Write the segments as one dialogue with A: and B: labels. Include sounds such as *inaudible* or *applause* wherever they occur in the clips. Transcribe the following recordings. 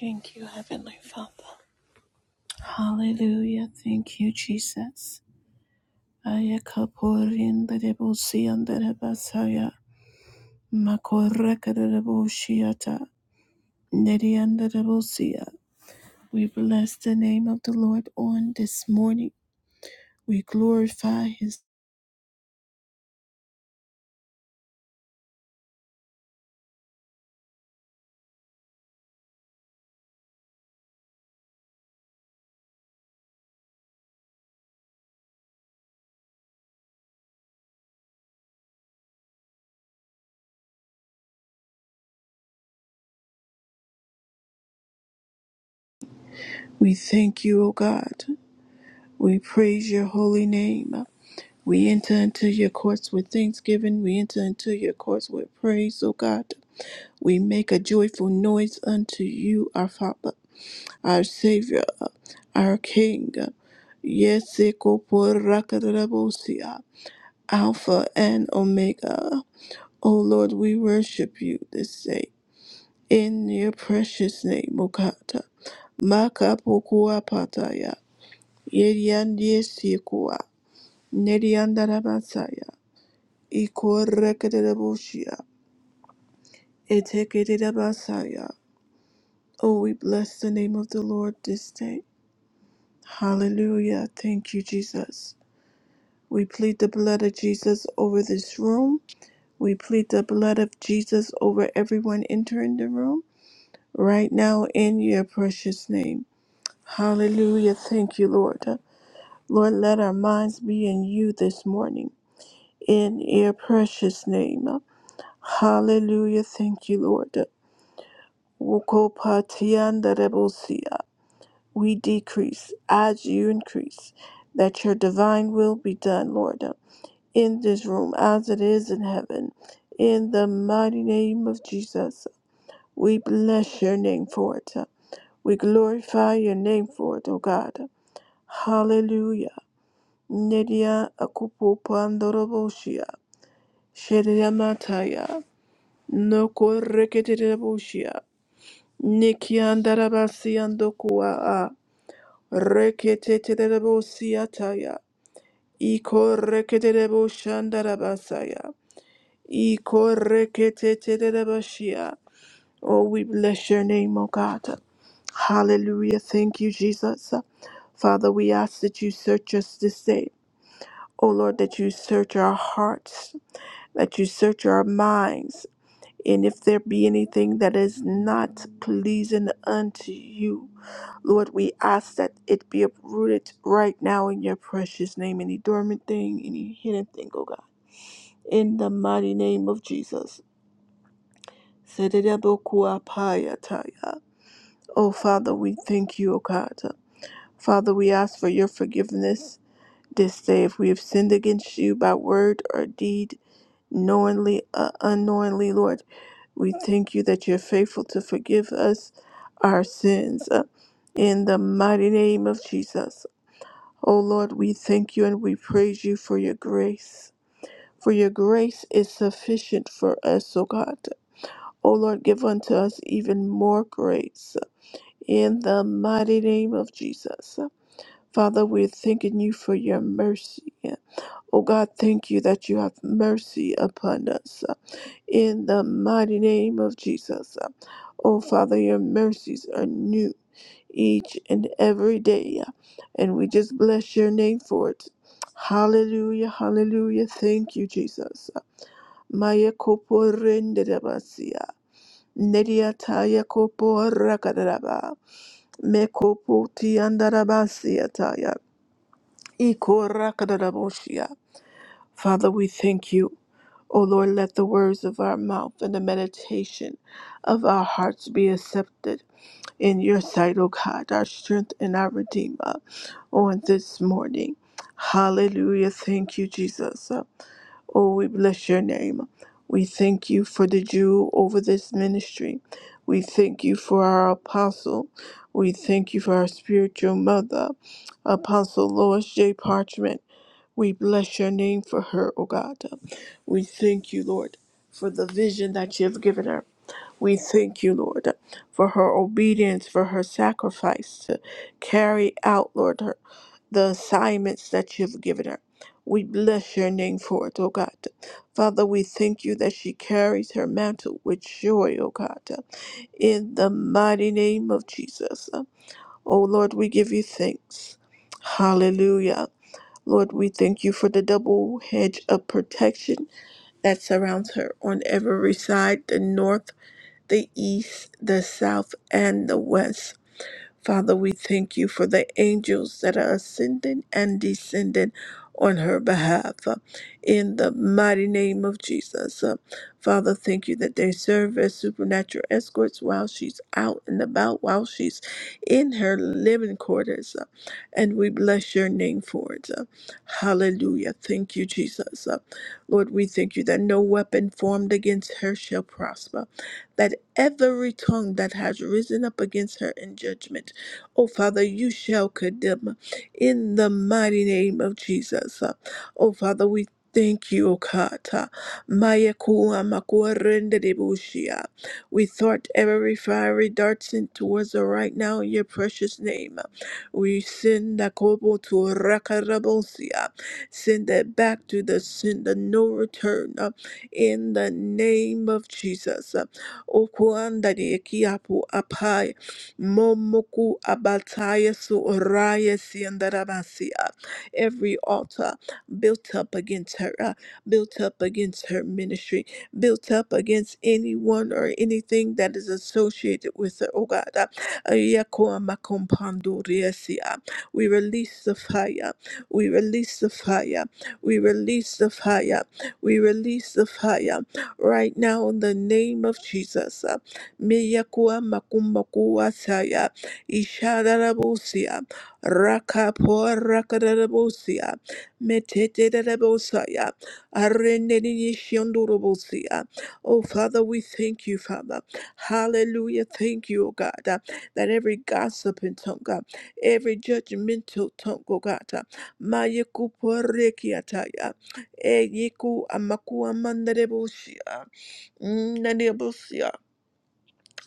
A: Thank you, Heavenly Father. Hallelujah. Thank you, Jesus. Ayakaporin the Debussy and the Rebasaya. Makoraka the Debushiata. Neri and the We bless the name of the Lord on this morning. We glorify his. We thank you, O God. We praise your holy name. We enter into your courts with thanksgiving. We enter into your courts with praise, O God. We make a joyful noise unto you, our Father, our Savior, our King. Yes, Ekoporakarabosia, Alpha and Omega. O Lord, we worship you this day. In your precious name, O God. Makapokuapataya. Yeriandiesikua. Neriandarabasaya. Ikorekerebosia. Etekerabasaya. Oh, we bless the name of the Lord this day. Hallelujah. Thank you, Jesus. We plead the blood of Jesus over this room. We plead the blood of Jesus over everyone entering the room right now in your precious name. Hallelujah. Thank you, Lord. Lord, let our minds be in you this morning in your precious name. Hallelujah. Thank you, Lord. Wokopatiandarebosia. We decrease as you increase. That your divine will be done, Lord. in this room as it is in heaven. In the mighty name of Jesus, we bless your name for it. We glorify your name for it, O God. Hallelujah. Nedia akupu pandoroboshia. Shediamataya. No koreketeboshia. Nikiandarabasiandokua. Reketetebosiataya. Iko reketeboshandarabasaya. Ikoreketetelebashia. Oh, we bless your name, O God. Hallelujah. Thank you, Jesus. Father, we ask that you search us this day. O Lord, that you search our hearts, that you search our minds. And if there be anything that is not pleasing unto you, Lord, we ask that it be uprooted right now in your precious name. Any dormant thing, any hidden thing, O God. In the mighty name of Jesus. Sedidabokuapayataya. Oh, Father, we thank you, O God. Father, we ask for your forgiveness this day if we have sinned against you by word or deed, knowingly, uh, unknowingly, Lord. We thank you that you're faithful to forgive us our sins. Uh, in the mighty name of Jesus. Oh, Lord, we thank you and we praise you for your grace. For your grace is sufficient for us, O God. O Lord, give unto us even more grace in the mighty name of Jesus. Father, we're thanking you for your mercy. Oh God, thank you that you have mercy upon us in the mighty name of Jesus. Oh Father, your mercies are new each and every day, and we just bless your name for it. Hallelujah, hallelujah. Thank you, Jesus. Maya kopo renderabasia. Nedia taya kopo rakadaba. Mekopotiandarabasiataya, ikorakadaraboshia. Father, we thank you. O Lord, let the words of our mouth and the meditation of our hearts be accepted in your sight, O God, our strength and our Redeemer, on this morning. Hallelujah. Thank you, Jesus. Oh, we bless your name. We thank you for the Jew over this ministry. We thank you for our apostle. We thank you for our spiritual mother, Apostle Lois J. Parchment. We bless your name for her, O God. We thank you, Lord, for the vision that you have given her. We thank you, Lord, for her obedience, for her sacrifice to carry out, Lord, her the assignments that you've given her. We bless your name for it, O God. Father, we thank you that she carries her mantle with joy, O God, in the mighty name of Jesus. O Lord, we give you thanks. Hallelujah. Lord, we thank you for the double hedge of protection that surrounds her on every side the north, the east, the south, and the west. Father, we thank you for the angels that are ascending and descending on her behalf uh, in the mighty name of Jesus. Uh, Father, thank you that they serve as supernatural escorts while she's out and about, while she's in her living quarters. Uh, and we bless your name for it. Uh, hallelujah. Thank you, Jesus. Uh, Lord, we thank you that no weapon formed against her shall prosper, that every tongue that has risen up against her in judgment Oh, Father, you shall condemn in the mighty name of Jesus. Oh, Father, we Thank you, O God. Maya kua makua rende de bushia. We thwart every fiery dart sent towards us right now in your precious name. We send the kobo to rakarabosia. Send it back to the sender, no return. uh, In the name of Jesus. O kuanda de kiapu Momoku abataya su oraya siandarabasia. Every altar built up against her, uh, built up against her ministry, built up against anyone or anything that is associated with her, oh God. uh, Ayakoa makompandoria sia. We release the fire. We release the fire. We release the fire. We release the fire right now in the name of Jesus. uh, Meyakua makumakua saya ishadarabusia rakapo rakadarabusia metetedabosaya arenenishiondurubusia. Oh Father, we thank you, Father. Hallelujah. Thank you, O God, uh, that every gossiping tongue, God, every judgmental tongue, O God, uh, mayakuporekiataya, eyiku amakuamandarebusia,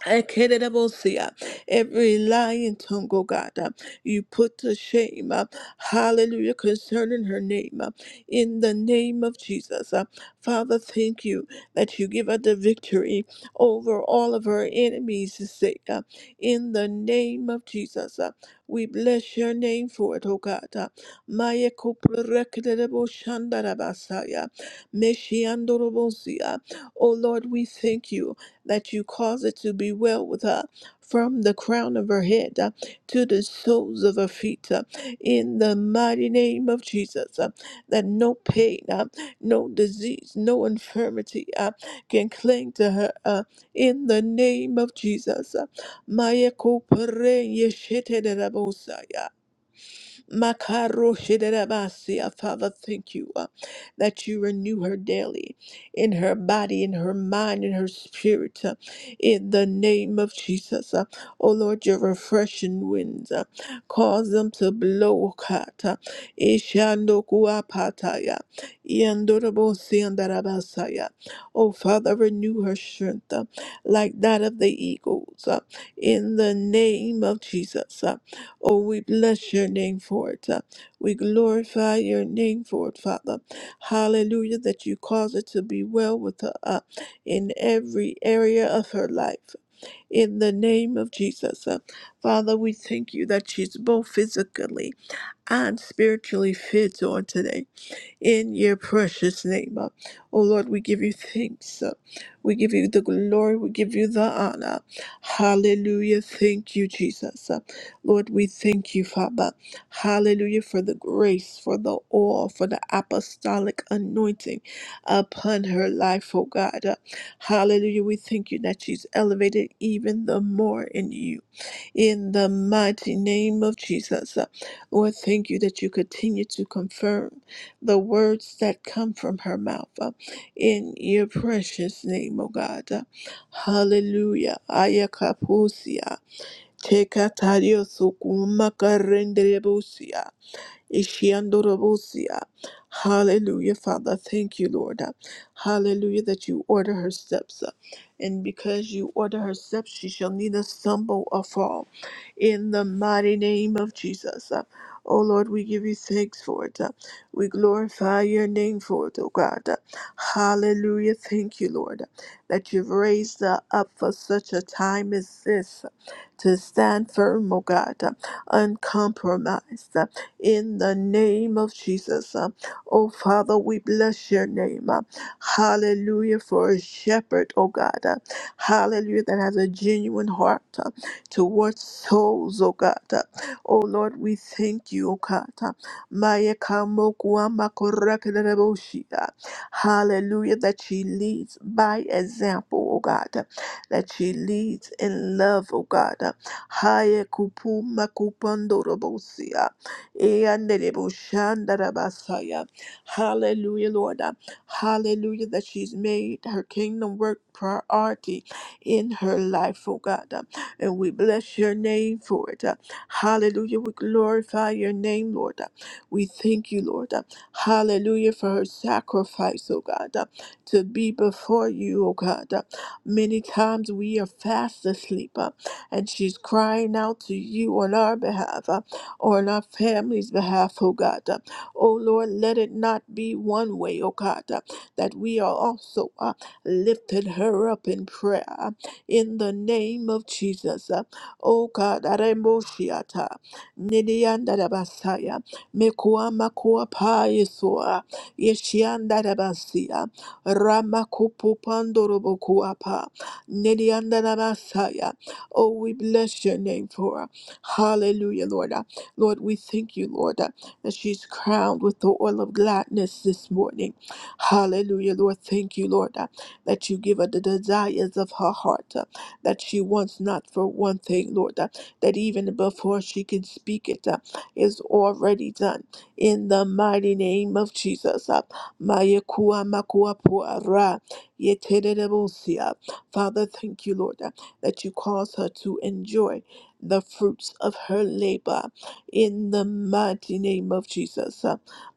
A: Ekeredebosia, Every lying tongue, oh God, uh, you put to shame. uh, Hallelujah, concerning her name. uh, In the name of Jesus. uh, Father, thank you that you give her the victory over all of her enemies' sake. uh, In the name of Jesus. uh, We bless your name for it, oh God. uh, Maya Kuprekedeboshandarabasaya, Meshiandorobosia. Oh Lord, we thank you that you cause it to be well with her from the crown of her head uh, to the soles of her feet uh, in the mighty name of Jesus. uh, that no pain, uh, no disease, no infirmity uh, can cling to her uh, in the name of Jesus. Uh, Maya kupere yeshete de rabosaya. Makaro Shiderabasia. Father, thank you uh, that you renew her daily in her body, in her mind, in her spirit. uh, in the name of Jesus. Uh, oh Lord, your refreshing winds uh, cause them to blow. Kata. Ishandokuapataya. Iandorobosiandarabasaya. Oh Father, renew her strength uh, like that of the eagles. uh, in the name of Jesus. uh. Oh, we bless your name for it. uh, We glorify your name for it, Father. Hallelujah, that you cause it to be well with her uh, in every area of her life. In the name of Jesus. uh, Father, we thank you that she's both physically and spiritually fit on today in your precious name. Uh, Oh Lord, we give you thanks. Uh, We give you the glory. We give you the honor. Hallelujah. Thank you, Jesus. Uh, Lord, we thank you, Father. Hallelujah for the grace, for the oil, for the apostolic anointing upon her life, oh God. Uh, Hallelujah. We thank you that she's elevated even the more in you. In the mighty name of Jesus, Uh, Lord, thank you that you continue to confirm the words that come from her mouth uh, in your precious name, O God. Uh, Hallelujah. Ayakapusia. Tekatario sukuma Ishiandorobosia. Hallelujah, Father. Thank you, Lord. Hallelujah, that you order her steps. uh, And because you order her steps, she shall neither stumble or fall. In the mighty name of Jesus. uh, Oh Lord, we give you thanks for it. uh, We glorify your name for it, oh God. Hallelujah. Thank you, Lord, that you've raised her up for such a time as this to stand firm, O God, uncompromised in the name of Jesus. Uh, Oh, Father, we bless your name. Uh, Hallelujah for a shepherd, oh God. Uh, Hallelujah that has a genuine heart uh, towards souls, oh God. Uh, Oh, Lord, we thank you, oh God. Uh, Maya kamokwa makorakareboshi, uh, Hallelujah that she leads by example, oh God. Uh, That she leads in love, oh God. Uh, Haya kupu makupandorobosi. uh, Eyandelebushandarabasaya. Hallelujah, Lord. Uh, Hallelujah, that she's made her kingdom work priority in her life, oh God. Uh, And we bless your name for it. Uh, Hallelujah, we glorify your name, Lord. Uh, We thank you, Lord. Uh, Hallelujah, for her sacrifice, oh God, uh, to be before you, oh God. Uh, Many times we are fast asleep, uh, and she's crying out to you on our behalf or on our family's behalf, oh God. Oh Lord, let it not be one way, oh God, that we are also uh, lifted her up in prayer uh, in the name of Jesus. uh, Oh God, Aremboshiata, Nidiandarabasaya, Mekuamakuapa Yesua, Yeshiandarabasia, Ramakupupandorobokuapa, Nidiandarabasaya. Oh, we bless your name for her. Hallelujah, Lord. Lord, we thank you, Lord, uh, that she's crowned with the oil of gladness this morning. Hallelujah, Lord. Thank you, Lord, uh, that you give her the desires of her heart, uh, that she wants not for one thing, Lord, uh, that even before she can speak it uh, is already done. In the mighty name of Jesus. Uh, Mayekua makua puara, yeterebosia. Father, thank you, Lord, uh, that you cause her to enjoy the fruits of her labor in the mighty name of Jesus.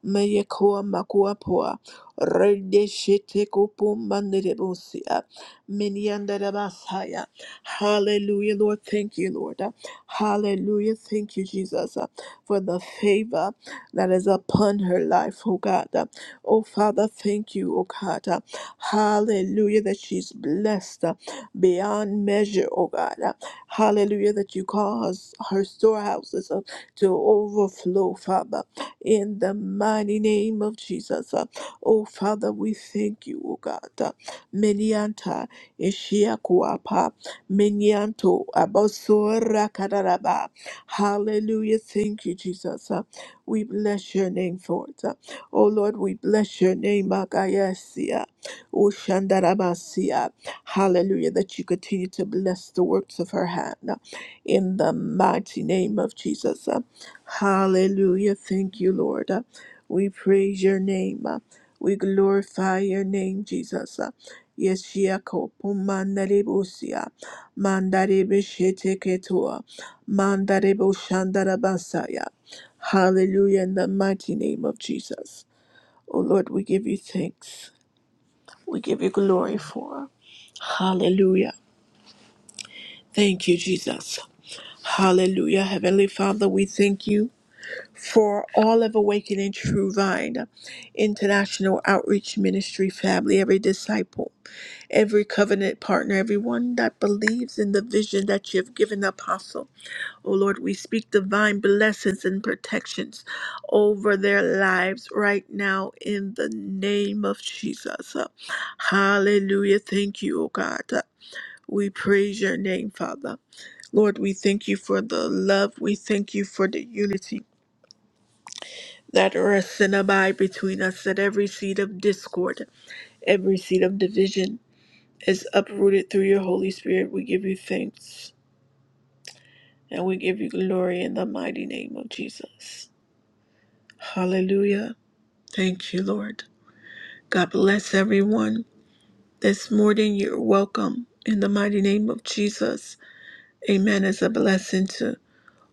A: Meyekoa makuapua, redeshete kupu manderebusia, miniandarabasaya. Hallelujah, Lord. Thank you, Lord. Hallelujah. Thank you, Jesus, uh, for the favor that is upon her life, oh God. Uh, Oh Father, thank you, oh God. Uh, Hallelujah, that she's blessed uh, beyond measure, oh God. Uh, Hallelujah, that you cause her storehouses to overflow, Father, in the mighty name of Jesus. Uh, Oh, Father, we thank you, oh God. Uh, Menianta, Ishiakuapa, Menianto, Abosora Kadaraba. Hallelujah. Thank you, Jesus. Uh, We bless your name for it. Uh, Oh, Lord, we bless your name, Magayasia, Ushandarabasia. Hallelujah, that you continue to bless the works of her hand in the mighty name of Jesus. Uh, Hallelujah. Thank you, Lord. Uh, We praise your name. Uh, We glorify your name, Jesus. Uh, Yeshia kopo mandare busia, mandare beshete ketua, mandare boshandara basaya. Hallelujah in the mighty name of Jesus. Oh Lord, we give you thanks. We give you glory for. Hallelujah. Thank you, Jesus. Hallelujah. Heavenly Father, we thank you for all of Awakening True Vine, International Outreach Ministry family, every disciple, every covenant partner, everyone that believes in the vision that you have given Apostle. Oh Lord, we speak divine blessings and protections over their lives right now in the name of Jesus. Hallelujah. Thank you, oh God. We praise your name, Father. Lord, we thank you for the love. We thank you for the unity that rests and abide between us, that every seed of discord, every seed of division is uprooted through your Holy Spirit. We give you thanks and we give you glory in the mighty name of Jesus. Hallelujah. Thank you, Lord. God bless everyone. This morning, you're welcome in the mighty name of Jesus. Amen. It's a blessing to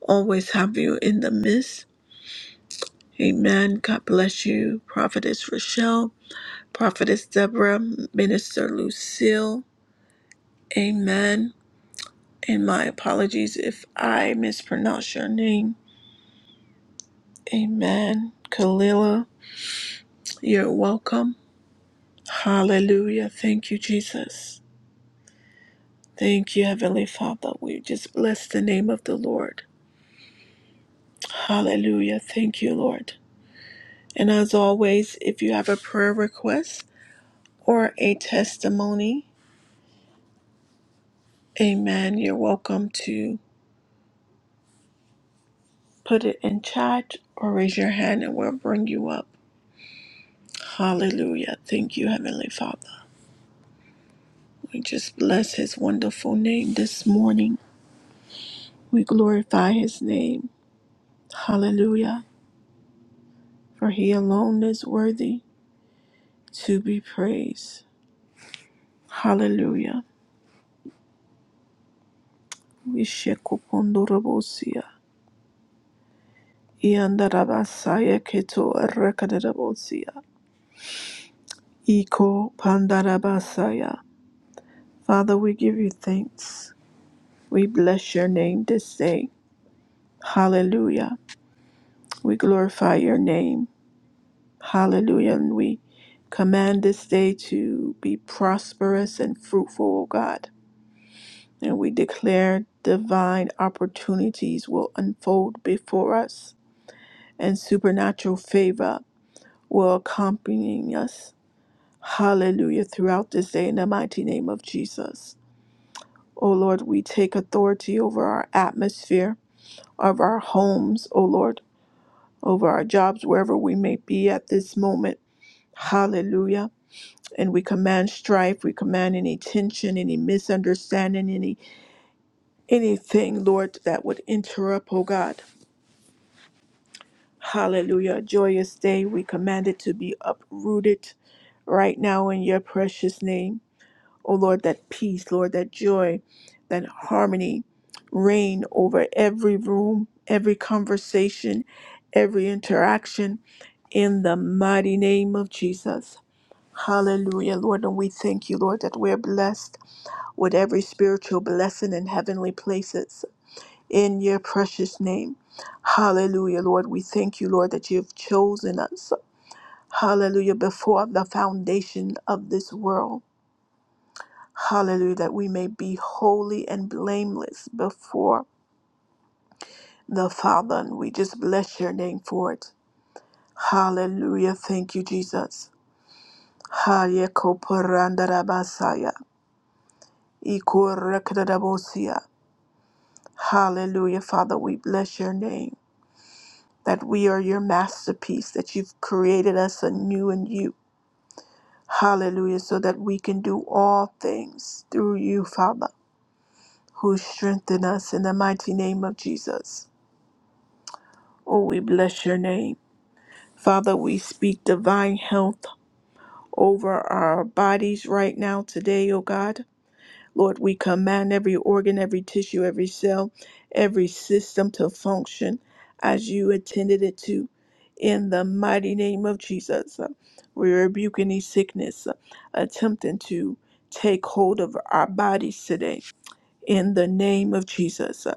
A: always have you in the midst. Amen. God bless you, Prophetess Rochelle, Prophetess Deborah, Minister Lucille. Amen. And my apologies if I mispronounce your name. Amen. Kalila, you're welcome. Hallelujah. Thank you, Jesus. Thank you, Heavenly Father. We just bless the name of the Lord. Hallelujah. Thank you, Lord. And as always, if you have a prayer request or a testimony, amen, you're welcome to. Put it in chat or raise your hand and we'll bring you up. Hallelujah. Thank you, Heavenly Father. We just bless his wonderful name this morning. We glorify his name. Hallelujah. For he alone is worthy to be praised. Hallelujah. We shekupondorobosia. Iandarabasaya keto erekaderabosia. Iko pandarabasaya. Father, we give you thanks. We bless your name this day. Hallelujah. We glorify your name. Hallelujah. And we command this day to be prosperous and fruitful, O God. And we declare divine opportunities will unfold before us and supernatural favor will accompany us. Hallelujah. Throughout this day, in the mighty name of Jesus. O Lord, we take authority over our atmosphere, of our homes, O Lord, over our jobs, wherever we may be at this moment. Hallelujah. And we command strife, we command any tension, any misunderstanding, any anything, Lord, that would interrupt, oh God. Hallelujah. A joyous day. We command it to be uprooted right now in your precious name. Oh Lord, that peace, Lord, that joy, that harmony reign over every room, every conversation, every interaction in the mighty name of Jesus. Hallelujah, Lord. And we thank you, Lord, that we're blessed with every spiritual blessing in heavenly places in your precious name. Hallelujah, Lord. We thank you, Lord, that you've chosen us. Hallelujah, before the foundation of this world. Hallelujah, that we may be holy and blameless before the Father. And we just bless your name for it. Hallelujah. Thank you, Jesus. Hallelujah. Hallelujah, Father, we bless your name, that we are your masterpiece, that you've created us anew in you. Hallelujah, so that we can do all things through you, Father, who strengthen us in the mighty name of Jesus. Oh, we bless your name. Father, we speak divine health over our bodies right now today, oh God. Lord, we command every organ, every tissue, every cell, every system to function as you intended it to. In the mighty name of Jesus, Uh, we rebuke any sickness uh, attempting to take hold of our bodies today in the name of Jesus.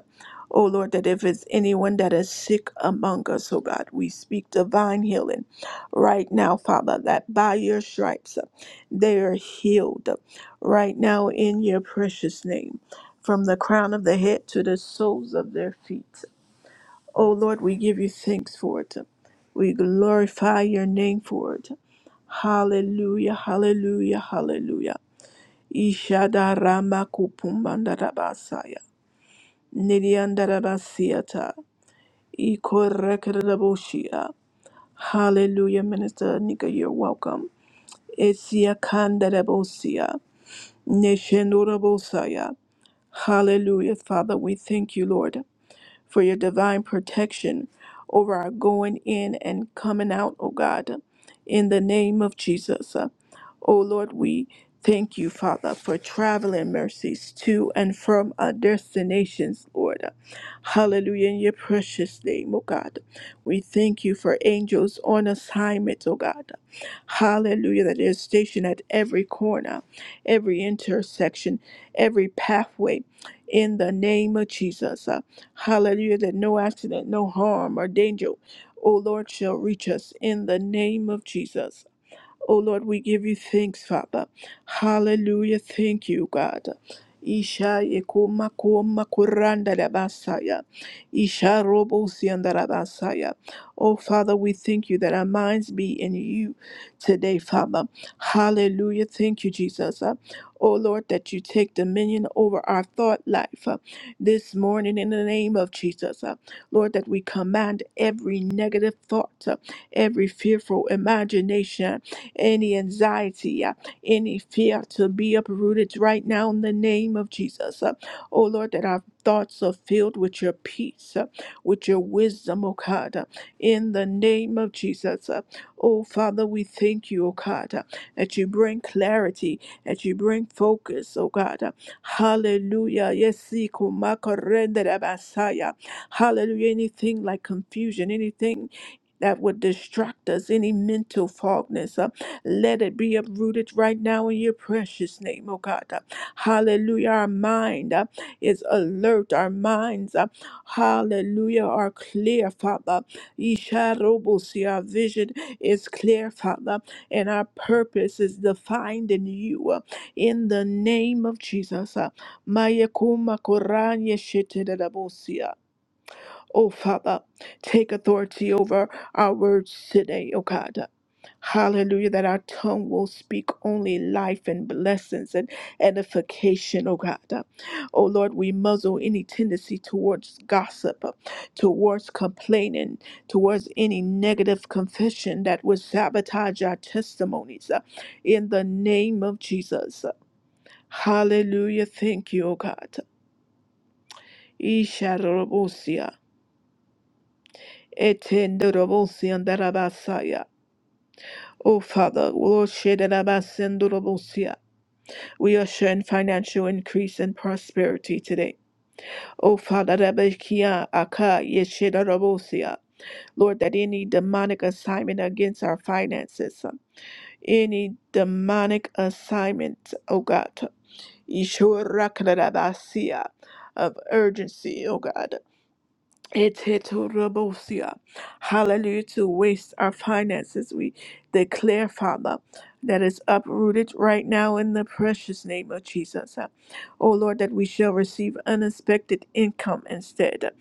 A: Oh Lord, that if it's anyone that is sick among us, oh God, we speak divine healing right now, Father, that by your stripes uh, they are healed uh, right now in your precious name, from the crown of the head to the soles of their feet. Oh Lord, we give you thanks for it. We glorify your name for it. Hallelujah, hallelujah, hallelujah. Ishadarama Nidiandarabasiata. Ikorekaraboshia. Hallelujah, Minister Nika, you're welcome. Esiakandarabosia. Neshendorabosaya. Hallelujah, Father, we thank you, Lord for your divine protection over our going in and coming out, O God, in the name of Jesus. O Lord, we thank you, Father, for traveling mercies to and from our destinations, Lord. Hallelujah, in your precious name, O God. We thank you for angels on assignment, O God. Hallelujah, that they're stationed at every corner, every intersection, every pathway, in the name of Jesus. Hallelujah, that no accident, no harm or danger, O Lord, shall reach us in the name of Jesus. Oh Lord, we give you thanks, Father. Hallelujah. Thank you, God. Isha yekoma koma kuranda da basaya. Isha robo sianda da basaya. Oh Father, we thank you that our minds be in you today, Father. Hallelujah. Thank you, Jesus. Uh, Oh Lord, that you take dominion over our thought life uh, this morning in the name of Jesus. Uh, Lord, that we command every negative thought, uh, every fearful imagination any anxiety, uh, any fear to be uprooted right now in the name of Jesus. Uh, Oh Lord, that our thoughts are filled with your peace, uh, with your wisdom, oh God, uh, in the name of Jesus. Uh, Oh Father, we thank you, oh God, uh, that you bring clarity, that you bring focus, oh God. Uh, Hallelujah. Yes, see, kumakorendere basaya. hallelujah. Anything like confusion, anything that would distract us, any mental fogness. uh, let it be uprooted right now in your precious name, oh God. Hallelujah. Our mind uh, is alert. Our minds, uh, hallelujah, are clear, Father. Isharobosi, Our vision is clear, Father, and our purpose is defined in you. uh, In the name of Jesus. uh. Mayakuma Koranye Oh, Father, take authority over our words today, oh God. Hallelujah, that our tongue will speak only life and blessings and edification, oh God. Oh Lord, we muzzle any tendency towards gossip, towards complaining, towards any negative confession that would sabotage our testimonies uh, in the name of Jesus. Hallelujah, thank you, oh God. Etendorobosi andarabasaya. Oh, Father, Lord, shedarabasendurobosia. we usher in financial increase and prosperity today. Oh, Father, rabekia aka yeshedarabosia. Lord, that any demonic assignment against our finances, uh, any demonic assignment, oh God, yeshorakadarabasiya, of urgency, oh God. Etetorobosia. Hallelujah to waste our finances. We declare, Father, that is uprooted right now in the precious name of Jesus. Oh Lord, that we shall receive unexpected income instead,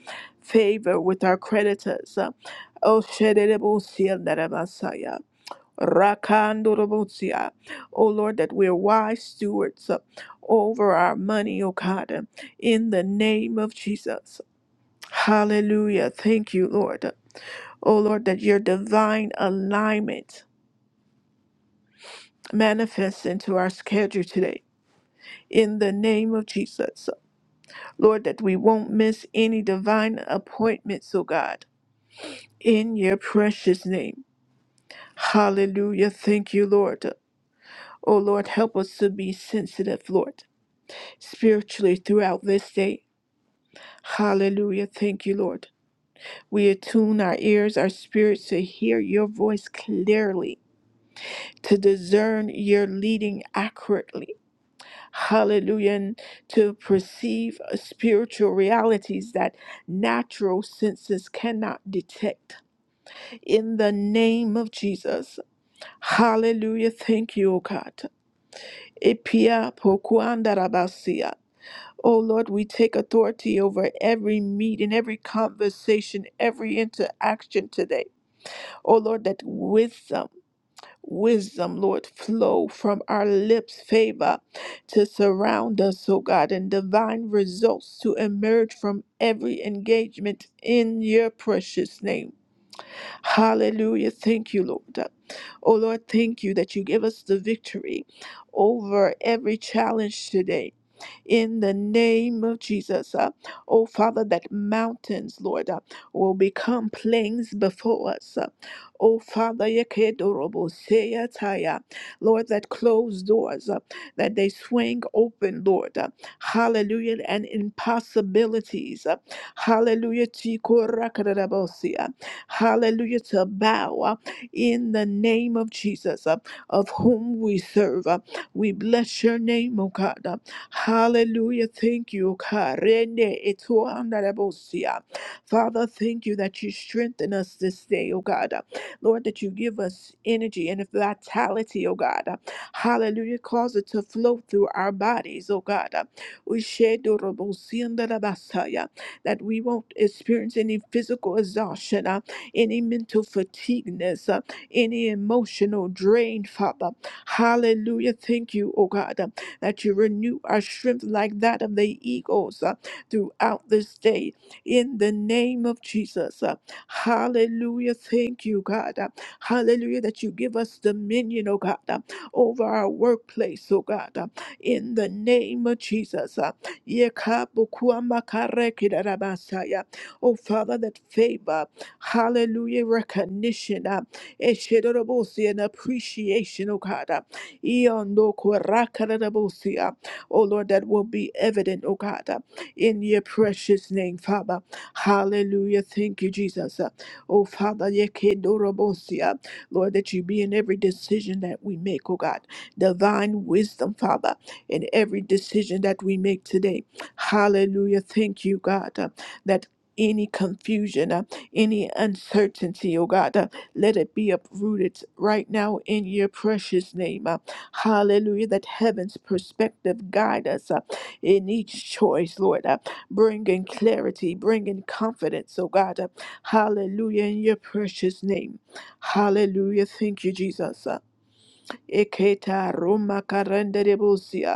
A: favor with our creditors. Oh Shedebosia Narabasaya. Rakandorobosia. Oh Lord, that we're wise stewards over our money, oh God, in the name of Jesus. Hallelujah. Thank you, Lord. Oh, Lord, that your divine alignment manifests into our schedule today. In the name of Jesus, Lord, that we won't miss any divine appointments, oh God, in your precious name. Hallelujah. Thank you, Lord. Oh, Lord, help us to be sensitive, Lord, spiritually throughout this day. Hallelujah. Thank you, Lord. We attune our ears, our spirits to hear your voice clearly to discern your leading accurately. Hallelujah. And to perceive uh, spiritual realities that natural senses cannot detect. In the name of Jesus. Hallelujah. Thank you, O God. Epia pokuandarabasia. Oh Lord, we take authority over every meeting, every conversation, every interaction today. Oh Lord, that wisdom. wisdom, Lord, flow from our lips, favor to surround us, oh God, and divine results to emerge from every engagement in your precious name. Hallelujah. Thank you, Lord. Oh Lord, thank you that you give us the victory over every challenge today in the name of Jesus. Uh, oh, Father, that mountains, Lord, uh, will become plains before us. Uh, oh, Father, yekedoroboseyataya. Lord, that closed doors, uh, that they swing open, Lord. Uh, hallelujah, and impossibilities. Uh, hallelujah, tikorakadarabosi, uh, hallelujah, to bow uh, in the name of Jesus, uh, of whom we serve. Uh, we bless your name, O God. Uh, Hallelujah. Thank you. Karene etoandarabosia. Father, thank you that you strengthen us this day, oh God. Lord, that you give us energy and vitality, oh God. Hallelujah. Cause it to flow through our bodies, oh God. We share shedorobosiandarabasaya. That we won't experience any physical exhaustion, uh, any mental fatigueness, uh, any emotional drain, Father. Hallelujah. Thank you, oh God that you renew our strength like that of the eagles uh, throughout this day in the name of Jesus. uh, Hallelujah. Thank you, God. uh, Hallelujah. That you give us dominion, oh God, uh, over our workplace, oh God, uh, in the name of Jesus. uh, Yekabukuamakarekidarabasaya. Oh Father, that favor, hallelujah, recognition, uh, eshedorobosi, and appreciation, oh God. uh, Iondo korakarabosia. Oh Lord, that will be evident, oh God, uh, in your precious name, Father. Hallelujah. Thank you, Jesus. Uh, Oh Father, yekedorobosia. Lord, that you be in every decision that we make, oh God. Divine wisdom, Father, in every decision that we make today. Hallelujah. Thank you, God, uh, that any confusion, uh, any uncertainty, oh God, uh, let it be uprooted right now in your precious name. Uh, Hallelujah. That heaven's perspective guide us uh, in each choice, Lord, uh, bringing clarity, bringing confidence, oh God. uh, hallelujah. In your precious name. Hallelujah. Thank you, Jesus. uh. Eketa Roma Karenderebosia.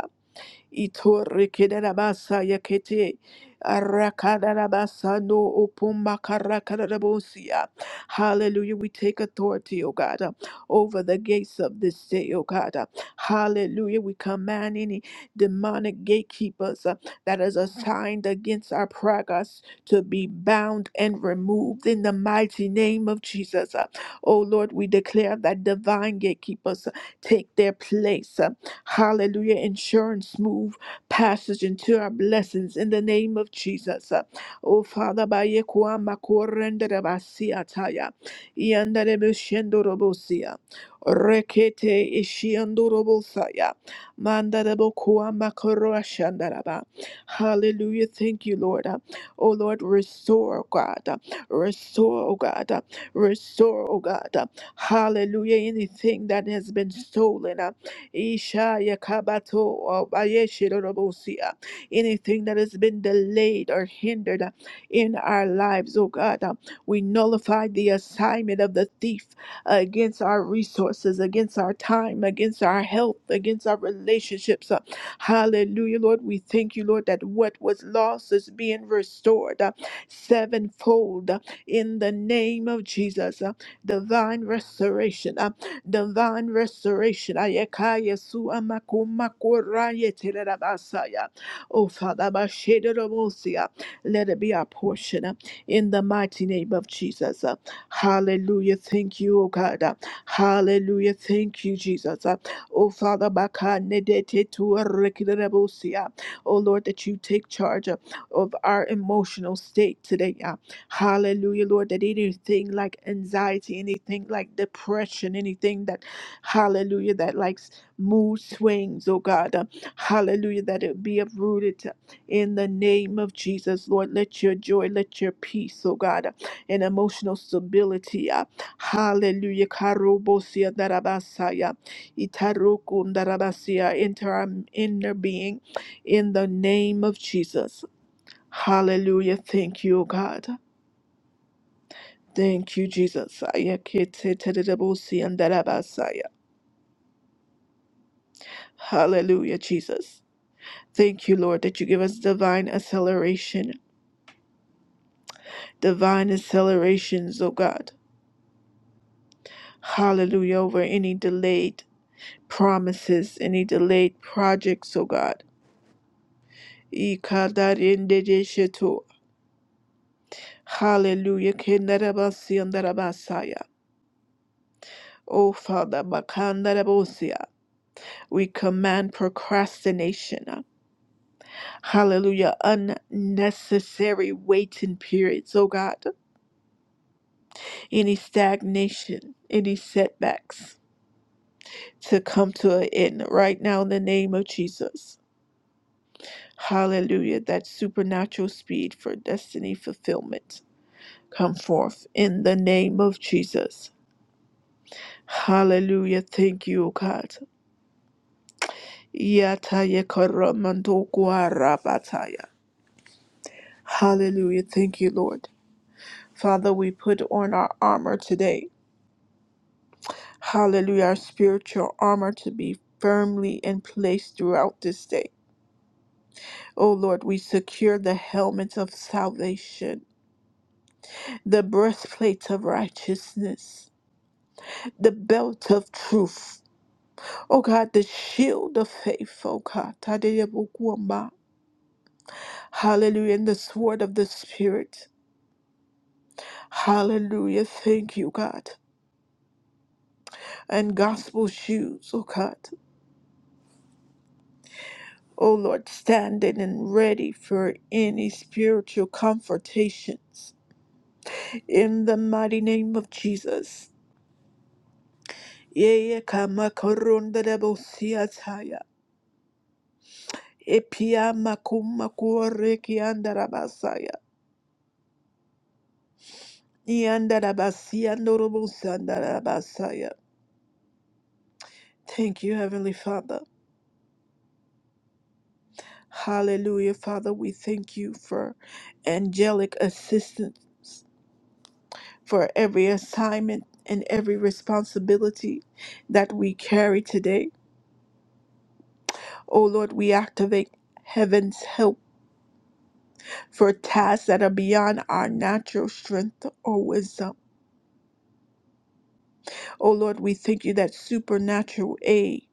A: Itorikidarabasaya kete. Arakadarabasano upumakarakadarabosea. Hallelujah. We take authority, O God, uh, over the gates of this day, O God. uh. Hallelujah. We command any demonic gatekeepers uh, that is assigned against our progress to be bound and removed in the mighty name of Jesus. uh. O Lord, we declare that divine gatekeepers uh, take their place. Hallelujah. Insurance move passage into our blessings in the name of Jesus. Oh Father, by Yekuama Korendabasiataya. Yandarebushendorobosia. Rekete Ishiandorobosaya. Mandarebokuama Koroshandaraba. Hallelujah. Thank you, Lord. Oh Lord, restore, God. Restore, oh God. Restore, oh God. Hallelujah. Anything that has been stolen. uh. Isha Yakabato Abayeshirabosia. Anything that has been delayed or hindered uh, in our lives, oh God, uh, we nullify the assignment of the thief uh, against our resources, against our time, against our health, against our relationships. uh, Hallelujah, Lord. We thank you, Lord, that what was lost is being restored uh, sevenfold uh, in the name of Jesus. uh, Divine restoration. Uh, divine restoration. Ayakaya su amakumakuraya telerabasaya. Oh, Father, abashederobosia. let it be our portion uh, in the mighty name of Jesus. Uh, Hallelujah. Thank you, oh God. Uh, Hallelujah. Thank you, Jesus. Uh, Oh, Father, bakanedetetuarekiderebosia. oh Lord, that you take charge uh, of our emotional state today. uh. Hallelujah, Lord, that anything like anxiety, anything like depression, anything that, hallelujah, that like s- mood swings, oh God, uh, hallelujah, that it be uprooted uh, in the name of Jesus, Lord. Let your joy, let your peace, oh God, uh, and emotional stability, uh, hallelujah, karobosia darabasaya, itarokun darabasia, enter our inner being in the name of Jesus. Hallelujah. Thank you, oh God. Thank you, Jesus. Aya kete tedebosi andarabasaya. Hallelujah, Jesus. Thank you, Lord, that you give us divine acceleration, divine accelerations, oh God. Hallelujah, over any delayed promises, any delayed projects, oh God. Ikadarindedeshetu. Hallelujah. kendarabasi andarabasaya. Oh Father, makandarabosiya. we command procrastination. Hallelujah. Unnecessary waiting periods, oh God. Any stagnation, any setbacks to come to an end right now in the name of Jesus. Hallelujah. That supernatural speed for destiny fulfillment come forth in the name of Jesus. Hallelujah. Thank you, oh God. Yataya karamandokwa rabataya. Hallelujah. Thank you, Lord. Father, we put on our armor today Hallelujah, our spiritual armor to be firmly in place throughout this day. O Lord, we secure the helmet of salvation, the breastplate of righteousness, the belt of truth. O God, the shield of faith, O God. Tadeyebokwamba. Hallelujah, and the sword of the Spirit. Hallelujah, thank you, God. And gospel shoes, O God. O Lord, standing and ready for any spiritual confrontations. In the mighty name of Jesus. Yeye kama koronda da bosia taya. Epia makuma kuore kianda rabasaya. Ianda rabasia norobosanda rabasaya. Thank you, Heavenly Father. Hallelujah, Father. We thank you for angelic assistance for every assignment and every responsibility that we carry today. Oh Lord, we activate heaven's help for tasks that are beyond our natural strength or wisdom. Oh Lord, we thank you that supernatural aid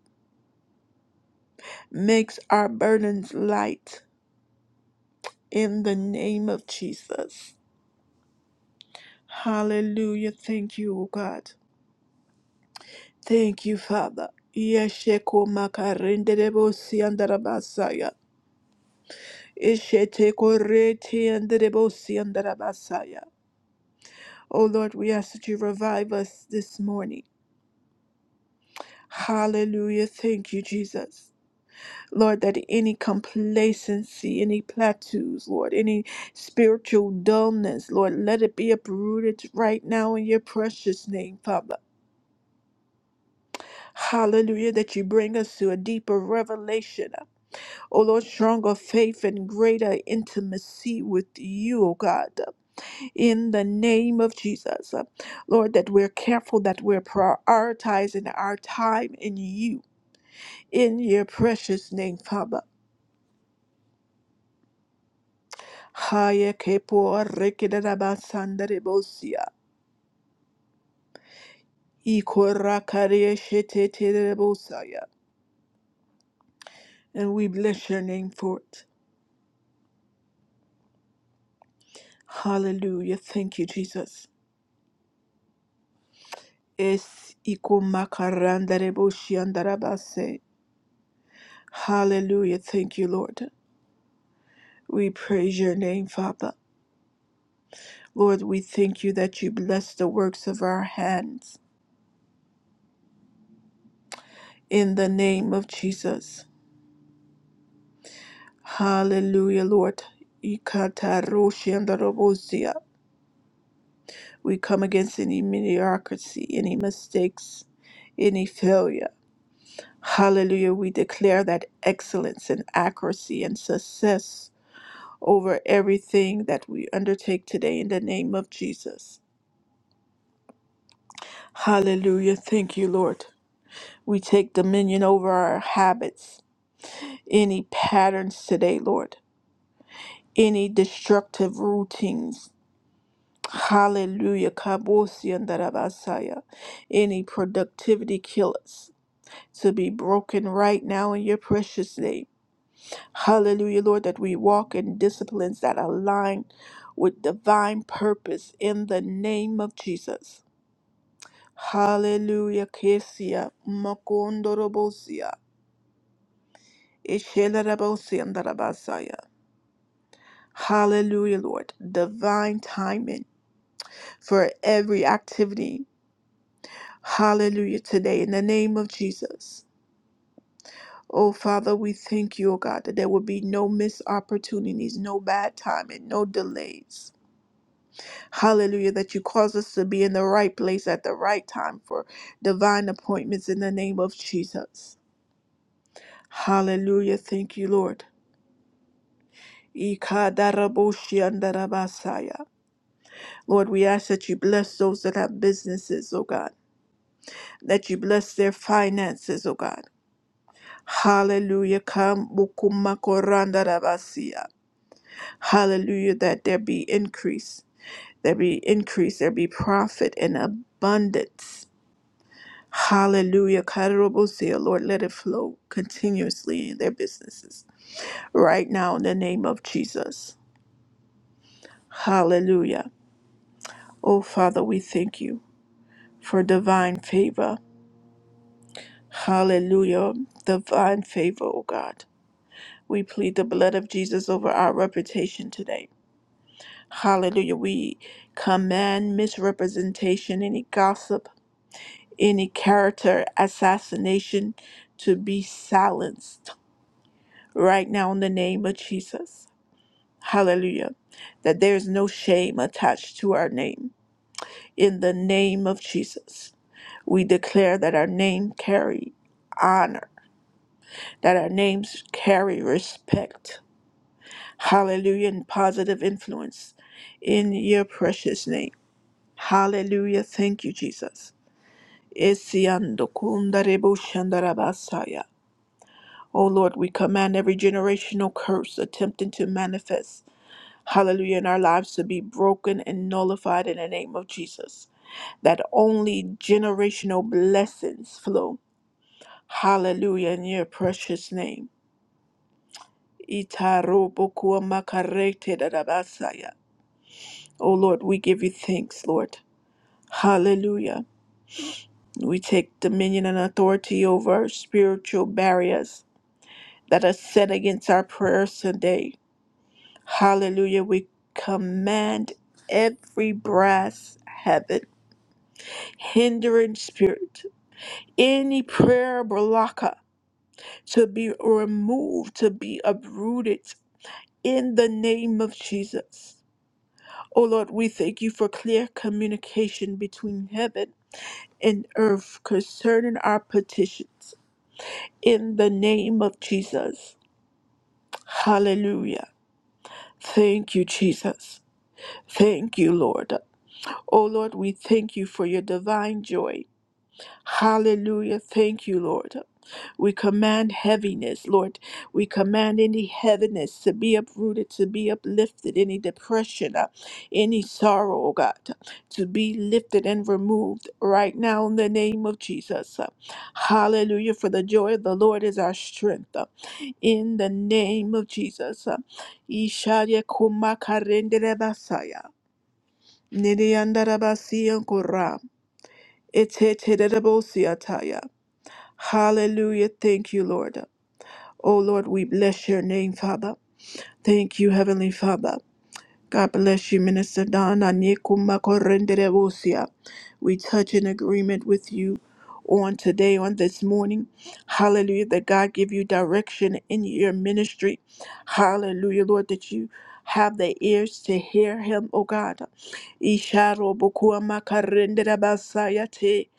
A: makes our burdens light in the name of Jesus. Hallelujah. Thank you, O God. Thank you, Father. Yesheko makarende debo siandarabasaya. Ishete korete anderebosi andarabasaya. Oh Lord, we ask that you revive us this morning. Hallelujah. Thank you, Jesus. Lord, that any complacency, any plateaus, Lord, any spiritual dullness, Lord, let it be uprooted right now in your precious name, Father. Hallelujah, that you bring us to a deeper revelation. Oh Lord, stronger faith and greater intimacy with you, oh God. in the name of Jesus. Lord, that we're careful, that we're prioritizing our time in you, in your precious name, Father. Haya kepo rekedaba sandarebosia, ikorakaria sheteterebosaya. And we bless your name for it. Hallelujah. Thank you, Jesus. Es ikumakarandare boshiandarabase. Hallelujah. Thank you, Lord. We praise your name, Father. Lord, we thank you that you bless the works of our hands. In the name of Jesus. Hallelujah, Lord. Ikataroshiandarabosia. We come against any mediocrity, any mistakes, any failure. Hallelujah. We declare that excellence and accuracy and success over everything that we undertake today in the name of Jesus. Hallelujah. Thank you, Lord. We take dominion over our habits any patterns today, Lord, any destructive routines. Hallelujah. Kabosiandarabasaya. Any productivity killers to be broken right now in your precious name. Hallelujah, Lord, that we walk in disciplines that align with divine purpose in the name of Jesus. Hallelujah. Kesia. Makondorobosia. Ishelarabosia Hallelujah, Lord. Divine timing for every activity. Hallelujah, today in the name of Jesus. Oh, Father, we thank you, oh God, that there will be no missed opportunities, no bad timing, no delays. Hallelujah, that you cause us to be in the right place at the right time for divine appointments in the name of Jesus. Hallelujah, thank you, Lord. Ikadaraboshiandarabasaya. Lord, we ask that you bless those that have businesses, oh God. that you bless their finances, oh God. Hallelujah. Come Bukuma Koranda rabasia. Hallelujah. That there be increase. There be increase. There be profit and abundance. Hallelujah. Karabosia. Lord, let it flow continuously in their businesses. Right now, in the name of Jesus. Hallelujah. Oh Father, we thank you for divine favor. Hallelujah. Divine favor, oh God. We plead the blood of Jesus over our reputation today. Hallelujah. We command misrepresentation, any gossip, any character assassination to be silenced right now in the name of Jesus. Hallelujah. That there is no shame attached to our name. In the name of Jesus, we declare that our name carry honor, that our names carry respect Hallelujah. And positive influence in your precious name. Hallelujah. Thank you, Jesus. Esiandokundarebushandarabasaya. Oh Lord, we command every generational curse attempting to manifest, hallelujah, in our lives to be broken and nullified in the name of Jesus. That only generational blessings flow, hallelujah, in your precious name. Itarobokuamakarete darabasaya. Oh Lord, we give you thanks, Lord. Hallelujah. We take dominion and authority over spiritual barriers that are set against our prayers today. Hallelujah. We command every brass heaven, hindering spirit, any prayer blocker to be removed, to be uprooted in the name of Jesus. Oh Lord, we thank you for clear communication between heaven and earth concerning our petitions. in the name of Jesus. Hallelujah. Thank you, Jesus. Thank you, Lord. Oh, Lord, we thank you for your divine joy. Hallelujah. Thank you, Lord. We command heaviness, Lord. We command any heaviness to be uprooted, to be uplifted, any depression, uh, any sorrow, oh God, to be lifted and removed right now in the name of Jesus. Uh, Hallelujah. For the joy of the Lord is our strength. Uh, In the name of Jesus. Uh, Ishaya kuma basaya. Nidiandarabasi ankora. Eteterebosiataya. Hallelujah. Thank you, Lord. Oh, Lord, we bless your name, Father. Thank you, Heavenly Father. God bless you, Minister Donna Nikuma Korenderebosia. We touch in agreement with you on today, on this morning. Hallelujah, that God give you direction in your ministry. Hallelujah, Lord, that you have the ears to hear him, Oh God. Isharo bokuama karendera basaya te.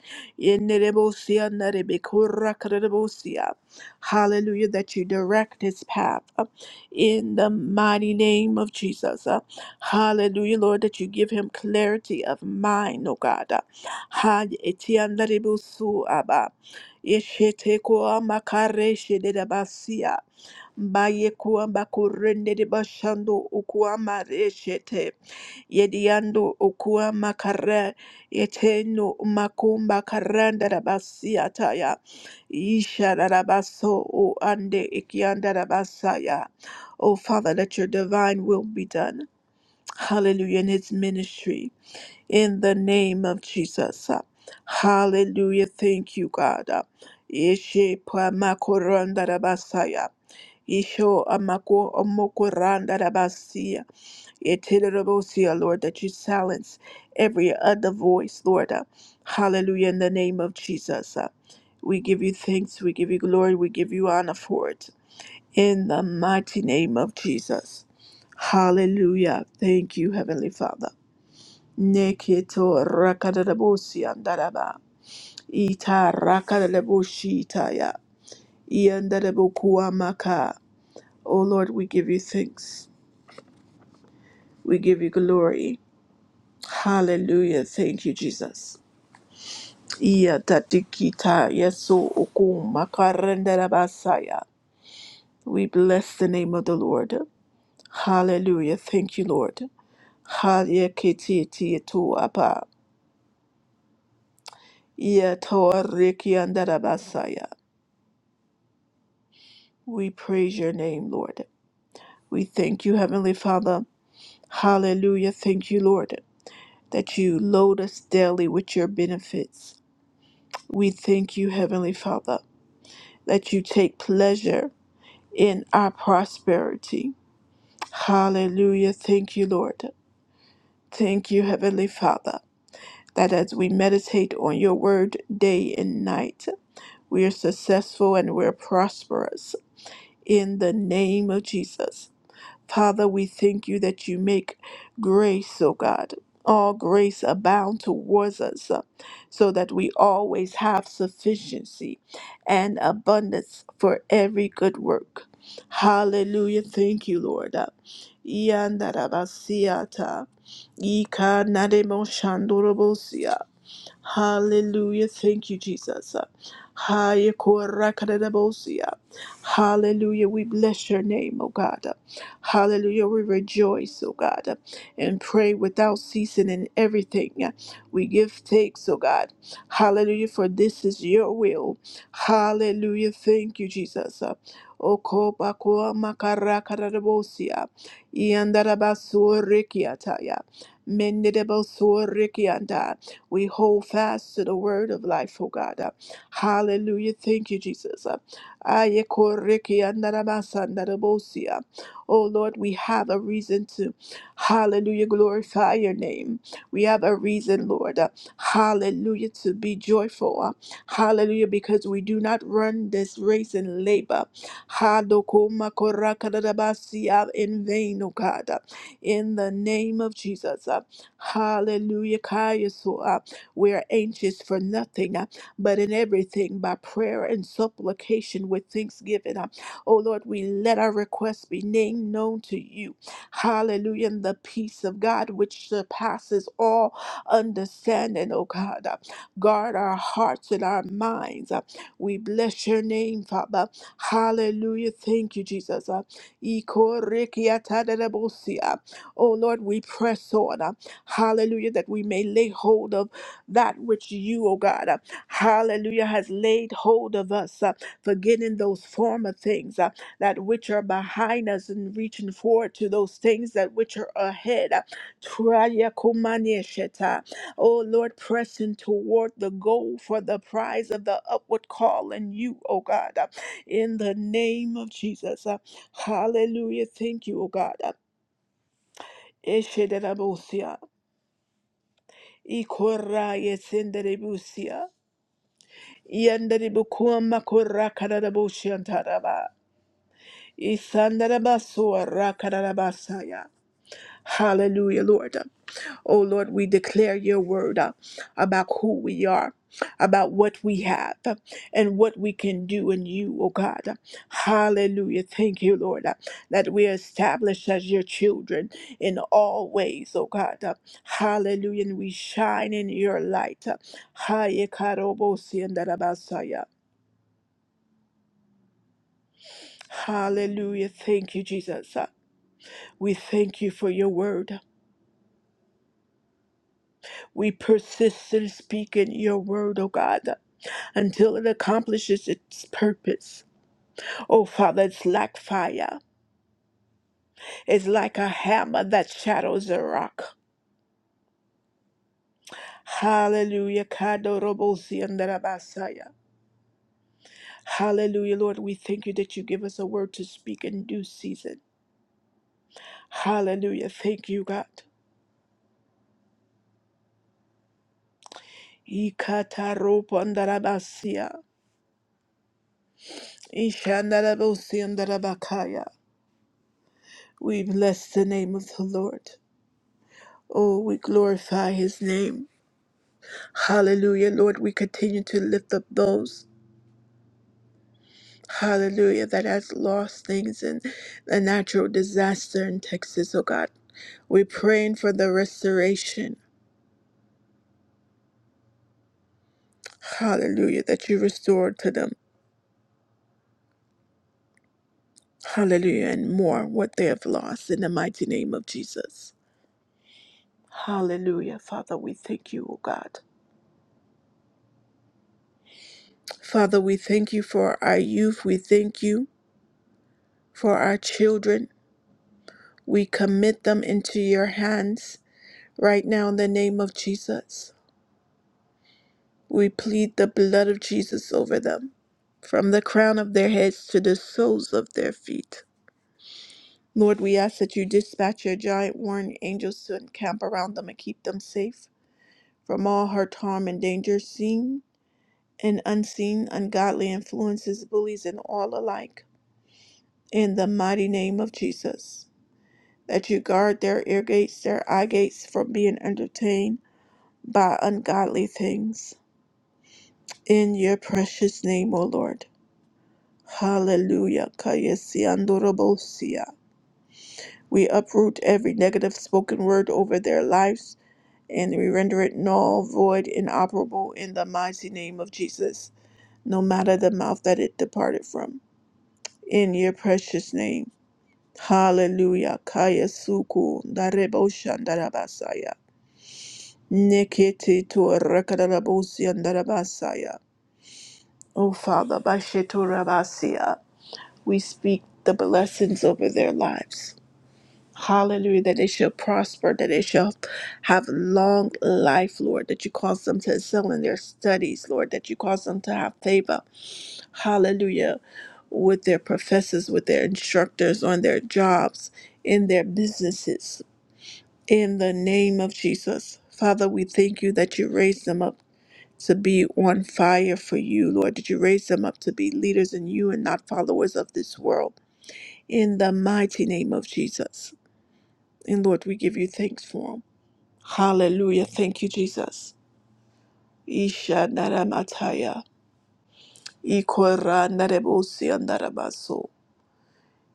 A: Yenerebosia narebekura karebosia. Hallelujah, that you direct his path in the mighty name of Jesus. Hallelujah, Lord, that you give him clarity of mind, oh God. Ha etiandaribusu aba. Yesheteko makareshe de basia. Baye kuamba kurende de bashando ukuama reshete. Yediando ukuama makare Eteno makumba karanda da basia taya. Isha da baso o ande ikianda da basaya. Oh Father, let your divine will be done hallelujah, in his ministry in the name of Jesus. Hallelujah. Thank you, God. Ishe pa makoranda rabasaya. Isho amako omokoranda rabasia. Etelerabosia, Lord, that you silence every other voice, Lord. Hallelujah, in the name of Jesus. We give you thanks, we give you glory, we give you honor for it in the mighty name of Jesus. Hallelujah. Thank you, Heavenly Father. Neketo rakadadabosi andaraba. Ita rakadadaboshi itaya. Iandadabokuamaka. Oh Lord, we give you thanks. We give you glory. Hallelujah. Thank you, Jesus. Iya tatikita yeso okumakarandadabasaya. We bless the name of the Lord. Hallelujah. Thank you, Lord. Halyakititiatuapa, Yatoarikiandarabasaya. We praise your name, Lord. We thank you, Heavenly Father. Hallelujah. Thank you, Lord, that you load us daily with your benefits. We thank you, Heavenly Father, that you take pleasure in our prosperity. Hallelujah. Thank you, Lord. Thank you, Heavenly Father, that as we meditate on your word day and night, We are successful and we're prosperous in the name of Jesus. Father, we thank you that you make grace, O God, all grace abound towards us, uh, so that we always have sufficiency and abundance for every good work. Hallelujah. Thank you, Lord. Uh, Yandarabasiata, Ikanaremoshandorobosia. Hallelujah. Thank you, Jesus. Haya kora kadadabosia. Hallelujah. We bless your name, O God. Hallelujah. We rejoice, O God, and pray without ceasing in everything. We give thanks, O God. Hallelujah. For this is your will. Hallelujah. Thank you, Jesus. Okopa koa makara kadadabosia. Iandarabasua rikiataya. Mendedabasua rikianda. We hold fast to the word of life, oh God. Uh, Hallelujah. Thank you, Jesus. Uh, aye, koriki andarabasa andarabosia. Oh Lord, we have a reason to, hallelujah, glorify your name. We have a reason, Lord, uh, hallelujah, to be joyful. uh, hallelujah, because we do not run this race in labor. Hadokoma korakadadabasia In vain, O God. uh, in the name of Jesus. uh, Hallelujah. Kayaso. We are anxious for nothing, uh, but in everything by prayer and supplication with thanksgiving. uh, Oh Lord, we let our requests be named known to you. Hallelujah. And the peace of God, which surpasses all understanding, oh God, uh, guard our hearts and our minds. uh, We bless your name, Father. Hallelujah. Thank you, Jesus. uh, Ikorikiatadadabosia. Oh Lord, we press on. uh, Hallelujah, that we may lay hold of that which you, O God, uh, hallelujah, has laid hold of us, uh, forgetting those former things, uh, that which are behind us and reaching forward to those things that which are ahead. uh, Traya kumania sheta. O Lord, pressing toward the goal for the prize of the upward call in you, O God, uh, in the name of Jesus. uh, Hallelujah. Thank you, O God. uh, Eshederabusia, Ikorayesenderebusia. Yandaribukuwa makura kararabushiantaraba. Isandarabasoa rakararabasaya. Hallelujah, Lord. Oh Lord, we declare your word uh, about who we are, about what we have, uh, and what we can do in you, oh God. Hallelujah. Thank you, Lord, uh, that we are established as your children in all ways, oh God. Uh, Hallelujah. And we shine in your light. Uh, Hayekarobosi and Hallelujah. Thank you, Jesus. Uh, We thank you for your word. We persist in speaking your word, oh God, until it accomplishes its purpose. Oh Father, it's like fire. It's like a hammer that shatters a rock. Hallelujah. Kadorobosi andarabasaya. Hallelujah, Lord. We thank you that you give us a word to speak in due season. Hallelujah. Thank you, God. Ikataropo andarabasia. Ishandarabosiandarabakaya. We bless the name of the Lord. Oh, we glorify his name. Hallelujah, Lord. We continue to lift up those, hallelujah, that has lost things in the natural disaster in Texas, oh God. We're praying for the restoration. Hallelujah, that you restored to them. Hallelujah, and more what they have lost in the mighty name of Jesus. Hallelujah, Father, we thank you, O God. Father, we thank you for our youth. We thank you for our children. We commit them into your hands right now in the name of Jesus. We plead the blood of Jesus over them from the crown of their heads to the soles of their feet. Lord, we ask that you dispatch your giant warring angels to encamp around them and keep them safe from all hurt, harm, and danger, seen and unseen, ungodly influences, bullies, and all alike. In the mighty name of Jesus. that you guard their ear gates, their eye gates from being entertained by ungodly things. In your precious name, O Lord. Hallelujah. Kayesiandorobosia. We uproot every negative spoken word over their lives and we render it null, void, inoperable in the mighty name of Jesus, no matter the mouth that it departed from. In your precious name. Hallelujah. Kayasuku. Dareboshandarabasaya. Nekete to rakadarabosi andarabasaya. Oh Father, Basheturabasia, we speak the blessings over their lives. Hallelujah, that they shall prosper, that they shall have long life, Lord, that you cause them to excel in their studies, Lord, that you cause them to have favor. Hallelujah, with their professors, with their instructors, on their jobs, in their businesses. In the name of Jesus, Father, we thank you that you raise them up to be on fire for you, Lord. Did you raise them up to be leaders in you and not followers of this world? In the mighty name of Jesus. And Lord, we give you thanks for them. Hallelujah. Thank you, Jesus. Isha naramataya. Iko randarebosi andarabaso.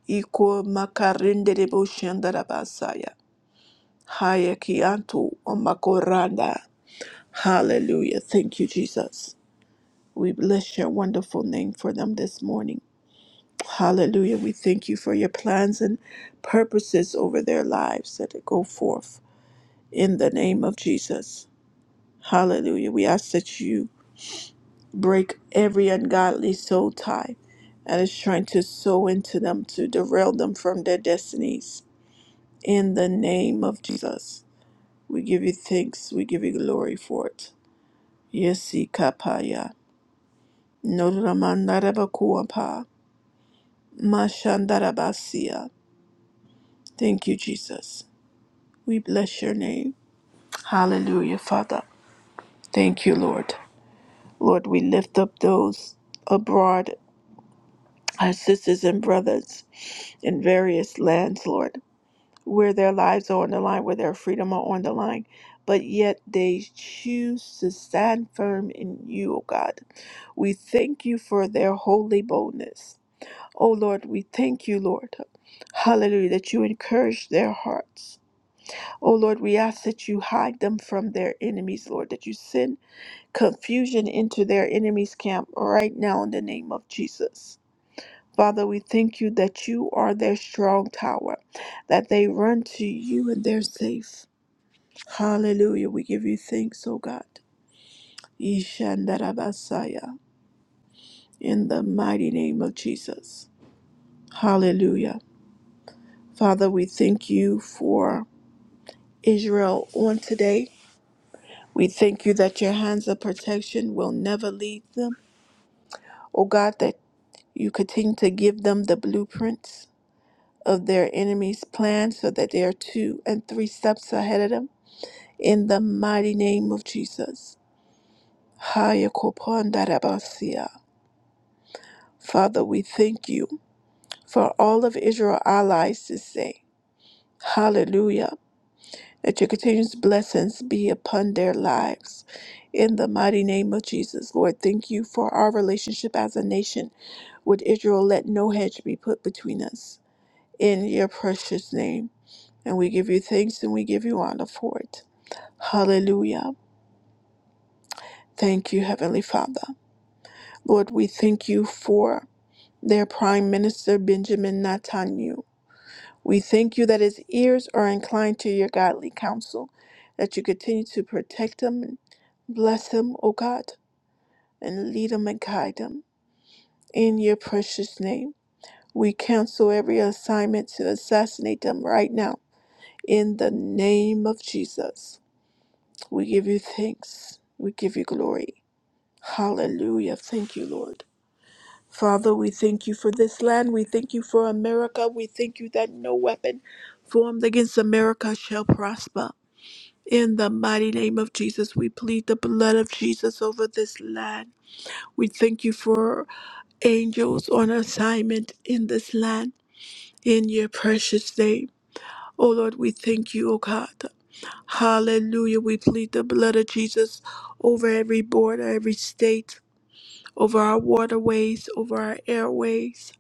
A: Iko makarinderebosi andarabasaya. Haya kianto omakoranda. Hallelujah. Thank you, Jesus. We bless your wonderful name for them this morning. Hallelujah. We thank you for your plans and purposes over their lives that it go forth in the name of Jesus. Hallelujah. We ask that you break every ungodly soul tie that is trying to sow into them to derail them from their destinies. In the name of Jesus. We give you thanks. We give you glory for it. Yesi kapaya. Noramandarabakuapa. Mashandarabasia. Thank you, Jesus. We bless your name. Hallelujah, Father. Thank you, Lord. Lord, we lift up those abroad, our sisters and brothers in various lands, Lord, where their lives are on the line, where their freedom are on the line, but yet they choose to stand firm in you, O God. We thank you for their holy boldness. O Lord, we thank you, Lord. Hallelujah, that you encourage their hearts. Oh Lord, we ask that you hide them from their enemies, Lord, that you send confusion into their enemies' camp right now in the name of Jesus. Father, we thank you that you are their strong tower, that they run to you and they're safe. Hallelujah. We give you thanks, oh God. Ishandarabasaya, in the mighty name of Jesus. Hallelujah. Father, we thank you for Israel on today. We thank you that your hands of protection will never leave them. O God, that you continue to give them the blueprints of their enemy's plan so that they are two and three steps ahead of them. In the mighty name of Jesus. Haya kopandarabasia. Father, we thank you for all of Israel allies to say, Hallelujah, that your continuous blessings be upon their lives. In the mighty name of Jesus, Lord, thank you for our relationship as a nation With Israel, let no hedge be put between us. In your precious name. And we give you thanks and we give you honor for it. Hallelujah. Thank you, Heavenly Father. Lord, we thank you for their Prime Minister, Benjamin Netanyahu. We thank you that his ears are inclined to your godly counsel, that you continue to protect him and bless him, O God, and lead him and guide him. In your precious name, we cancel every assignment to assassinate them right now In the name of Jesus, we give you thanks. We give you glory. Hallelujah. Thank you, Lord. Father, we thank you for this land. We thank you for America. We thank you that no weapon formed against America shall prosper. In the mighty name of Jesus, we plead the blood of Jesus over this land. We thank you for angels on assignment in this land. In your precious name. Oh Lord, we thank you, O God. Hallelujah. We plead the blood of Jesus over every border, every state, over our waterways, over our airways.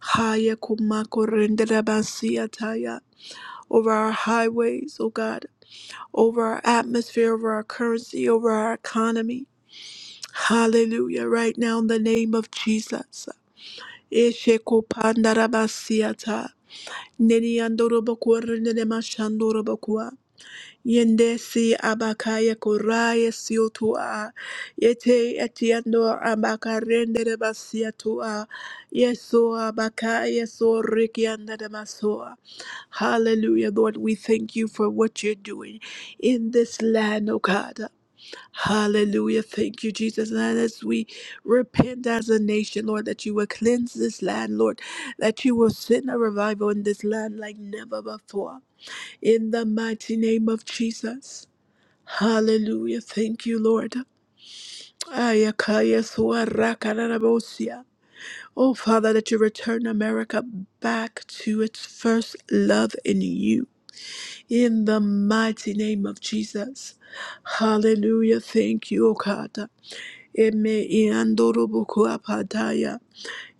A: Haya kumako renderabasi ataya. Over our highways, oh God, over our atmosphere, over our currency, over our economy. Hallelujah. Right now, in the name of Jesus. Eshe kupandarabasi ata. Neni andorobakwa renderemashandorobakwa. Yendesi abakaya koraya siotua. Yete etiendo abakarende de basiatua. Yeso abakaya so rikianda de masoa. Hallelujah, Lord. We thank you for what you're doing in this land, O God. Hallelujah. Thank you, Jesus. And as we repent as a nation, Lord, that you will cleanse this land, Lord, that you will send a revival in this land like never before. In the mighty name of Jesus. Hallelujah. Thank you, Lord. Ayakaya suarakararabosia. Oh, Father, that you return America back to its first love in you. In the mighty name of Jesus. Hallelujah. Thank you, O God. Eme iandorobokuapadaya.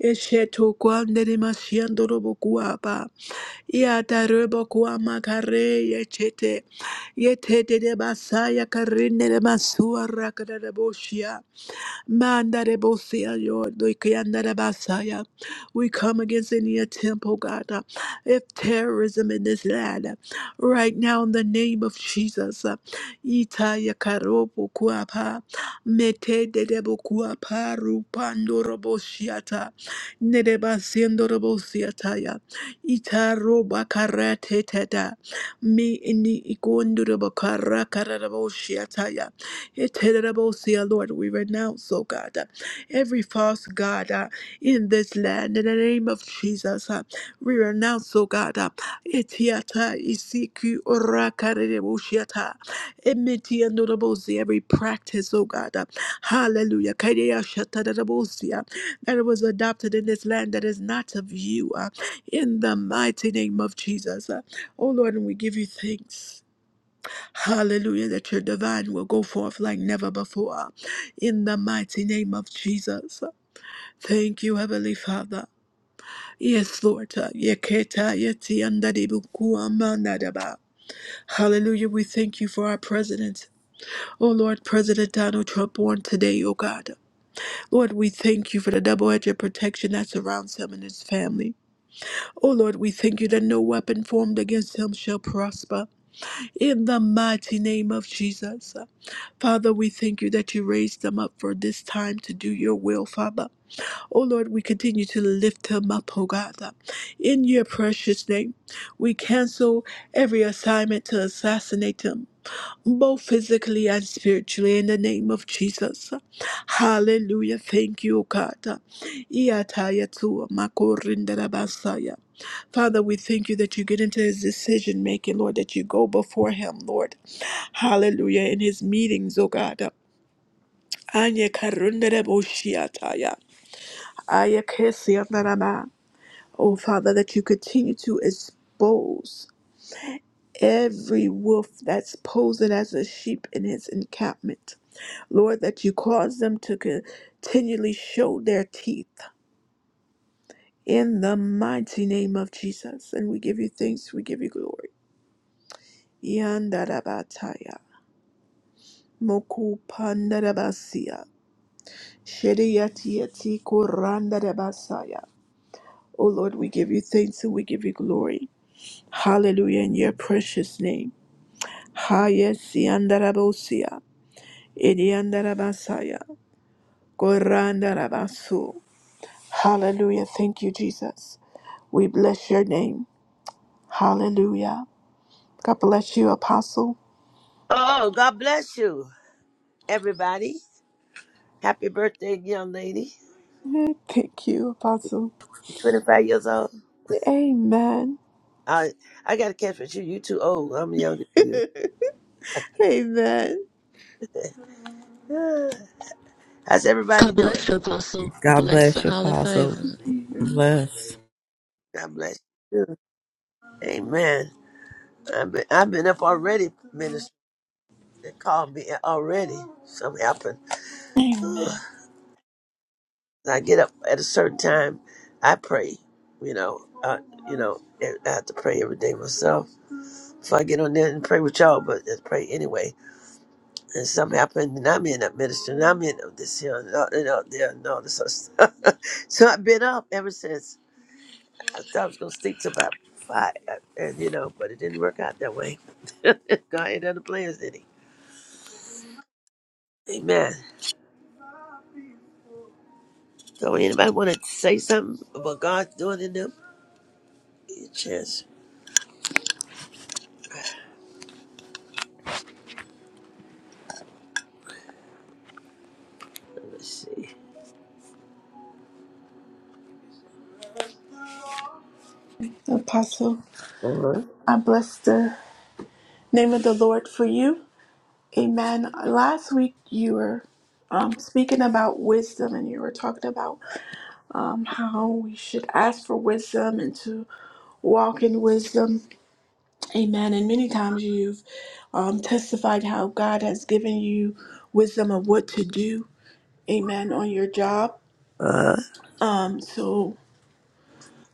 A: Eshetokwanderimasiandorobokuapa. Yata rebo kuama kare ye chete. Yete de de basaya karine de masua rakada de boshia. Mandare bosea yord, doikayandare basaya. We come against any attempt, oh God, uh, if terrorism in this land. uh, Right now, in the name of Jesus. uh, Ita yakarobo kuapa. Mete dedebo kuapa rupando roboshiata. Nedeba siendo robosiataya. Ita roba karate teta. Me in the ikondurabo karakara roboshiataya. Eternal, Lord, we renounce, oh God, uh, every false God uh, in this land. In the name of Jesus, uh, we renounce, oh God, uh, Etiata, Isiku, Orakarerebushiata, Emetiandorobosi, every practice, oh God, uh, hallelujah, Kadeya Shatadarabosi, uh, that was adopted in this land that is not of you, uh, in the mighty name of Jesus. Uh, oh Lord, and we give you thanks. Hallelujah, that your divine will go forth like never before. In the mighty name of Jesus. Thank you, Heavenly Father. Yes, Lord. Yeketa yeti andadibuku amanadaba. Hallelujah. We thank you for our president. Oh, Lord, President Donald Trump, born today, oh God. Lord, we thank you for the double edged protection that surrounds him and his family. Oh, Lord, we thank you that no weapon formed against him shall prosper. In the mighty name of Jesus. Father, we thank you that you raised them up for this time to do your will, Father. Oh Lord, we continue to lift them up, oh God. In your precious name, we cancel every assignment to assassinate them, both physically and spiritually, in the name of Jesus. Hallelujah. Thank you, O God. Iataya tua makorindarabasaya. Father, we thank you that you get into his decision making, Lord, that you go before him, Lord. Hallelujah. In his meetings, oh God. Anya karundere boshiataya. Aya kesiandarama. Oh, Father, that you continue to expose every wolf that's posing as a sheep in his encampment. Lord, that you cause them to continually show their teeth in the mighty name of Jesus. And we give you thanks, we give you glory. Yandarabataya. Moku pandarabasia. Shediyati yati kurandarabasia. Oh Lord, we give you thanks and we give you glory. Hallelujah in your precious name. Hayesiandarabosia. Idiandarabasaya. Gorandarabasu. Hallelujah. Thank you, Jesus. We bless your name. Hallelujah. God bless you, Apostle.
B: Oh, God bless you, everybody. Happy birthday, young lady.
A: Thank you, Apostle.
B: 25 years old.
A: Amen.
B: I I gotta catch with you. You too old. I'm younger than
A: Amen.
B: you. *sighs* Ah, How's everybody
C: God bless
B: doing?
C: you, Apostle.
D: God
C: Bless
D: bless
C: and
D: you,
C: highly
D: Apostle.
C: favored.
D: Bless.
B: God bless you. Amen. I've been, I've been up already, minister. They called me already. Something happened. *sighs* Ugh.
A: Amen.
B: I get up at a certain time. I pray. You know, uh, you know, I have to pray every day myself. So I get on there and pray with y'all, but I pray anyway. and something happened, and I'm in up ministry, and I'm in up this here, and all, and all there, and all this other stuff. *laughs* so I've been up ever since. I thought I was gonna sleep till about five, uh, and you know, but it didn't work out that way. *laughs* God had other plans, did he? Amen. So anybody want to say something about God doing in them? Give you a chance. Let me see.
A: Apostle,
B: Uh huh.
A: I bless the name of the Lord for you. Amen. Last week you were um, speaking about wisdom and you were talking about um, how we should ask for wisdom and to walk in wisdom. Amen. And many times you've um, testified how God has given you wisdom of what to do. Amen. On your job.
B: Uh
A: Um, so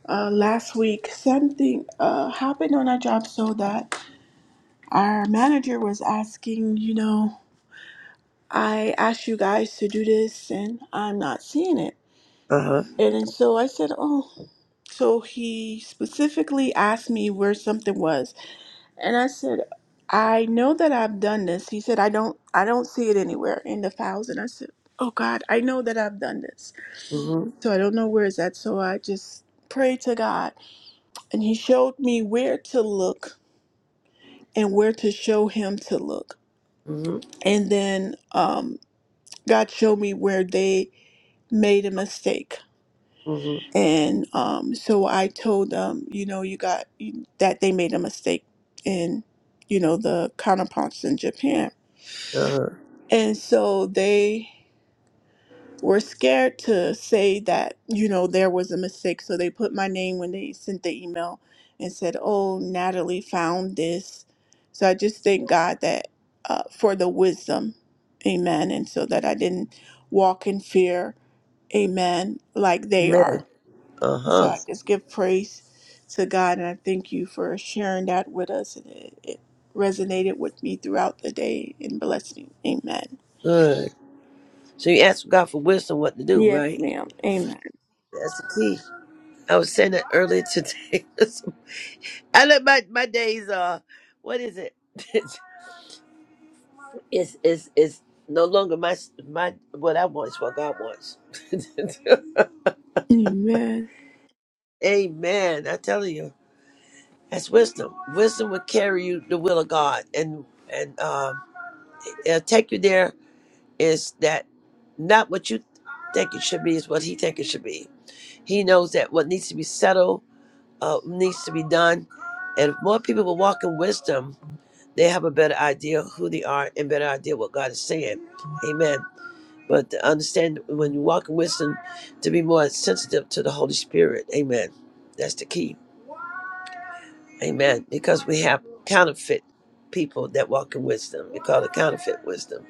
A: uh, last week something uh, happened on our job so that our manager was asking, you know. I asked you guys to do this and I'm not seeing it.
B: huh. Uh huh.
A: And, then so I said, Oh, so he specifically asked me where something was. And I said, I know that I've done this. He said, I don't, I don't see it anywhere in the files. And I said, Oh God, I know that I've done this.
B: Mhm.
A: So I don't know where it's at. So I just prayed to God and he showed me where to look and where to show him to look.
B: Mhm.
A: And then um, God showed me where they made a mistake
B: Mhm.
A: And um, so I told them, you know, you got that they made a mistake in, you know, the counterparts in Japan.
B: Uh huh.
A: And so they were scared to say that, you know, there was a mistake. So they put my name when they sent the email and said, oh, Natalie found this. So I just thank God that uh, for the wisdom. Amen. And so that I didn't walk in fear. Amen. Like they are.
B: Amen. Uh
A: So
B: huh.
A: I just give praise to God and I thank you for sharing that with us. And it, it resonated with me throughout the day and blessed me. Amen.
B: Good. So you ask God for wisdom, what to do,
A: Yes,
B: right?
A: ma'am. Amen.
B: That's the key. I was saying it earlier today. *laughs* I let my, my days uh what is it? *laughs* It's it's it's no longer my my what I want is what God wants.
A: Amen.
B: *laughs* Amen. I tell you, that's wisdom. Wisdom will carry you the will of God, and and um, it'll take you there. Is that not what you think it should be? Is what He think it should be. He knows that what needs to be settled uh, needs to be done, and if more people will walk in wisdom. they have a better idea of who they are and better idea what God is saying. Amen. But to understand when you walk in wisdom, to be more sensitive to the Holy Spirit. Amen. That's the key. Amen. Because we have counterfeit people that walk in wisdom. We call it counterfeit wisdom.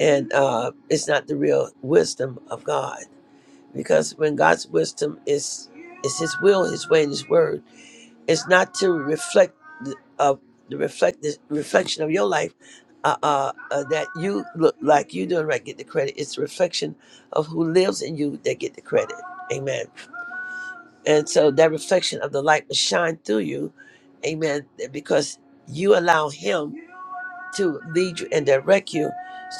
B: And uh, it's not the real wisdom of God. Because when God's wisdom is is his will, his way, and his word, it's not to reflect the, uh, the reflect the reflection of your life uh, uh, uh, that you look like you doing right. Get the credit. It's a reflection of who lives in you that get the credit. Amen. And so that reflection of the light will shine through you. Amen. Because you allow Him to lead you and direct you.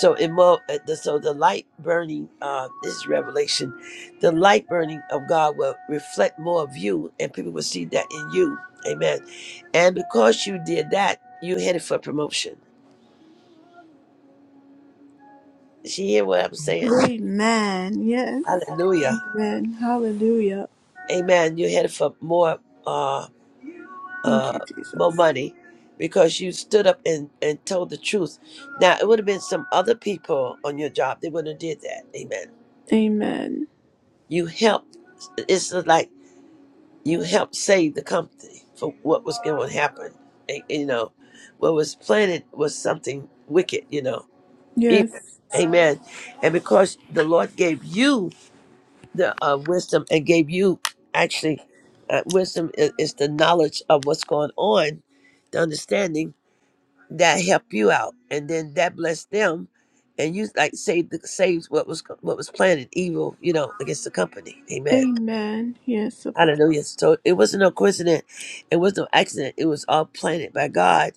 B: So it mo- uh, the- so the light burning uh, this is revelation, the light burning of God will reflect more of you, and people will see that in you. Amen. And because you did that, you headed for promotion. She hear what I'm saying?
A: Amen. Yes.
B: Hallelujah.
A: Amen. Hallelujah.
B: Amen. You headed for more uh
A: Thank you,
B: uh more
A: Jesus.
B: money because you stood up and, and told the truth. Now it would have been some other people on your job. They wouldn't have did that. Amen.
A: Amen.
B: You helped. It's like you helped save the company for what was going to happen. And, you know, what was planted was something wicked. You know, evil.
A: Yes.
B: Amen. And because the Lord gave you the uh, wisdom and gave you actually uh, wisdom is, is the knowledge of what's going on, the understanding that helped you out, and then that blessed them and you like saved the saves what was what was planted evil, you know, against the company. Amen.
A: Amen. Yes. Apostle.
B: Hallelujah. So it wasn't no coincidence. It was no accident. It was all planted by God.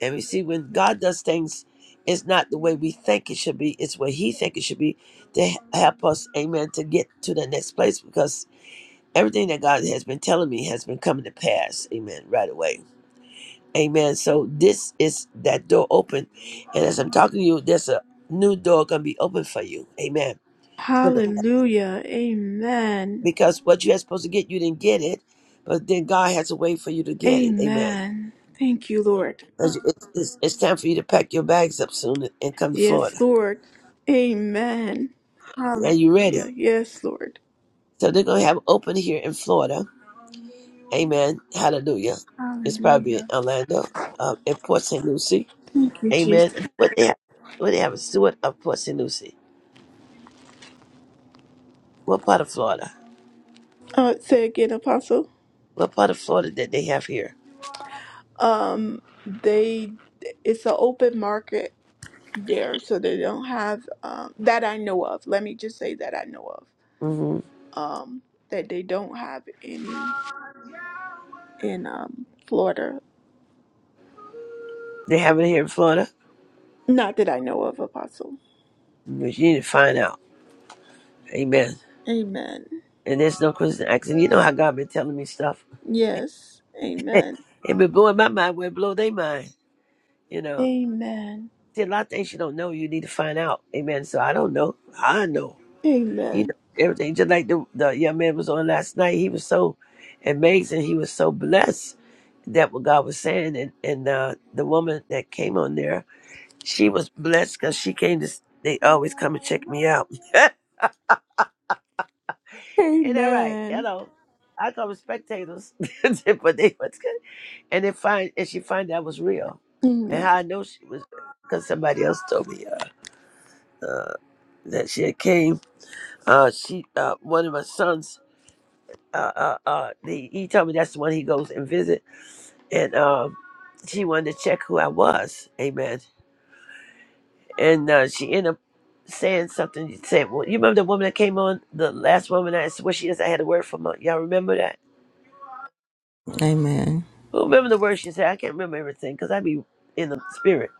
B: And we see when God does things, it's not the way we think it should be. It's what he think it should be to h- help us, amen, to get to the next place because everything that God has been telling me has been coming to pass. Amen. Right away. Amen. So this is that door open. And as I'm talking to you, there's a new door going to be open for you. Amen.
A: Hallelujah. Amen.
B: because what you're supposed to get, you didn't get it, but then God has a way for you to get it. Amen.
A: Amen. Thank you, Lord.
B: It's, it's, it's time for you to pack your bags up soon and come to
A: Yes,
B: Florida.
A: Lord. Amen.
B: Are
A: Hallelujah.
B: you ready?
A: Yes, Lord.
B: So they're going to have open here in Florida. Amen. Hallelujah. It's probably in
A: Hallelujah.
B: Orlando, um, in Port St. Lucie.
A: Thank you,
B: Amen.
A: Jesus.
B: What they have, what they have is Stewart of Port St. Lucie. What part of Florida?
A: Uh, say again, Apostle.
B: What part of Florida that they have here?
A: Um, they it's an open market there, so they don't have um that I know of. Let me just say that I know of.
B: hmm
A: Um, that they don't have any in um Florida.
B: They have it here in Florida?
A: Not that I know of, Apostle.
B: You need to find out. Amen.
A: Amen.
B: And there's no question asking. You know how God been telling me stuff.
A: Yes. Amen.
B: It been blowing my mind where it blow their mind, you know.
A: Amen.
B: See, a lot of things you don't know, you need to find out. Amen. So I don't know. I know. He
A: Amen.
B: know everything. Just like the, the young man was on last night. He was so amazing. He was so blessed that what God was saying. And, and uh, the woman that came on there, she was blessed because she came to, they always come and check me out. *laughs* Ain't that right? You
A: Amen.
B: know, I call them spectators, *laughs* but they was good. And they find and she find that was real, and
A: Amen.
B: how I know she was because somebody else told me uh, uh, that she had came. Uh, she uh, one of my sons. Uh, uh, uh, the, he told me that's the one he goes and visit, and um, she wanted to check who I was. Amen. And uh, she ended up saying something. She said, "Well, you remember the woman that came on, the last woman I where she is? I had a word from her. Y'all remember that?"
D: Amen.
B: Who remember the words she said? I can't remember everything because I be in the spirit.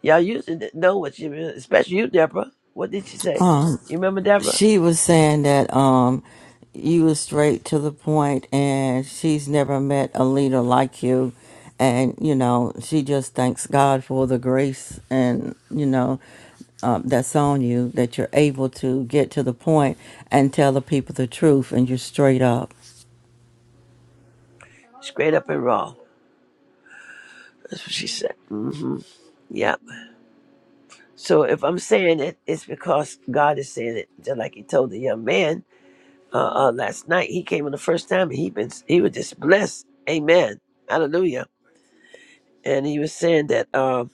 B: Y'all used to know what she meant, especially you, Deborah. What did she say?
D: Um,
B: You remember Deborah?
D: she was saying that um, you were straight to the point, and she's never met a leader like you. And you know, she just thanks God for the grace, and you know, um, that's on you that you're able to get to the point and tell the people the truth, and you're straight up.
B: Straight up and raw. That's what she said. hmm Yep. So if I'm saying it, it's because God is saying it. Just like He told the young man uh, uh, last night. He came in the first time, and he been he was just blessed. Amen. Hallelujah. And he was saying that. Um,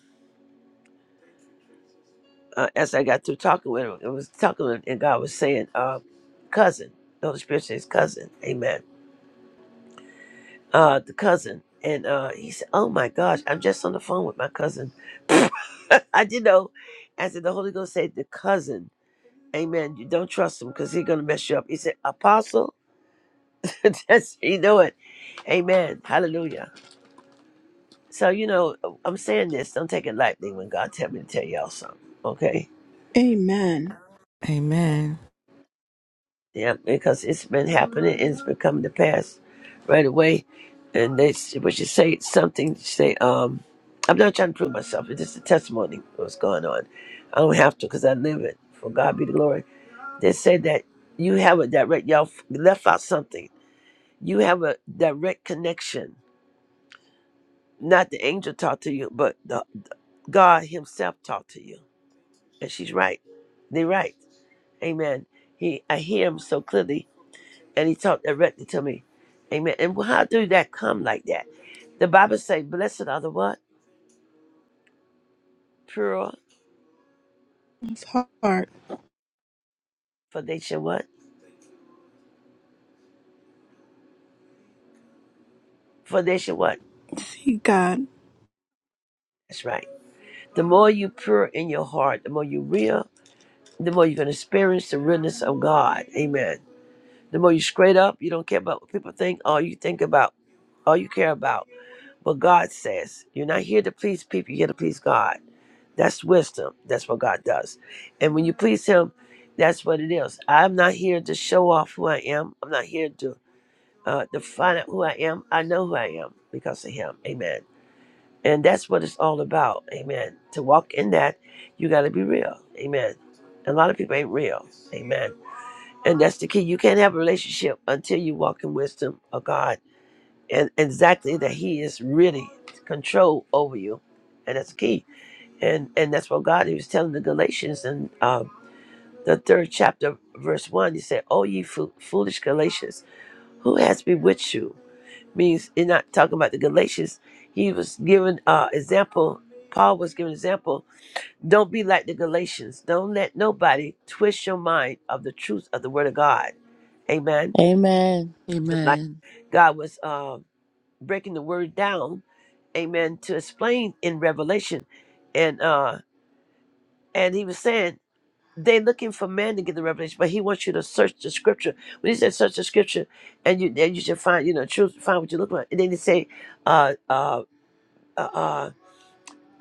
B: uh, as I got through talking with him, it was talking with him, and God was saying, uh, cousin, the Holy Spirit says cousin, amen. Uh, the cousin. And uh, he said, oh my gosh, I'm just on the phone with my cousin. *laughs* I did know. I said, the Holy Ghost said, the cousin, amen. You don't trust him because he's going to mess you up. He said, apostle, *laughs* that's, you know it. Amen. Hallelujah. So, you know, I'm saying this, don't take it lightly when God tell me to tell y'all something, okay?
A: Amen.
D: Amen.
B: Yeah, because it's been happening and it's become the past right away. And they, what you say something, you say, um, I'm not trying to prove myself. It's just a testimony of what's going on. I don't have to because I live it. For God be the glory. They say that you have a direct, y'all f- left out something. You have a direct connection. Not the angel talked to you, but the God himself talked to you. And she's right. They're right. Amen. He, I hear him so clearly and he talked directly to me. Amen. And how do that come like that? The Bible say, blessed are the what? Pure,
A: His heart.
B: for they shall what? For they shall what?
A: See God.
B: That's right. The more you pure in your heart, the more you real, the more you're going to experience the realness of God. Amen. The more you straight up, you don't care about what people think. All you think about, all you care about what God says. You're not here to please people. You're here to please God. That's wisdom. That's what God does. And when you please Him, that's what it is. I'm not here to show off who I am. I'm not here to uh, to find out who I am. I know who I am because of Him. Amen. And that's what it's all about. Amen. To walk in that, you got to be real. Amen. A lot of people ain't real. Amen. And that's the key. You can't have a relationship until you walk in wisdom of God and exactly that He is really control over you. And that's the key and and that's what God he was telling the Galatians in uh, the third chapter, verse one. He said, "O ye fo- foolish Galatians, who has bewitched you?" Means you're not talking about the Galatians. He was giving uh, example. Paul was giving example. Don't be like the Galatians. Don't let nobody twist your mind of the truth of the Word of God. Amen.
C: Amen.
B: Just like
C: Amen.
B: God was uh, breaking the Word down, Amen, to explain in Revelation, and uh, and He was saying. they looking for man to get the revelation, but he wants you to search the scripture. When he says search the scripture, and you then you should find, you know, choose find what you're looking for. And then he say, uh, uh, uh, uh,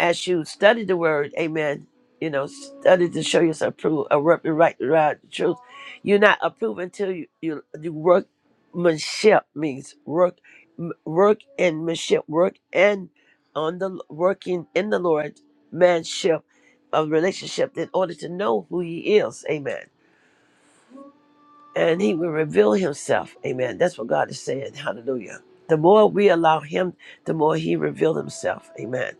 B: as you study the word, amen. You know, study to show yourself approved, a right, right, right truth. You're not approved until you you, you workmanship means work, m- work and manship, work and on the working in the Lord, manship, a relationship in order to know who He is. Amen and he will reveal himself. Amen. That's what God is saying. Hallelujah. The more we allow him, the more he reveals himself. Amen.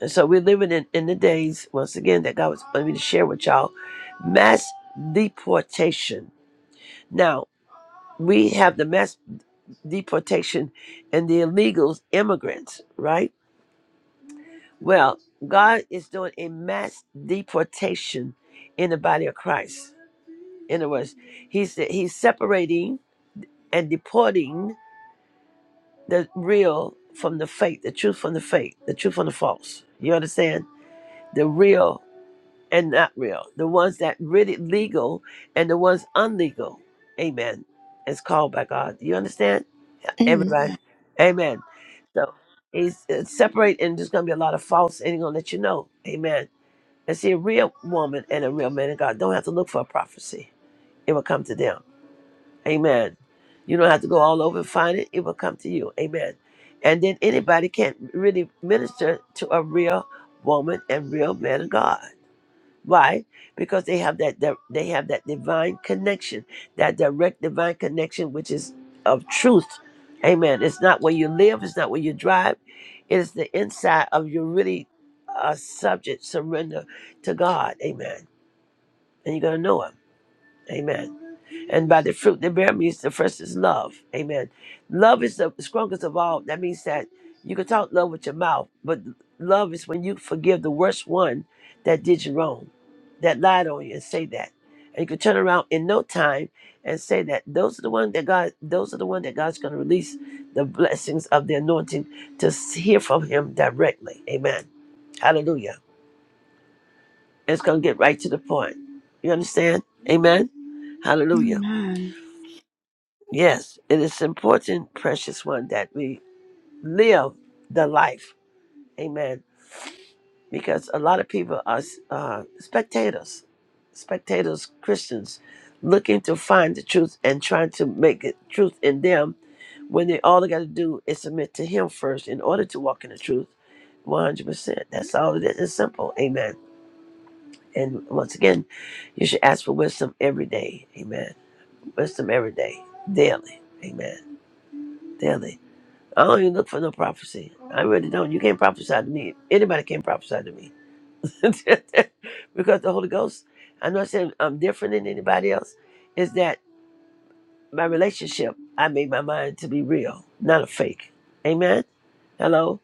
B: And so we're living in, in the days, once again, that God was wanting me to share with y'all. Mass deportation. Now, we have the mass deportation and the illegals, immigrants, right? Well, God is doing a mass deportation in the body of Christ. In other words, he's, he's separating and deporting the real from the fake, the truth from the fake, the truth from the false. You understand? The real and not real. The ones that really legal and the ones unlegal. Amen. It's called by God. You understand? Everybody.
A: Amen.
B: Amen. So he's it's separate and there's gonna be a lot of false and he's gonna let you know. Amen. And see a real woman and a real man of God don't have to look for a prophecy. It will come to them. Amen. You don't have to go all over and find it. It will come to you. Amen. And then anybody can not really minister to a real woman and real man of God. Why? Because they have that that- they have that divine connection, that direct divine connection which is of truth. Amen. It's not where you live, it's not where you drive. It is the inside of you really a subject surrender to God. Amen. And you're gonna know him. Amen. And by the fruit they bear means the first is love. Amen. Love is the strongest of all. That means that you can talk love with your mouth, but love is when you forgive the worst one that did you wrong, that lied on you, and say that. And you can turn around in no time and say that those are the one that God, those are the one that God's going to release the blessings of the anointing to s- hear from Him directly. Amen. Hallelujah. It's going to get right to the point. You understand? Amen. Hallelujah.
A: Amen.
B: Yes, it is important, precious one, that we live the life. Amen. Because a lot of people are uh, spectators, spectators, Christians, looking to find the truth and trying to make it truth in them when they all they got to do is submit to Him first in order to walk in the truth 100%. That's all it is. It's simple. Amen. And once again, you should ask for wisdom every day. Amen. Wisdom every day, daily. Amen. Daily. I don't even look for no prophecy. I really don't. You can't prophesy to me. Anybody can prophesy to me. *laughs* because the Holy Ghost, I'm not saying I'm different than anybody else, is that my relationship, I made my mind to be real, not a fake. Amen? Hello?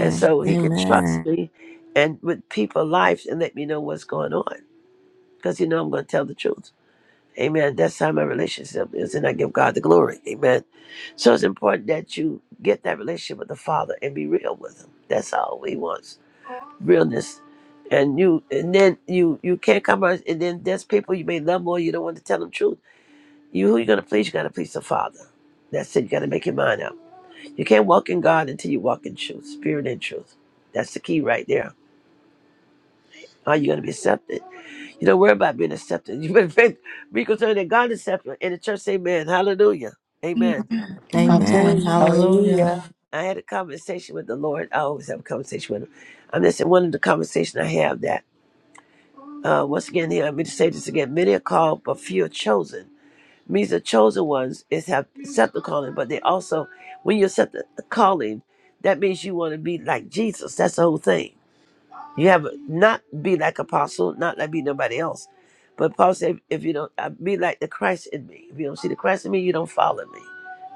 B: And so he can trust
D: Amen.
B: me and with people lives and let me know what's going on. Because you know I'm going to tell the truth. Amen. That's how my relationship is, and I give God the glory. Amen. So it's important that you get that relationship with the Father and be real with Him. That's all He wants, realness. And you, and then you, you can't come out. And then there's people you may love more. You don't want to tell them truth. You who you gonna please? You gotta please the Father. That's it. You gotta make your mind up. You can't walk in God until you walk in truth, spirit and truth. That's the key right there. Are you gonna be accepted? You don't worry about being accepted. *laughs* You better think- be concerned that God accepts you. And the church, say, amen. Hallelujah. Amen.
A: Amen.
D: Amen.
E: Amen.
A: Amen.
D: Hallelujah.
E: Hallelujah.
B: I had a conversation with the Lord. I always have a conversation with him. I'm just in one of the conversations I have that. Uh, once again, here, let me just say this again. Many are called, but few are chosen. Means the chosen ones is have accept the calling, but they also, when you accept the calling, that means you want to be like Jesus. That's the whole thing. You have not be like apostle, not like be nobody else. But Paul said, if you don't uh, be like the Christ in me, if you don't see the Christ in me, you don't follow me.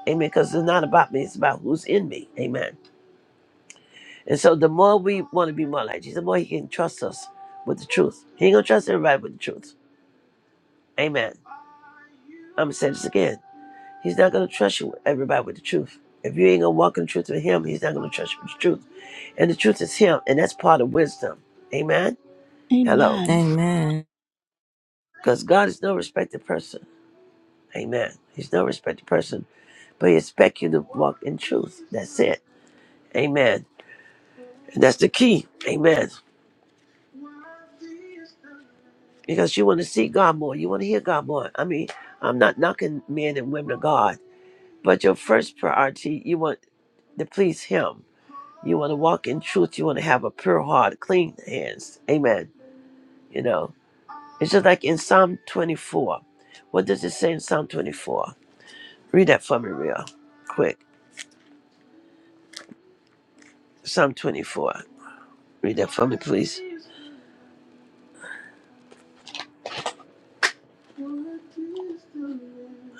B: Amen. Because it's not about me, it's about who's in me. Amen. And so the more we want to be more like Jesus, the more he can trust us with the truth. He ain't going to trust everybody with the truth. Amen. I'm going to say this again. He's not going to trust you, with everybody with the truth. If you ain't going to walk in the truth with him, he's not going to trust you with the truth. And the truth is him, and that's part of wisdom. Amen. Hello.
A: Amen.
D: Amen.
B: Because God is no respected person. Amen. He's no respected person, but He expects you to walk in truth. That's it. Amen. And that's the key. Amen. Because you want to see God more. You want to hear God more. I mean, I'm not knocking men and women of God, but your first priority, you want to please Him. You want to walk in truth. You want to have a pure heart, clean hands. Amen. You know, it's just like in Psalm 24. What does it say in Psalm 24? Read that for me real quick. Psalm 24. Read that for me, please.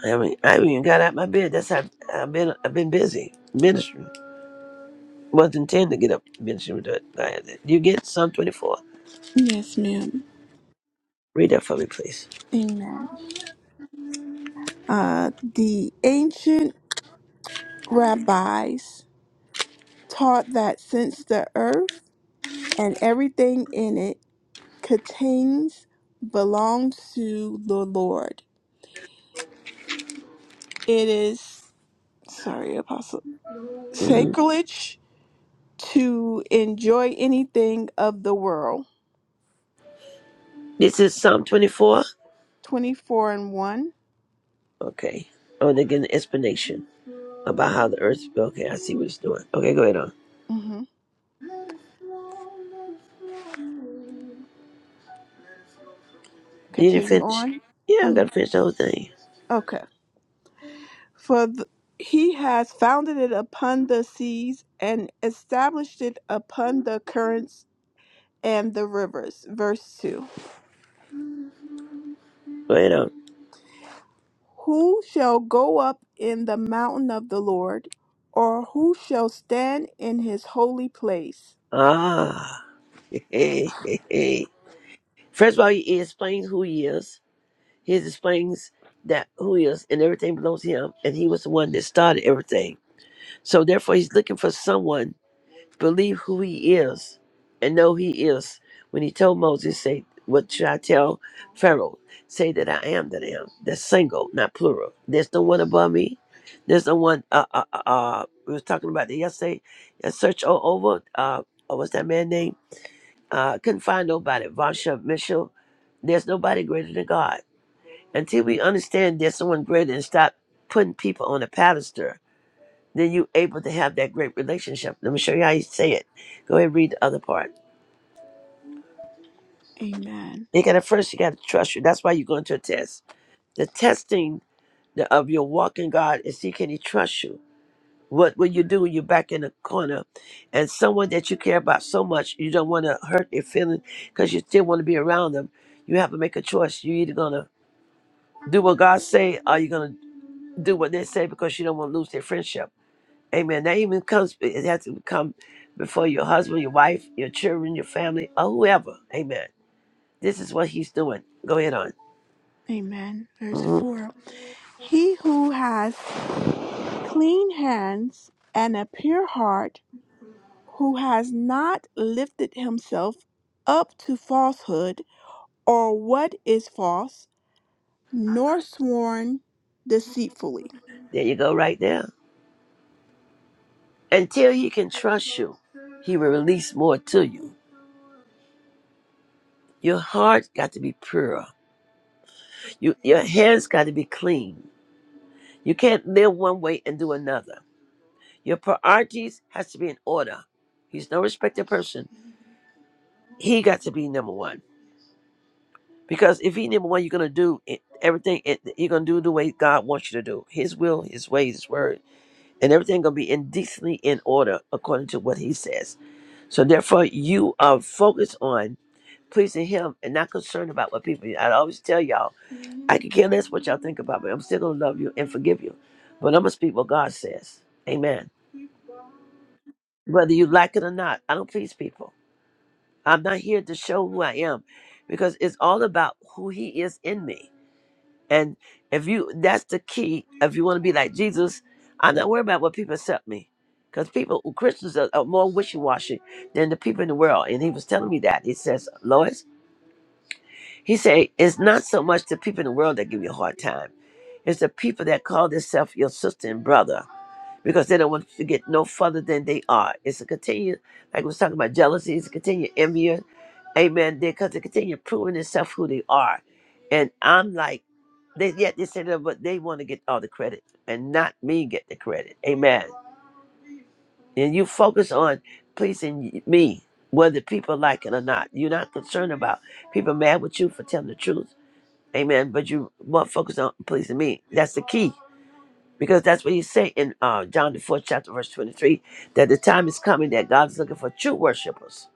B: I haven't, I haven't even got out my bed. That's how I've been. I've been busy ministering. Wasn't intending to get up ministering, but I had it. You get Psalm 24.
A: Yes, ma'am.
B: Read that for me, please.
A: Amen. Uh, the ancient rabbis taught that since the earth and everything in it contains belongs to the Lord, it is sorry, Apostle
B: Mhm.
A: sacrilege to enjoy anything of the world
B: This is Psalm 24.
A: 24 and 1.
B: Okay. Oh, and they get an explanation about how the earth. Okay, I see what it's doing. Okay, go ahead on.
A: hmm
B: You didn't
A: Continue
B: finish.
A: on.
B: Yeah, I gotta
A: Um,
B: finish the whole thing.
A: okay. For th- he has founded it upon the seas and established it upon the currents and the rivers. Verse 2.
B: Go ahead on.
A: Who shall go up in the mountain of the Lord, or who shall stand in his holy place?
B: Ah. *laughs* Hey, hey, hey. First of all, he explains who he is. He explains that who he is and everything belongs to him, and he was the one that started everything. So therefore, he's looking for someone believe who he is and know he is. When he told Moses, say, "What should I tell Pharaoh? Say that I am that I am." That's single, not plural. There's no one above me. There's no one. Uh, uh, uh, uh we was talking about that yesterday. I searched all over. Uh, uh, what's that man name? Uh, couldn't find nobody. Vasha Mitchell. There's nobody greater than God until we understand there's someone greater and stop putting people on a pedestal, then you able to have that great relationship. Let me show you how you say it. Go ahead and read the other part.
A: Amen.
B: You gotta first you gotta trust you. That's why you're going to a test. The testing the- of your walk in God is see can he trust you? What will you do when you're back in the corner and someone that you care about so much you don't want to hurt their feelings because you still want to be around them. You have to make a choice. You're either gonna do what God say or you're gonna do what they say because you don't want to lose their friendship Amen. That even comes, it has to come before your husband, your wife, your children, your family, or whoever. Amen. This is what he's doing. Go ahead on.
A: Amen. Verse
B: hmm
A: 4. He who has clean hands and a pure heart who has not lifted himself up to falsehood or what is false, nor sworn deceitfully.
B: There you go, right there. Until he can trust you, he will release more to you. Your heart got to be pure. You, your hands got to be clean. You can't live one way and do another. Your priorities has to be in order. He's no respected person. He got to be number one. Because if he number one, you're gonna do it, everything. It, you're gonna do the way God wants you to do. His will, His ways, His word, and everything gonna be indecently in order according to what He says. So therefore, you are focused on pleasing Him and not concerned about what people. I always tell y'all, I can care less what y'all think about me. I'm still gonna love you and forgive you, but I'm gonna speak what God says. Amen. Whether you like it or not, I don't please people. I'm not here to show who I am, because it's all about who He is in me. And if you, that's the key. If you want to be like Jesus, I'm not worried about what people accept me. Because people, Christians are, are more wishy washy than the people in the world. And he was telling me that. He says, Lois, he said, it's not so much the people in the world that give you a hard time, it's the people that call themselves your sister and brother because they don't want to get no further than they are. It's a continued, like we was talking about jealousy, it's a continued envy. Amen. Because they continue proving itself who they are. And I'm like, they yet they say that, but they want to get all the credit and not me get the credit. Amen. And you focus on pleasing me, whether people like it or not. You're not concerned about people mad with you for telling the truth. Amen. But you want to focus on pleasing me. That's the key. Because that's what he said in uh, John the fourth chapter, verse twenty-three, that the time is coming that God's looking for true worshipers.